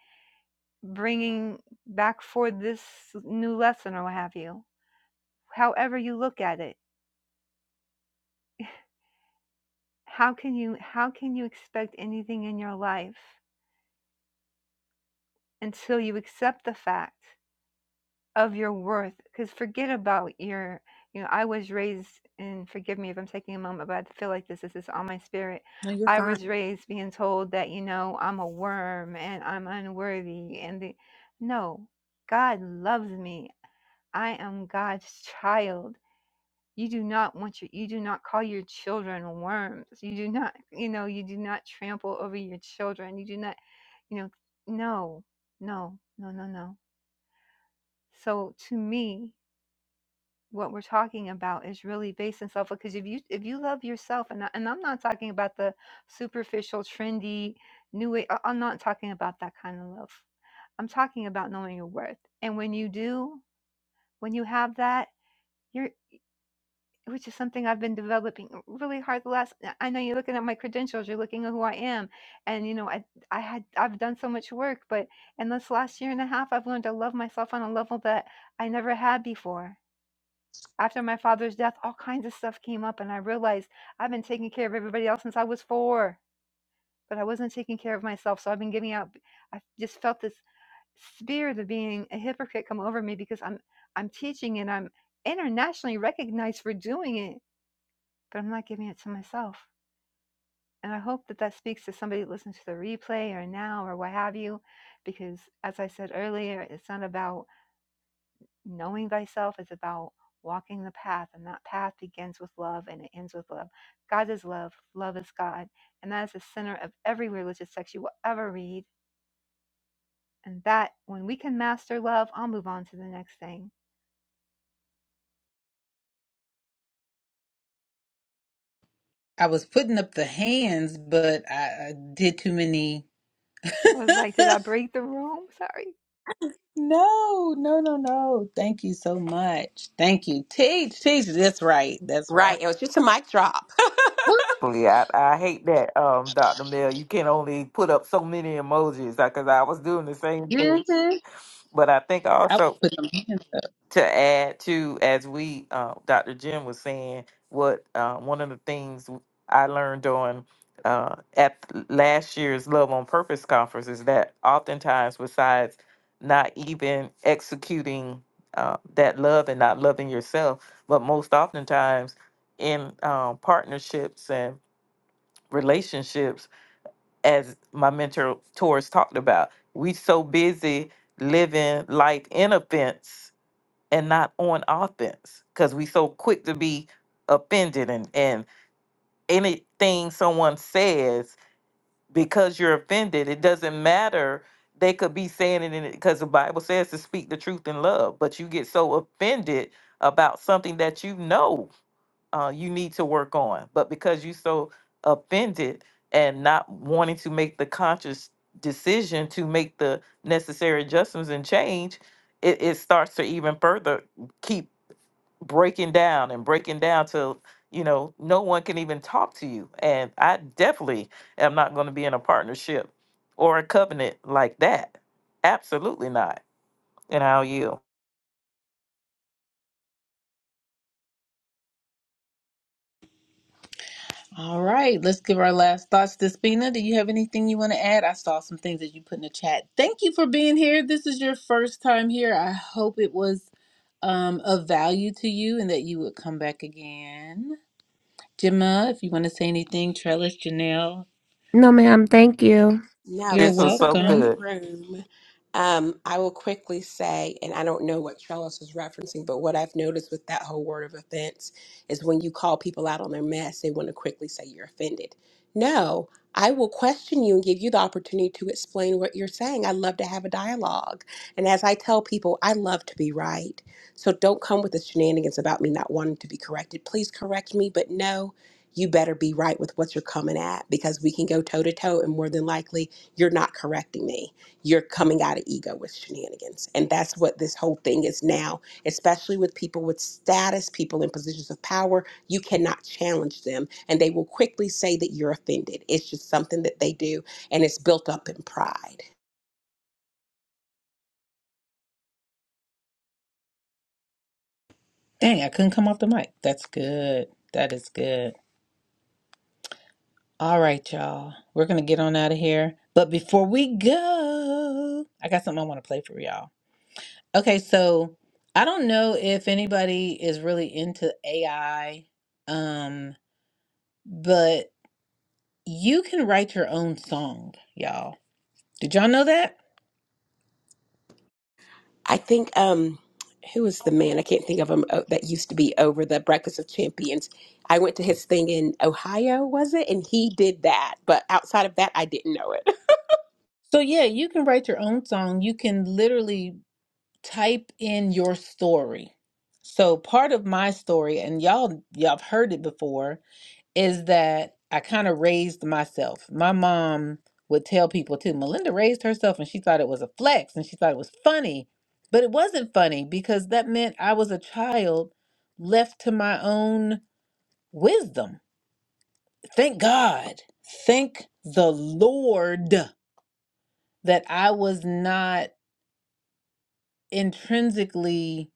Speaker 2: bringing back for this new lesson or what have you. However you look at it, how can you how can you expect anything in your life until you accept the fact of your worth because forget about your you know i was raised and forgive me if i'm taking a moment but i feel like this this is on my spirit
Speaker 1: No, you're
Speaker 2: i
Speaker 1: fine.
Speaker 2: was raised being told that you know i'm a worm and i'm unworthy and the no god loves me i am god's child you do not want your you do not call your children worms you do not you know you do not trample over your children you do not you know no no no no no so to me what we're talking about is really based in self love. because if you if you love yourself and I- and I'm not talking about the superficial trendy new way I- I'm not talking about that kind of love. I'm talking about knowing your worth. And when you do, when you have that, you're which is something I've been developing really hard the last I know you're looking at my credentials, you're looking at who I am. And you know, I I had I've done so much work, but in this last year and a half I've learned to love myself on a level that I never had before after my father's death, all kinds of stuff came up, and I realized I've been taking care of everybody else since I was four, but I wasn't taking care of myself. So I've been giving out. I just felt this spirit of being a hypocrite come over me because I'm I'm teaching and I'm internationally recognized for doing it, but I'm not giving it to myself. And I hope that that speaks to somebody that listens to the replay or now or what have you, because as I said earlier, it's not about Knowing thyself is about walking the path, and that path begins with love and it ends with love. God is love, love is God. And that is the center of every religious text you will ever read. And that, when we can master love, I'll move on to the next thing.
Speaker 1: I was putting up the hands, but I I did too many.
Speaker 2: I was like, did I break the room? Sorry.
Speaker 1: no, no, no, no. Thank you so much. Thank you. Teach, teach. That's right. That's
Speaker 4: Right.
Speaker 1: right.
Speaker 4: It was just a mic drop.
Speaker 5: Fully, I, I hate that, um, Dr. Mel. You can only put up so many emojis because I was doing the same thing.
Speaker 1: Mm-hmm.
Speaker 5: But I think
Speaker 1: I was
Speaker 5: also
Speaker 1: putting them hands up.
Speaker 5: to add to as we uh, dr jim was saying what uh, one of the things i learned on uh, at last year's love on purpose conference is that oftentimes besides not even executing uh, that love and not loving yourself but most oftentimes in um, partnerships and relationships as my mentor tours talked about we so busy living life in offense and not on offense because we so quick to be offended and and anything someone says because you're offended it doesn't matter they could be saying it in it because the bible says to speak the truth in love but you get so offended about something that you know uh, you need to work on but because you're so offended and not wanting to make the conscious decision to make the necessary adjustments and change it, it starts to even further keep breaking down and breaking down till you know no one can even talk to you and i definitely am not going to be in a partnership or a covenant like that absolutely not and i'll yield
Speaker 1: All right. Let's give our last thoughts. Despina, do you have anything you want to add? I saw some things that you put in the chat. Thank you for being here. This is your first time here. I hope it was um, of value to you and that you would come back again. Gemma, if you want to say anything, Trellis, Janelle,
Speaker 9: No, ma'am. Thank you.
Speaker 4: No,
Speaker 1: you're
Speaker 5: this
Speaker 4: this
Speaker 5: was
Speaker 4: is a
Speaker 5: so
Speaker 4: great
Speaker 1: welcome.
Speaker 5: good
Speaker 4: room. Um, I will quickly say, and I don't know what Trellis is referencing, but what I've noticed with that whole word of offense is when you call people out on their mess, they want to quickly say you're offended. No, I will question you and give you the opportunity to explain what you're saying. I love to have a dialogue. And as I tell people, I love to be right. So don't come with the shenanigans about me not wanting to be corrected. Please correct me, but no, you better be right with what you're coming at because we can go toe to toe and more than likely you're not correcting me. You're coming out of ego with shenanigans. And that's what this whole thing is now, especially with people with status, people in positions of power. You cannot challenge them, and they will quickly say that you're offended. It's just something that they do, and it's built up in pride.
Speaker 1: Dang, I couldn't come off the mic. That's good. That is good. All right, y'all. We're going to get on out of here. But before we go, I got something I want to play for y'all. Okay, so I don't know if anybody is really into AI, um, but you can write your own song, y'all. Did y'all know that?
Speaker 4: I think, um, who was the man? I can't think of him oh, that used to be over the Breakfast of Champions. I went to his thing in Ohio, was it? And he did that. But outside of that, I didn't know it.
Speaker 1: So yeah, you can write your own song. You can literally type in your story. So part of my story, and y'all y'all have heard it before, is that I kind of raised myself. My mom would tell people too, Melinda raised herself and she thought it was a flex and she thought it was funny. But it wasn't funny because that meant I was a child left to my own wisdom. Thank God. Thank the Lord that I was not intrinsically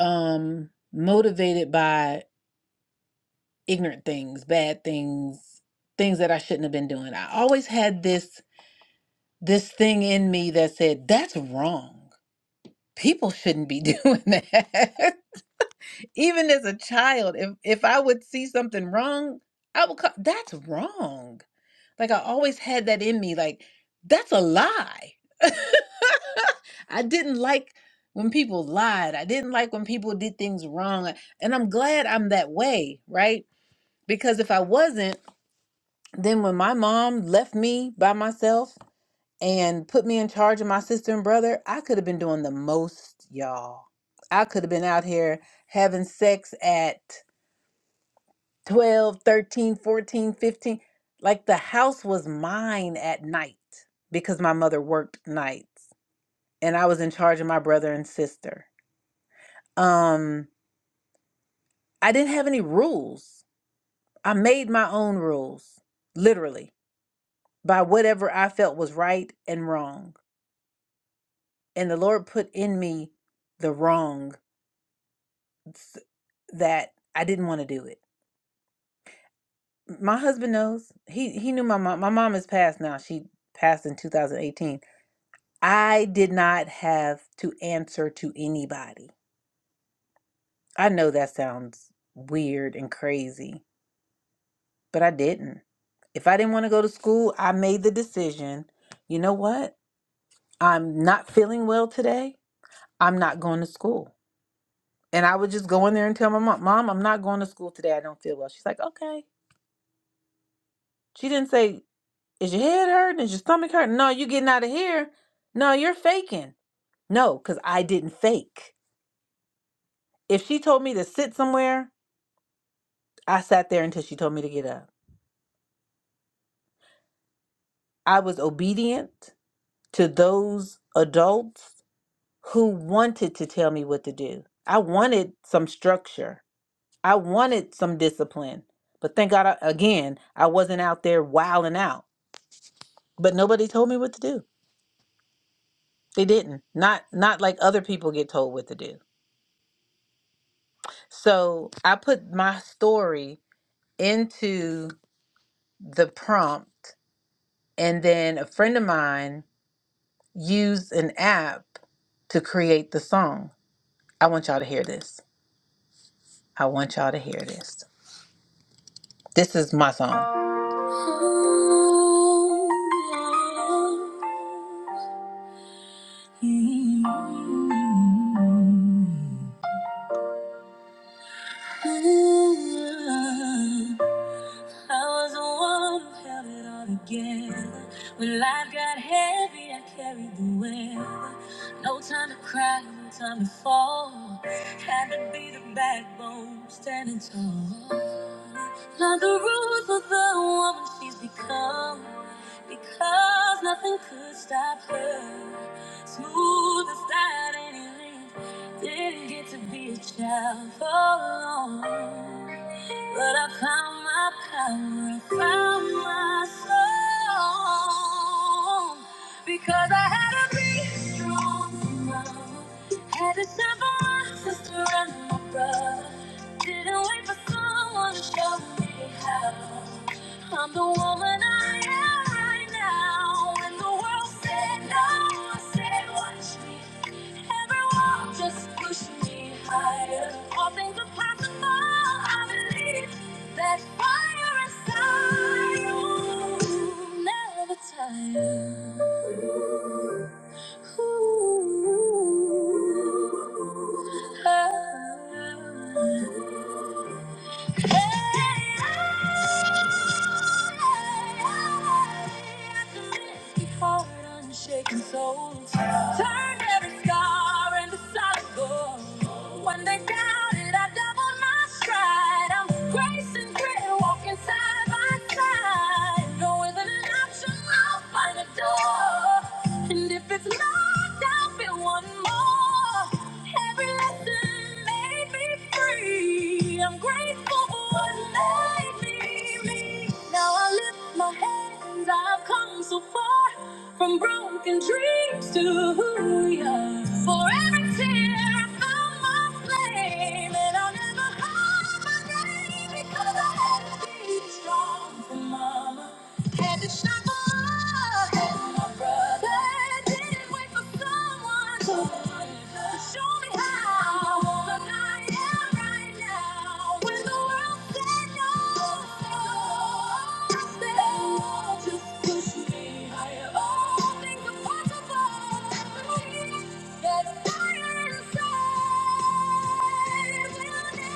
Speaker 1: um motivated by ignorant things bad things things that i shouldn't have been doing i always had this this thing in me that said that's wrong people shouldn't be doing that even as a child, if if I would see something wrong, I would call that's wrong. Like I always had that in me. Like that's a lie. I didn't like when people lied. I didn't like when people did things wrong. And I'm glad I'm that way, right? Because if I wasn't, then when my mom left me by myself and put me in charge of my sister and brother, I could have been doing the most, y'all. I could have been out here having sex at 12, 13, 14, 15. Like the house was mine at night because my mother worked nights and I was in charge of my brother and sister. Um, I didn't have any rules. I made my own rules, literally, by whatever I felt was right and wrong. And the Lord put in me the wrong s- that I didn't want to do it. My husband knows. He he knew my mom. My mom is passed now. She passed in 2018 I did not have to answer to anybody. I know that sounds weird and crazy, but I didn't. If I didn't want to go to school, I made the decision you know what? I'm not feeling well today. I'm not going to school. And I would just go in there and tell my mom, Mom, I'm not going to school today. I don't feel well. She's like, Okay. She didn't say, Is your head hurting? Is your stomach hurting? No, you getting out of here. No, you're faking. No, because I didn't fake. If she told me to sit somewhere, I sat there until she told me to get up. I was obedient to those adults who wanted to tell me what to do. I wanted some structure. I wanted some discipline. But thank God, I, again, I wasn't out there wilding out. But nobody told me what to do. They didn't. Not not like other people get told what to do. So I put my story into the prompt, and then a friend of mine used an app to create the song. I want y'all to hear this. I want y'all to hear this. This is my song. I was the one who held it all together. When life got heavy, I carried the weight. No time to cry, no time to fall. Had to be the backbone, standing tall. Not the rules, but the woman she's become because nothing could stop her. Smooth as that any length, didn't get to be a child for long. But I found my power, I found my soul, because I had to be strong. Had to stand for my sister and my brother. Didn't wait for someone to show me how. I'm the woman I am right now. When the world said no, I said, Watch me. Everyone just pushed me higher. All things are possible, I believe. That's fire inside you. Never tired. Ooh, ah. Hey, ah. Shaking souls turned every scar into solid gold. When they doubted, I doubled my stride. I'm grace and grit, walking side by side. No, isn't an option. I'll find a door. And if it's not, I'll build one more. Every lesson made me free. I'm grateful for what made me me. Now I lift my hands. I've come so far from broken dreams to who we are. For every tear, I found my flame, and I'll never hide my name because I had to be be strong for mama. Had to shine for my and my brother. Didn't wait for someone to show me how. I am right now. When the world said no, I said, oh, just push me higher. All things are possible. That fire inside.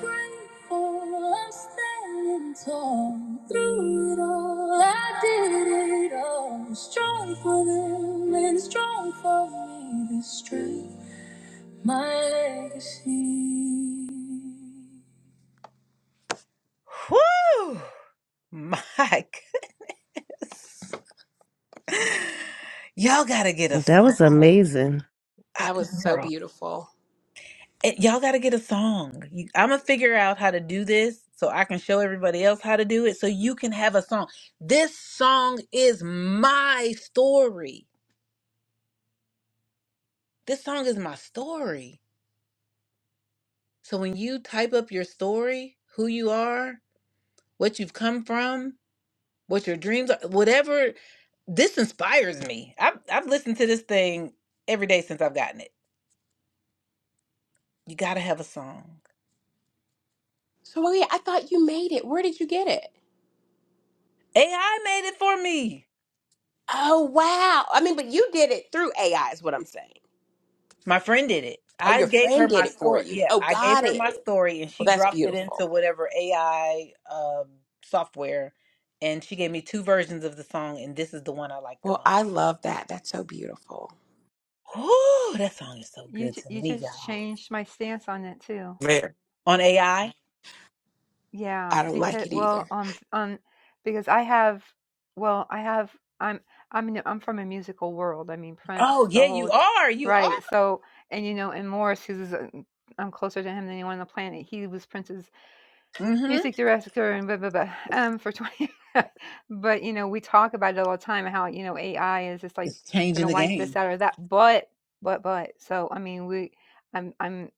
Speaker 1: Grateful I'm standing tall through it all. I did it all. Strong for them and strong for me. This strength, my legacy. Ooh, My Y'all gotta get a
Speaker 9: That was
Speaker 1: song,
Speaker 9: amazing.
Speaker 1: I,
Speaker 4: That was so
Speaker 1: girl.
Speaker 4: beautiful.
Speaker 1: It- y'all gotta get a song. You, I'm gonna figure out how to do this so I can show everybody else how to do it. So you can have a song. This song is my story. This song is my story. So when you type up your story, who you are, what you've come from, what your dreams are, whatever, this inspires me. I've I've listened to this thing every day since I've gotten it. You gotta have a song.
Speaker 4: So Maria, I thought you made it. Where did you get it?
Speaker 1: AI made it for me.
Speaker 4: Oh wow. I mean, but you did it through AI is what I'm saying.
Speaker 1: My friend did it.
Speaker 4: Oh,
Speaker 1: I
Speaker 4: your
Speaker 1: gave
Speaker 4: friend
Speaker 1: her
Speaker 4: did
Speaker 1: my
Speaker 4: it for
Speaker 1: story.
Speaker 4: you.
Speaker 1: Yeah,
Speaker 4: Oh,
Speaker 1: I gave
Speaker 4: got
Speaker 1: her
Speaker 4: it.
Speaker 1: my story and
Speaker 4: Well,
Speaker 1: she
Speaker 4: that's
Speaker 1: dropped it into
Speaker 4: beautiful.
Speaker 1: whatever AI um, software. And she gave me two versions of the song, and this is the one I like the
Speaker 4: Well, I
Speaker 1: most.
Speaker 4: love that. That's so beautiful.
Speaker 1: Ooh, that song is so
Speaker 2: You,
Speaker 1: good
Speaker 2: ju-
Speaker 1: to
Speaker 2: you
Speaker 1: me,
Speaker 2: just
Speaker 1: y'all.
Speaker 2: changed my stance on it too.
Speaker 5: man
Speaker 1: On AI?
Speaker 2: Yeah,
Speaker 4: I don't like
Speaker 2: because
Speaker 4: it
Speaker 2: well,
Speaker 4: either.
Speaker 2: on on because I have well, I have I'm I'm in- I'm from a musical world. I mean,
Speaker 1: Oh,
Speaker 2: Prince, the
Speaker 1: yeah, you
Speaker 2: whole
Speaker 1: are. You are.
Speaker 2: right. So, and you know, and Morris, who's uh, I'm closer to him than anyone on the planet. He was Prince's
Speaker 1: Mm-hmm.
Speaker 2: music director and blah blah blah. Um, for twenty, but you know, we talk about it all the time how you know AI is just like
Speaker 1: It's changing
Speaker 2: gonna
Speaker 1: the
Speaker 2: wipe this
Speaker 1: game
Speaker 2: out or that. But but but so I mean, we I'm I'm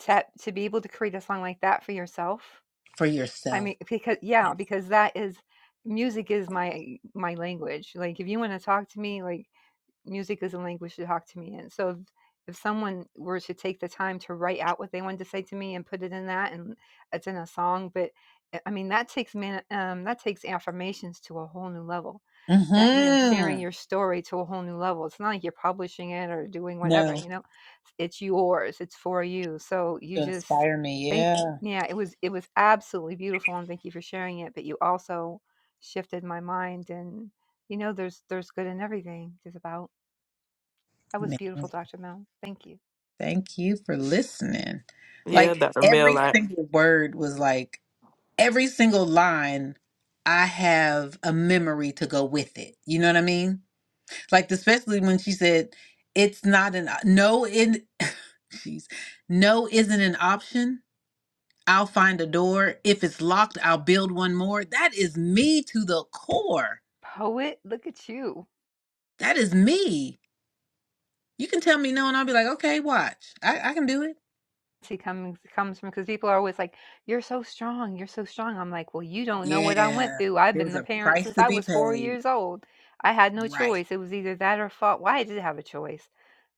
Speaker 2: to to be able to create a song like that for yourself
Speaker 1: for
Speaker 2: I
Speaker 1: yourself.
Speaker 2: mean, because yeah, because that is music is my my language. Like if you want to talk to me, like music is a language to talk to me in. So if, if someone were to take the time to write out what they wanted to say to me and put it in that and it's in a song, but uh, I mean that takes man um that takes affirmations to a whole new level that you know sharing
Speaker 1: Mm-hmm.
Speaker 2: your story to a whole new level it's not like you're publishing it or doing whatever
Speaker 1: No,
Speaker 2: you know it's, yours it's for you so you
Speaker 1: to
Speaker 2: just
Speaker 1: inspire me.
Speaker 2: think
Speaker 1: Yeah.
Speaker 2: yeah it was it was absolutely beautiful and thank you for sharing it but you also shifted my mind and you know there's there's good in everything just about that was beautiful dr mel thank you
Speaker 1: Thank you for listening.
Speaker 5: yeah
Speaker 1: Like
Speaker 5: dr
Speaker 1: every
Speaker 5: mill
Speaker 1: single word was like every single line. I have a memory to go with it. You know what I mean? Like especially when she said, "It's not an no in." Jeez, no isn't an option. I'll find a door. If it's locked, I'll build one more. That is me to the core.
Speaker 2: poet look at you
Speaker 1: That is me. You can tell me no, and I'll be like, okay, watch. I, I can do it.
Speaker 2: she comes comes from because people are always like you're so strong you're so strong i'm like well you don't know what i went
Speaker 1: Yeah,
Speaker 2: through i've
Speaker 1: there
Speaker 2: been
Speaker 1: was
Speaker 2: the
Speaker 1: a
Speaker 2: parent
Speaker 1: price
Speaker 2: since
Speaker 1: to
Speaker 2: i
Speaker 1: be
Speaker 2: was four
Speaker 1: paid.
Speaker 2: years old i had no
Speaker 1: Right.
Speaker 2: choice it was either that or fault why i did have a choice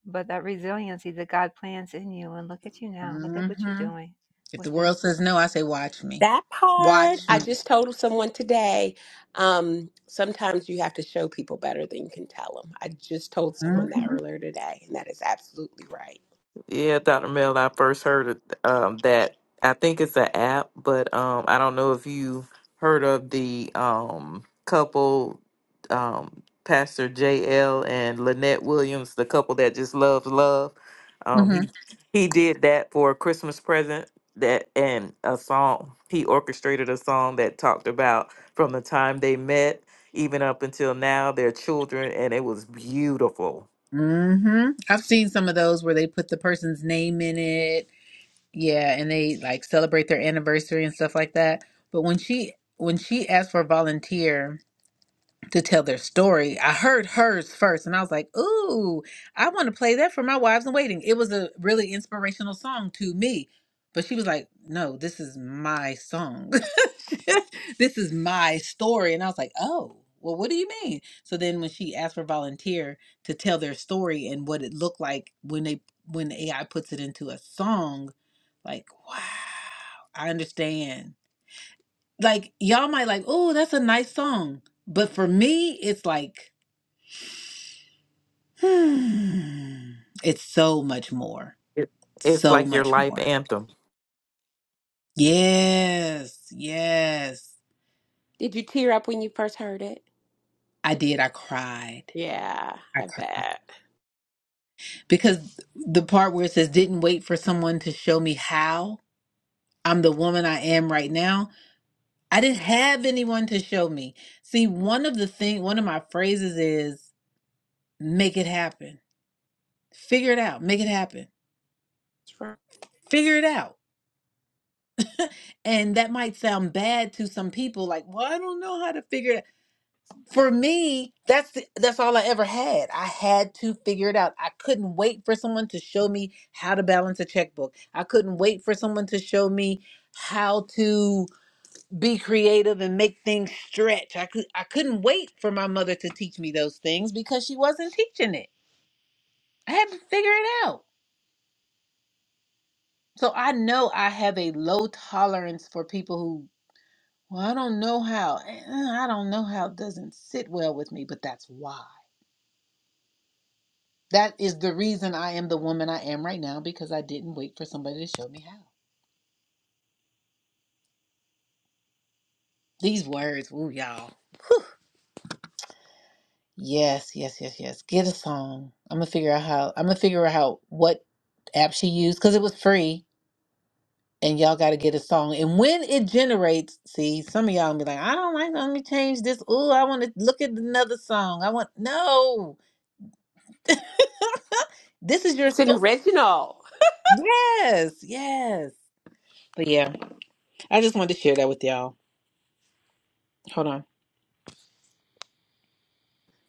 Speaker 2: but that resiliency that god plants in you and look at you now look at what you're
Speaker 1: hmm
Speaker 2: doing
Speaker 1: If the
Speaker 2: with it
Speaker 1: world says no, I say, watch me.
Speaker 4: That part,
Speaker 1: Watch me.
Speaker 4: I just told someone today. Um, sometimes you have to show people better than you can tell them. I just told someone that
Speaker 1: hmm
Speaker 4: earlier today, and that is absolutely right.
Speaker 5: Yeah, Dr. Mel, I first heard of um, that. I think it's an app, but um, I don't know if you heard of the um, couple, um, Pastor J.L. and Lynette Williams, the couple that just loves love. Um,
Speaker 1: hmm
Speaker 5: he he did that for a Christmas present that and a song. He orchestrated a song that talked about from the time they met even up until now, their children, and it was beautiful.
Speaker 1: hmm I've seen some of those where they put the person's name in it. Yeah, and they like celebrate their anniversary and stuff like that. But when she when she asked for a volunteer, to tell their story. I heard hers first and I was like, ooh, I want to play that for my wives in waiting. It was a really inspirational song to me. But she was like, no, this is my song. this is my story. And I was like, oh, well, what do you mean? So then when she asked for volunteer to tell their story and what it looked like when they when AI puts it into a song, like, wow, I understand like y'all might like, oh, that's a nice song. But for me, it's like, hmm, it's so much more.
Speaker 5: It, it's
Speaker 1: So
Speaker 5: like your
Speaker 1: much
Speaker 5: life
Speaker 1: more.
Speaker 5: anthem.
Speaker 1: Yes, yes.
Speaker 4: Did you tear up when you first heard it?
Speaker 1: I did. I cried.
Speaker 4: Yeah,
Speaker 1: I
Speaker 4: I
Speaker 1: cried.
Speaker 4: bet.
Speaker 1: Because the part where it says, didn't wait for someone to show me how I'm the woman I am right now. I didn't have anyone to show me. See, one of the thing, one of my phrases is, make it happen. Figure it out. Make it happen. Figure it out And that might sound bad to some people, like, well, I don't know how to figure it out. For me, that's the, that's all I ever had. I had to figure it out. I couldn't wait for someone to show me how to balance a checkbook. I couldn't wait for someone to show me how to be creative and make things stretch. I could I couldn't wait for my mother to teach me those things because she wasn't teaching it. I had to figure it out. So I know I have a low tolerance for people who. Well, I don't know how. eh, I don't know how it doesn't sit well with me, but that's why. That is the reason I am the woman I am right now because I didn't wait for somebody to show me how. These words, ooh, y'all. Yes, yes, yes, yes. Get a song. I'm gonna figure out how. I'm gonna figure out how what app she used because it was free, and y'all got to get a song. And when it generates, see, some of y'all gonna be like, I don't like. Let me change this. Ooh, I want to look at another song. I want no. this is your
Speaker 4: It's an
Speaker 1: story.
Speaker 4: original.
Speaker 1: Yes, yes. But yeah, I just wanted to share that with y'all. Hold on.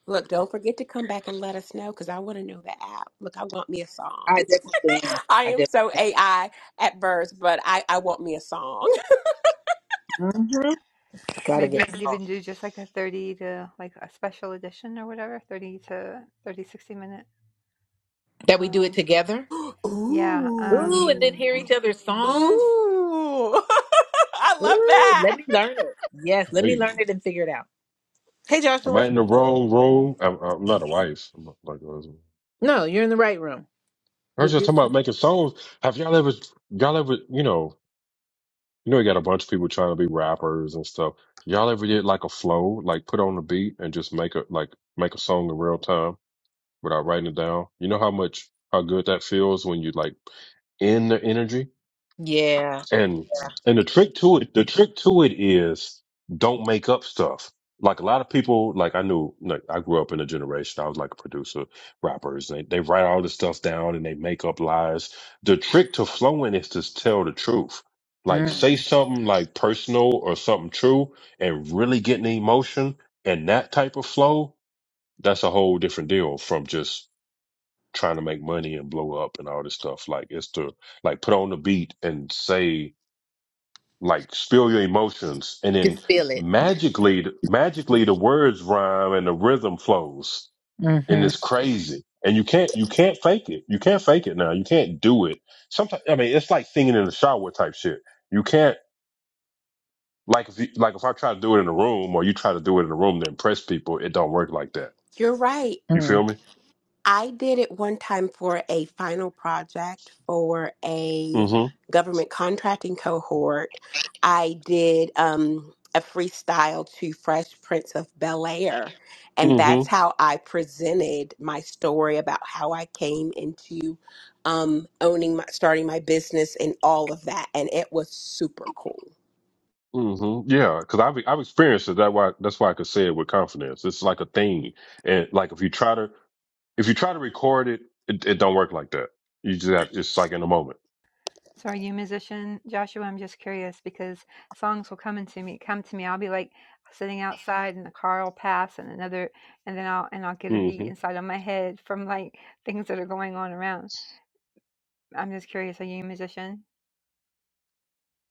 Speaker 4: Look, don't forget to come back and let us know because I want to know the app. Look, I want me a
Speaker 1: I
Speaker 4: song.
Speaker 1: definitely am.
Speaker 4: I
Speaker 1: I
Speaker 4: am
Speaker 1: definitely
Speaker 4: so AI at birth, but I, I want me a song.
Speaker 1: Mhm. gotta
Speaker 2: maybe you
Speaker 1: get a
Speaker 2: could
Speaker 1: song.
Speaker 2: even do just like a 30 to like a special edition or whatever 30 to 30 60 minute
Speaker 1: That we do it
Speaker 2: room
Speaker 1: together.
Speaker 2: yeah Um,
Speaker 1: Ooh, and then
Speaker 4: Ooh.
Speaker 1: hear each other's
Speaker 4: Ooh.
Speaker 1: songs.
Speaker 4: I love
Speaker 1: Ooh, let
Speaker 4: that.
Speaker 1: me learn it. Yes, let me
Speaker 10: Hey,
Speaker 1: learn it and figure it out. Hey,
Speaker 10: am I
Speaker 1: Joshua.
Speaker 10: in the wrong room? I'm, I'm not a wife. I'm not like a husband.
Speaker 1: No, you're in the right room.
Speaker 10: I was
Speaker 1: With
Speaker 10: just
Speaker 1: this,
Speaker 10: talking
Speaker 1: is-
Speaker 10: about making songs. Have y'all ever, y'all ever, you know, you know, you got a bunch of people trying to be rappers and stuff. Y'all ever did like a flow, like put on a beat and just make a like make a song in real time without writing it down? You know how much how good that feels when you like in the energy.
Speaker 1: yeah,
Speaker 10: And
Speaker 1: yeah.
Speaker 10: and the trick to it, the trick to it is don't make up stuff. Like a lot of people, like I knew, like I grew up in a generation. I was like a producer, rappers. They they write all this stuff down and they make up lies. The trick to flowing is to tell the truth. Like say
Speaker 1: Mm.
Speaker 10: something like personal or something true, and really get an emotion and that type of flow. That's a whole different deal from just trying to make money and blow up and all this stuff. Like it's to like put on the beat and say like spill your emotions and then
Speaker 1: Just feel it.
Speaker 10: magically magically the words rhyme and the rhythm flows and
Speaker 1: Mm-hmm.
Speaker 10: it's crazy and you can't you can't fake it you can't fake it now you can't do it sometimes i mean it's like singing in the shower type shit you can't like if you, like if i try to do it in a room or you try to do it in a room to impress people it don't work like that
Speaker 4: You're right.
Speaker 10: you feel
Speaker 1: Mm.
Speaker 10: me
Speaker 4: I did it one time for a final project for a
Speaker 10: Mm-hmm.
Speaker 4: government contracting cohort. I did um, a freestyle to Fresh Prince of Bel Air, and
Speaker 10: mhm
Speaker 4: that's how I presented my story about how I came into um, owning, my, starting my business, and all of that. And it was super cool.
Speaker 10: hmm Yeah, because I've I've experienced it. That why that's why I could say it with confidence. It's like a thing, and like if you try to if you try to record it, it, it don't work like that. You just got, it's like in a moment.
Speaker 2: So are you a musician, Joshua? I'm just curious because songs will come into me, come to me. I'll be like sitting outside, and the car will pass, and another, and then I'll and I'll get a
Speaker 10: hmm
Speaker 2: beat inside of my head from like things that are going on around. I'm just curious. Are you a musician?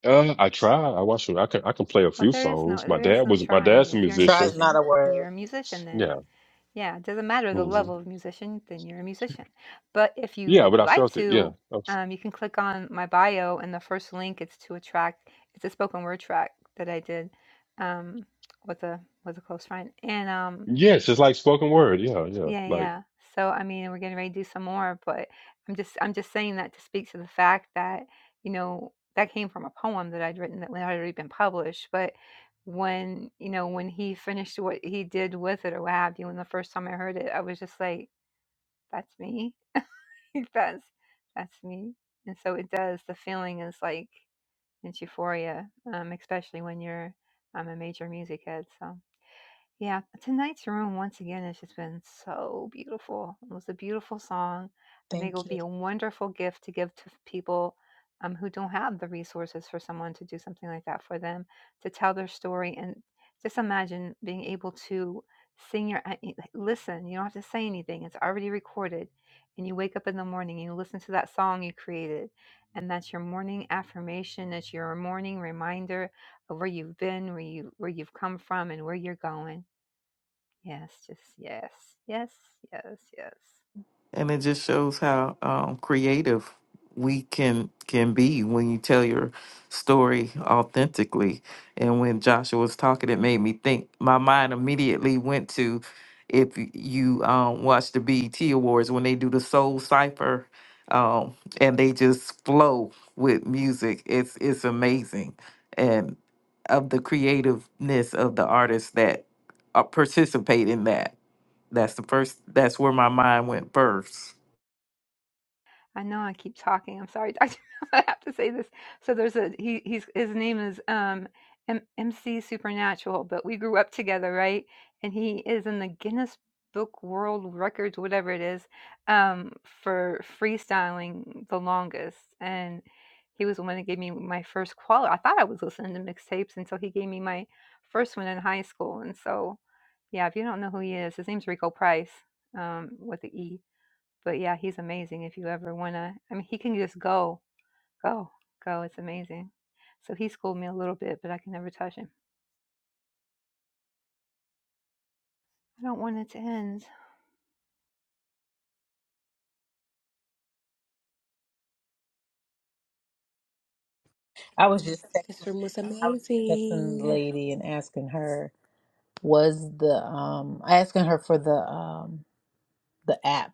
Speaker 10: Uh, I tried. I watched. I can I can play a
Speaker 2: Well,
Speaker 10: few
Speaker 2: there is no
Speaker 10: songs. My
Speaker 2: there is
Speaker 10: dad
Speaker 2: no
Speaker 10: was my
Speaker 2: trying.
Speaker 10: dad's a
Speaker 2: If you're a
Speaker 1: Try is
Speaker 10: musician.
Speaker 1: not
Speaker 2: musician,
Speaker 1: a
Speaker 2: you're
Speaker 1: word.
Speaker 2: a musician. Then
Speaker 10: Yeah.
Speaker 2: Yeah, it doesn't matter the
Speaker 10: hmm
Speaker 2: level of musician, then you're a musician. But if you
Speaker 10: Yeah,
Speaker 2: would
Speaker 10: but I
Speaker 2: like
Speaker 10: felt it. Yeah.
Speaker 2: to,
Speaker 10: I-
Speaker 2: um, you can click on my bio, and the first link it's to a track. It's a spoken word track that I did um, with a with a close friend, and um,
Speaker 10: Yes, it's like spoken word. Yeah, yeah.
Speaker 2: yeah,
Speaker 10: Like
Speaker 2: yeah. So I mean, we're getting ready to do some more, but I'm just I'm just saying that to speak to the fact that you know that came from a poem that I'd written that had already been published, but when you know when he finished what he did with it or what have you and the first time i heard it i was just like that's me. that's that's me. And so it does. The feeling is like it's euphoria, um, especially when you're. um a major music head, so. Yeah, tonight's room once again has just been so beautiful. It was a beautiful song. I think it
Speaker 1: Thank
Speaker 2: would
Speaker 1: you.
Speaker 2: be a wonderful gift to give to people um, who don't have the resources for someone to do something like that for them, to tell their story, and just imagine being able to sing your uh, y- listen. You don't have to say anything; it's already recorded. And you wake up in the morning and you listen to that song you created, and that's your morning affirmation. It's your morning reminder of where you've been, where you where you've come from, and where you're going Yes, just yes, yes, yes, yes.
Speaker 5: and it just shows how um, creative we can can be when you tell your story authentically and when joshua was talking it made me think my mind immediately went to if you um, watch the bet awards when they do the soul cipher um, and they just flow with music it's it's amazing and of the creativeness of the artists that uh, participate in that that's the first. That's where my mind went first.
Speaker 2: I know I keep talking. I'm sorry. I have to say this. So there's a he. He's his name is um M- MC Supernatural, but we grew up together, right? And he is in the Guinness Book World Records, whatever it is, um, for freestyling the longest. And he was the one that gave me my first qual. I thought I was listening to mixtapes until he gave me my first one in high school. And so, yeah, if you don't know who he is, his name's Rico Price um, with the E but yeah, he's amazing. If you ever wanna, I mean, he can just go, go, go. It's amazing. So he schooled me a little bit, but I can never touch him. I don't want it to end.
Speaker 1: I was just
Speaker 4: This
Speaker 1: texting.
Speaker 4: room was
Speaker 1: I was just texting the
Speaker 4: amazing.
Speaker 1: lady and asking her. was the um asking her for the um the app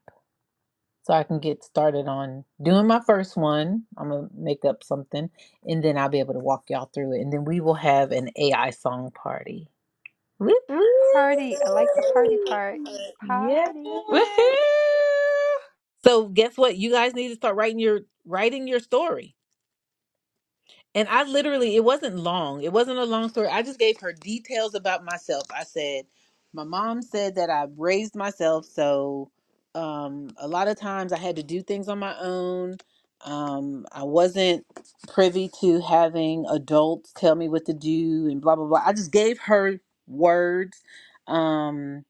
Speaker 1: so I can get started on doing my first one. I'm gonna make up something and then I'll be able to walk y'all through it. And then we will have an AI song party. Woo, woo.
Speaker 2: Party. I like the party part.
Speaker 1: Yeah.
Speaker 2: Party.
Speaker 4: Woohoo!
Speaker 1: So guess what? You guys need to start writing your writing your story And I literally, it wasn't long. It wasn't a long story. I just gave her details about myself. I said, my mom said that I raised myself. So um, a lot of times I had to do things on my own. Um, I wasn't privy to having adults tell me what to do and blah, blah, blah. I just gave her words. Um,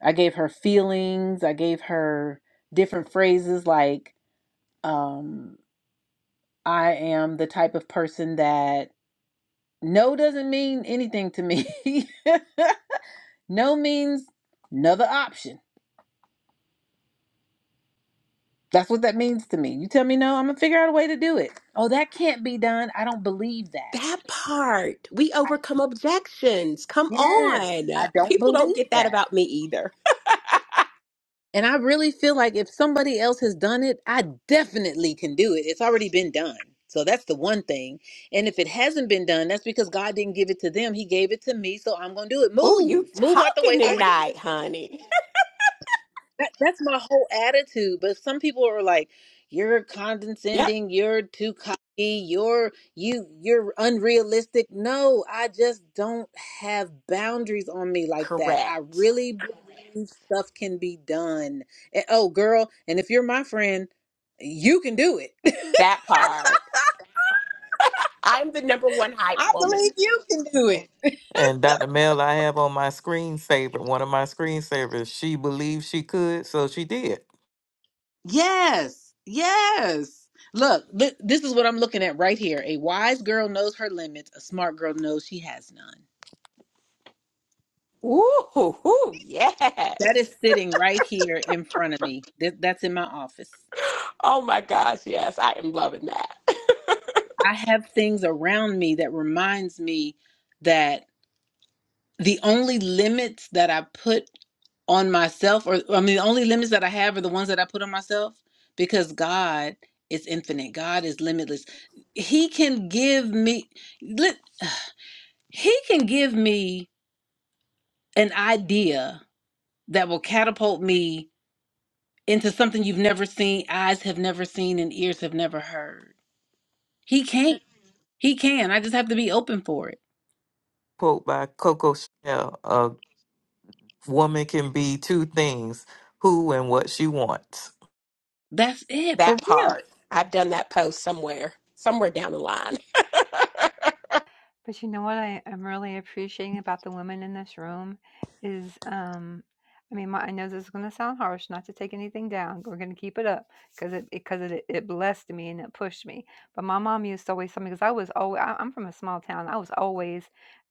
Speaker 1: I gave her feelings. I gave her different phrases like, um, I am the type of person that no doesn't mean anything to me. no means another option. That's what that means to me. You tell me no, I'm gonna figure out a way to do it. Oh, that can't be done. I don't believe that.
Speaker 4: That part. We overcome objections. Come
Speaker 1: Yes, I
Speaker 4: on.
Speaker 1: don't
Speaker 4: People don't
Speaker 1: believe
Speaker 4: get that
Speaker 1: that.
Speaker 4: about me either.
Speaker 1: And I really feel like if somebody else has done it, I definitely can do it. It's already been done. So that's the one thing. And if it hasn't been done, that's because God didn't give it to them. He gave it to me. So I'm going to do it.
Speaker 4: Oh, you
Speaker 1: Move. Move out the way
Speaker 4: talking
Speaker 1: so I can
Speaker 4: tonight, honey.
Speaker 1: That, that's my whole attitude. But some people are like, "You're
Speaker 4: Yep,
Speaker 1: condescending. You're too cocky. You're you. You're unrealistic." No, I just don't have boundaries on me like that. I
Speaker 4: correct.
Speaker 1: really believe stuff can be done. And, oh, girl, and if you're my friend, you can do it.
Speaker 4: That part. I'm the number one hype
Speaker 1: I
Speaker 4: woman.
Speaker 1: believe you can do it.
Speaker 5: And Dr. Mel, I have on my screensaver, one of my screensavers. She believed she could, so she did.
Speaker 1: Yes, yes. Look, th- this is what I'm looking at right here. A wise girl knows her limits. A smart girl knows she has none.
Speaker 4: Ooh, hoo, hoo,
Speaker 1: That
Speaker 4: yes.
Speaker 1: is sitting right here in front of me. That, that's in my office.
Speaker 4: Oh my gosh, yes. I am loving that.
Speaker 1: I have things around me that reminds me that the only limits that I put on myself or I mean the only limits that I have are the ones that I put on myself because God is infinite. God is limitless. He can give me li- he can give me an idea that will catapult me into something you've never seen, eyes have never seen and ears have never heard. He can. He can. I just have to be open for it.
Speaker 5: Quote by Coco Chanel: "A woman can be two things: who and what she wants."
Speaker 1: That's it for
Speaker 4: That
Speaker 1: real.
Speaker 4: part. I've done that post somewhere, somewhere down the line.
Speaker 2: But you know what I am really appreciating about the women in this room is, um, I mean, my, I know this is going to sound harsh, not to take anything down. We're going to keep it up because it because it, it blessed me and it pushed me. But my mom used to always tell me because I was always I'm from a small town. I was always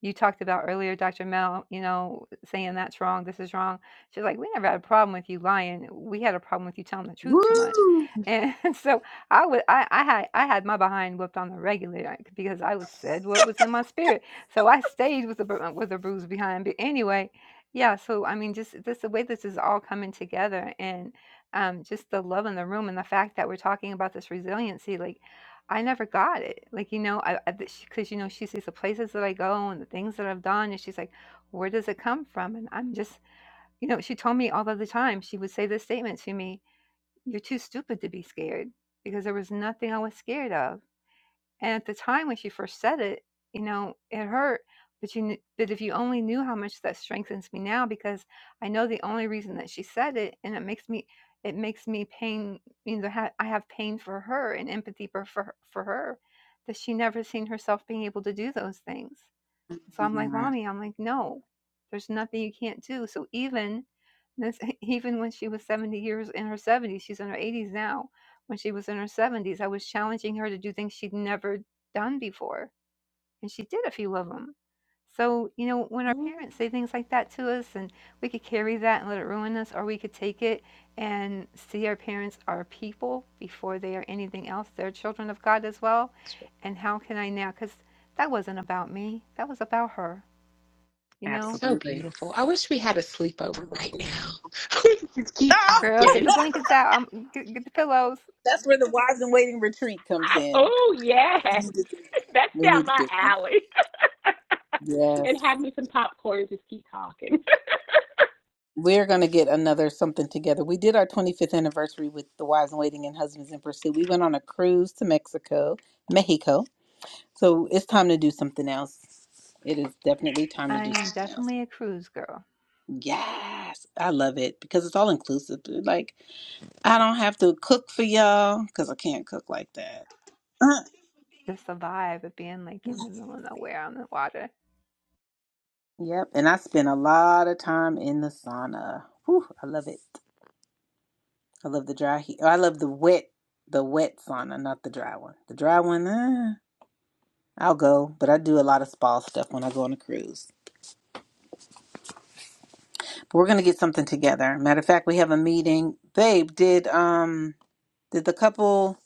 Speaker 2: you talked about earlier, Dr. Mel. You know, saying that's wrong, this is wrong. She's like, we never had a problem with you lying. We had a problem with you telling the truth too much. And so I would I, I had I had my behind whipped on the regular like, because I was said what was in my spirit. So I stayed with the bru- with the bruise behind. But anyway, yeah. So I mean, just this the way this is all coming together, and um, just the love in the room, and the fact that we're talking about this resiliency. Like, I never got it. Like you know, I because you know she sees the places that I go and the things that I've done, and she's like, where does it come from? And I'm just you know, she told me all of the time. She would say this statement to me you're too stupid to be scared because there was nothing I was scared of. And at the time when she first said it, you know, it hurt. But you, but if you only knew how much that strengthens me now, because I know the only reason that she said it, and it makes me, it makes me pain. You know, I have pain for her and empathy for, for her that she never seen herself being able to do those things. So I'm like, mommy, I'm like, no, there's nothing you can't do. So even this, even when she was 70 years in her 70s, she's in her 80s now. When she was in her 70s, I was challenging her to do things she'd never done before and she did a few of them. So, you know, when our parents say things like that to us, and we could carry that and let it ruin us, or we could take it and see our parents are people before they are anything else. They're children of God as well. And how can I now? Because that wasn't about me, that was about her, you know?
Speaker 4: So
Speaker 1: Absolutely.
Speaker 4: beautiful. I wish we had a sleepover right now. We could Just keep
Speaker 1: Ah,
Speaker 2: Girl, get
Speaker 4: talking.
Speaker 2: the blankets out, Um, get, get the pillows.
Speaker 1: that's where the wives in waiting retreat comes in.
Speaker 4: Oh, yeah,
Speaker 1: We need to do one.
Speaker 4: That's
Speaker 1: We
Speaker 4: down
Speaker 1: need to
Speaker 4: my
Speaker 1: do one.
Speaker 4: alley.
Speaker 1: Yes.
Speaker 4: and have me some popcorn. Just keep talking.
Speaker 1: We're going to get another something together. We did our 25th anniversary with the Wives in Waiting and Husbands in Pursuit. We went on a cruise to Mexico, Mexico. So it's time to do something else. It is definitely time to
Speaker 2: I
Speaker 1: do
Speaker 2: am
Speaker 1: something else.
Speaker 2: definitely a cruise girl.
Speaker 1: Yes. I love it because it's all inclusive. Like, I don't have to cook for y'all because I can't cook like that.
Speaker 2: Just the vibe of being like in the middle of nowhere on the water,
Speaker 1: yep. And I spend a lot of time in the sauna. Whew, I love it. I love the dry heat. I love the wet, the wet sauna, not the dry one. The dry one, uh, I'll go, but I do a lot of spa stuff when I go on a cruise. But we're gonna get something together. Matter of fact, we have a meeting. Babe, did um did the couple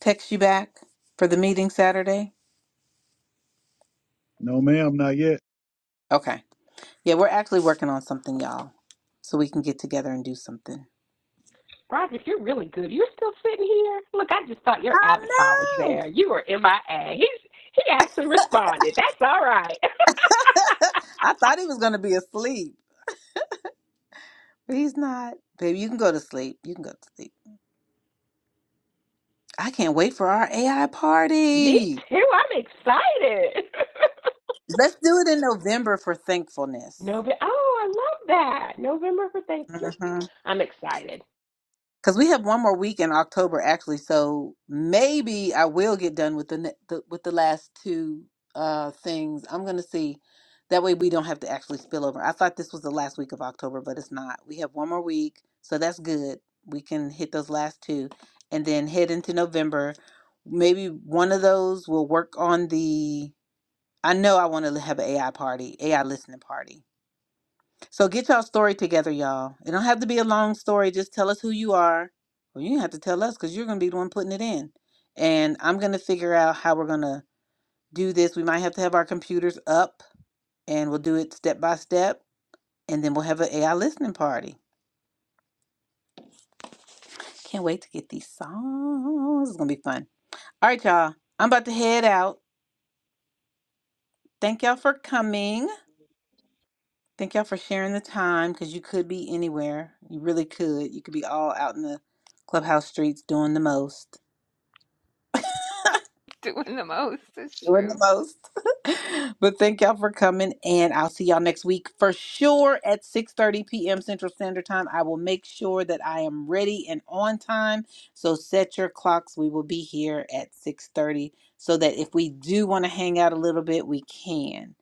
Speaker 1: text you back for the meeting Saturday?
Speaker 3: No, ma'am, not yet.
Speaker 1: Okay. Yeah, we're actually working on something, y'all, so we can get together and do something.
Speaker 4: Roger. you're really good. You're still sitting here. Look, I just thought your avatar was
Speaker 1: I know.
Speaker 4: there. You were MIA. He's, he actually responded. That's all right.
Speaker 1: I thought he was going to be asleep, but he's not. Baby, you can go to sleep. You can go to sleep. I can't wait for our AI
Speaker 4: Me
Speaker 1: party.
Speaker 4: too. I'm excited.
Speaker 1: Let's do it in November for thankfulness.
Speaker 4: November. Oh, I love that. November for Thanksgiving. I'm excited.
Speaker 1: Because we have one more week in October, actually, so maybe I will get done with the, ne- the with the last two uh, things. I'm gonna see. That way, we don't have to actually spill over. I thought this was the last week of October, but it's not. We have one more week, so that's good. We can hit those last two, and then head into November. Maybe one of those will work on the. I know I want to have an AI party, AI listening party so get y'all story together, y'all. It don't have to be a long story. Just tell us who you are. Well, you have to tell us because you're gonna be the one putting it in. And I'm gonna figure out how we're gonna do this. We might have to have our computers up and we'll do it step by step. And then we'll have an AI listening party. Can't wait to get these songs. It's gonna be fun. All right, y'all. I'm about to head out. Thank y'all for coming. Thank y'all for sharing the time because you could be anywhere. You really could. You could be all out in the clubhouse streets doing the most.
Speaker 2: doing the most is
Speaker 1: doing
Speaker 2: true.
Speaker 1: the most. but thank y'all for coming, and I'll see y'all next week for sure at 6:30 p.m. Central Standard Time. I will make sure that I am ready and on time. So set your clocks. We will be here at 6:30 so that if we do want to hang out a little bit, we can.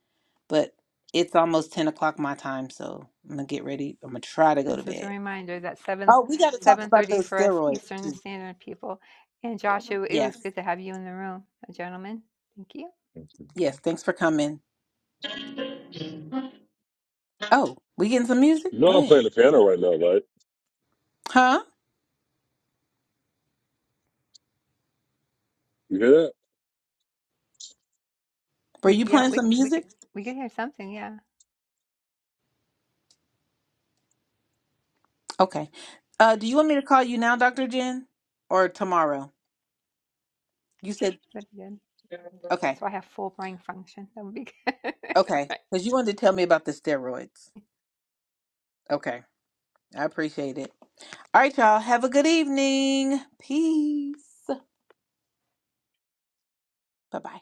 Speaker 1: But it's almost 10 o'clock my time, so I'm gonna get ready. I'm gonna try to go to
Speaker 2: This is a
Speaker 1: bed.
Speaker 2: reminder that seven
Speaker 1: Oh, we got to talk
Speaker 2: seven
Speaker 1: about
Speaker 2: thirty
Speaker 1: those
Speaker 2: for us
Speaker 1: steroids
Speaker 2: Eastern
Speaker 1: too.
Speaker 2: Standard people. And Joshua, it was
Speaker 1: Yes,
Speaker 2: good to have you in the room, uh, gentlemen. Thank you.
Speaker 1: yes. Thanks for coming. Oh, we getting some music?
Speaker 10: you know,
Speaker 1: Go
Speaker 10: I'm
Speaker 1: ahead.
Speaker 10: playing the piano right now,
Speaker 1: Huh?
Speaker 10: right?
Speaker 1: Were
Speaker 2: We
Speaker 1: you
Speaker 2: yeah,
Speaker 1: playing
Speaker 2: we
Speaker 1: some
Speaker 2: we could
Speaker 1: music?
Speaker 2: we could hear something, yeah.
Speaker 1: Okay. Uh, do you want me to call you now, Dr. Jen, or tomorrow? You said,
Speaker 2: That'd be good.
Speaker 1: okay,
Speaker 2: So I have full brain function. That would be good. All right.
Speaker 1: okay, because you wanted to tell me about the steroids. Okay, I appreciate it. All right, y'all. Have a good evening. Peace. Bye bye.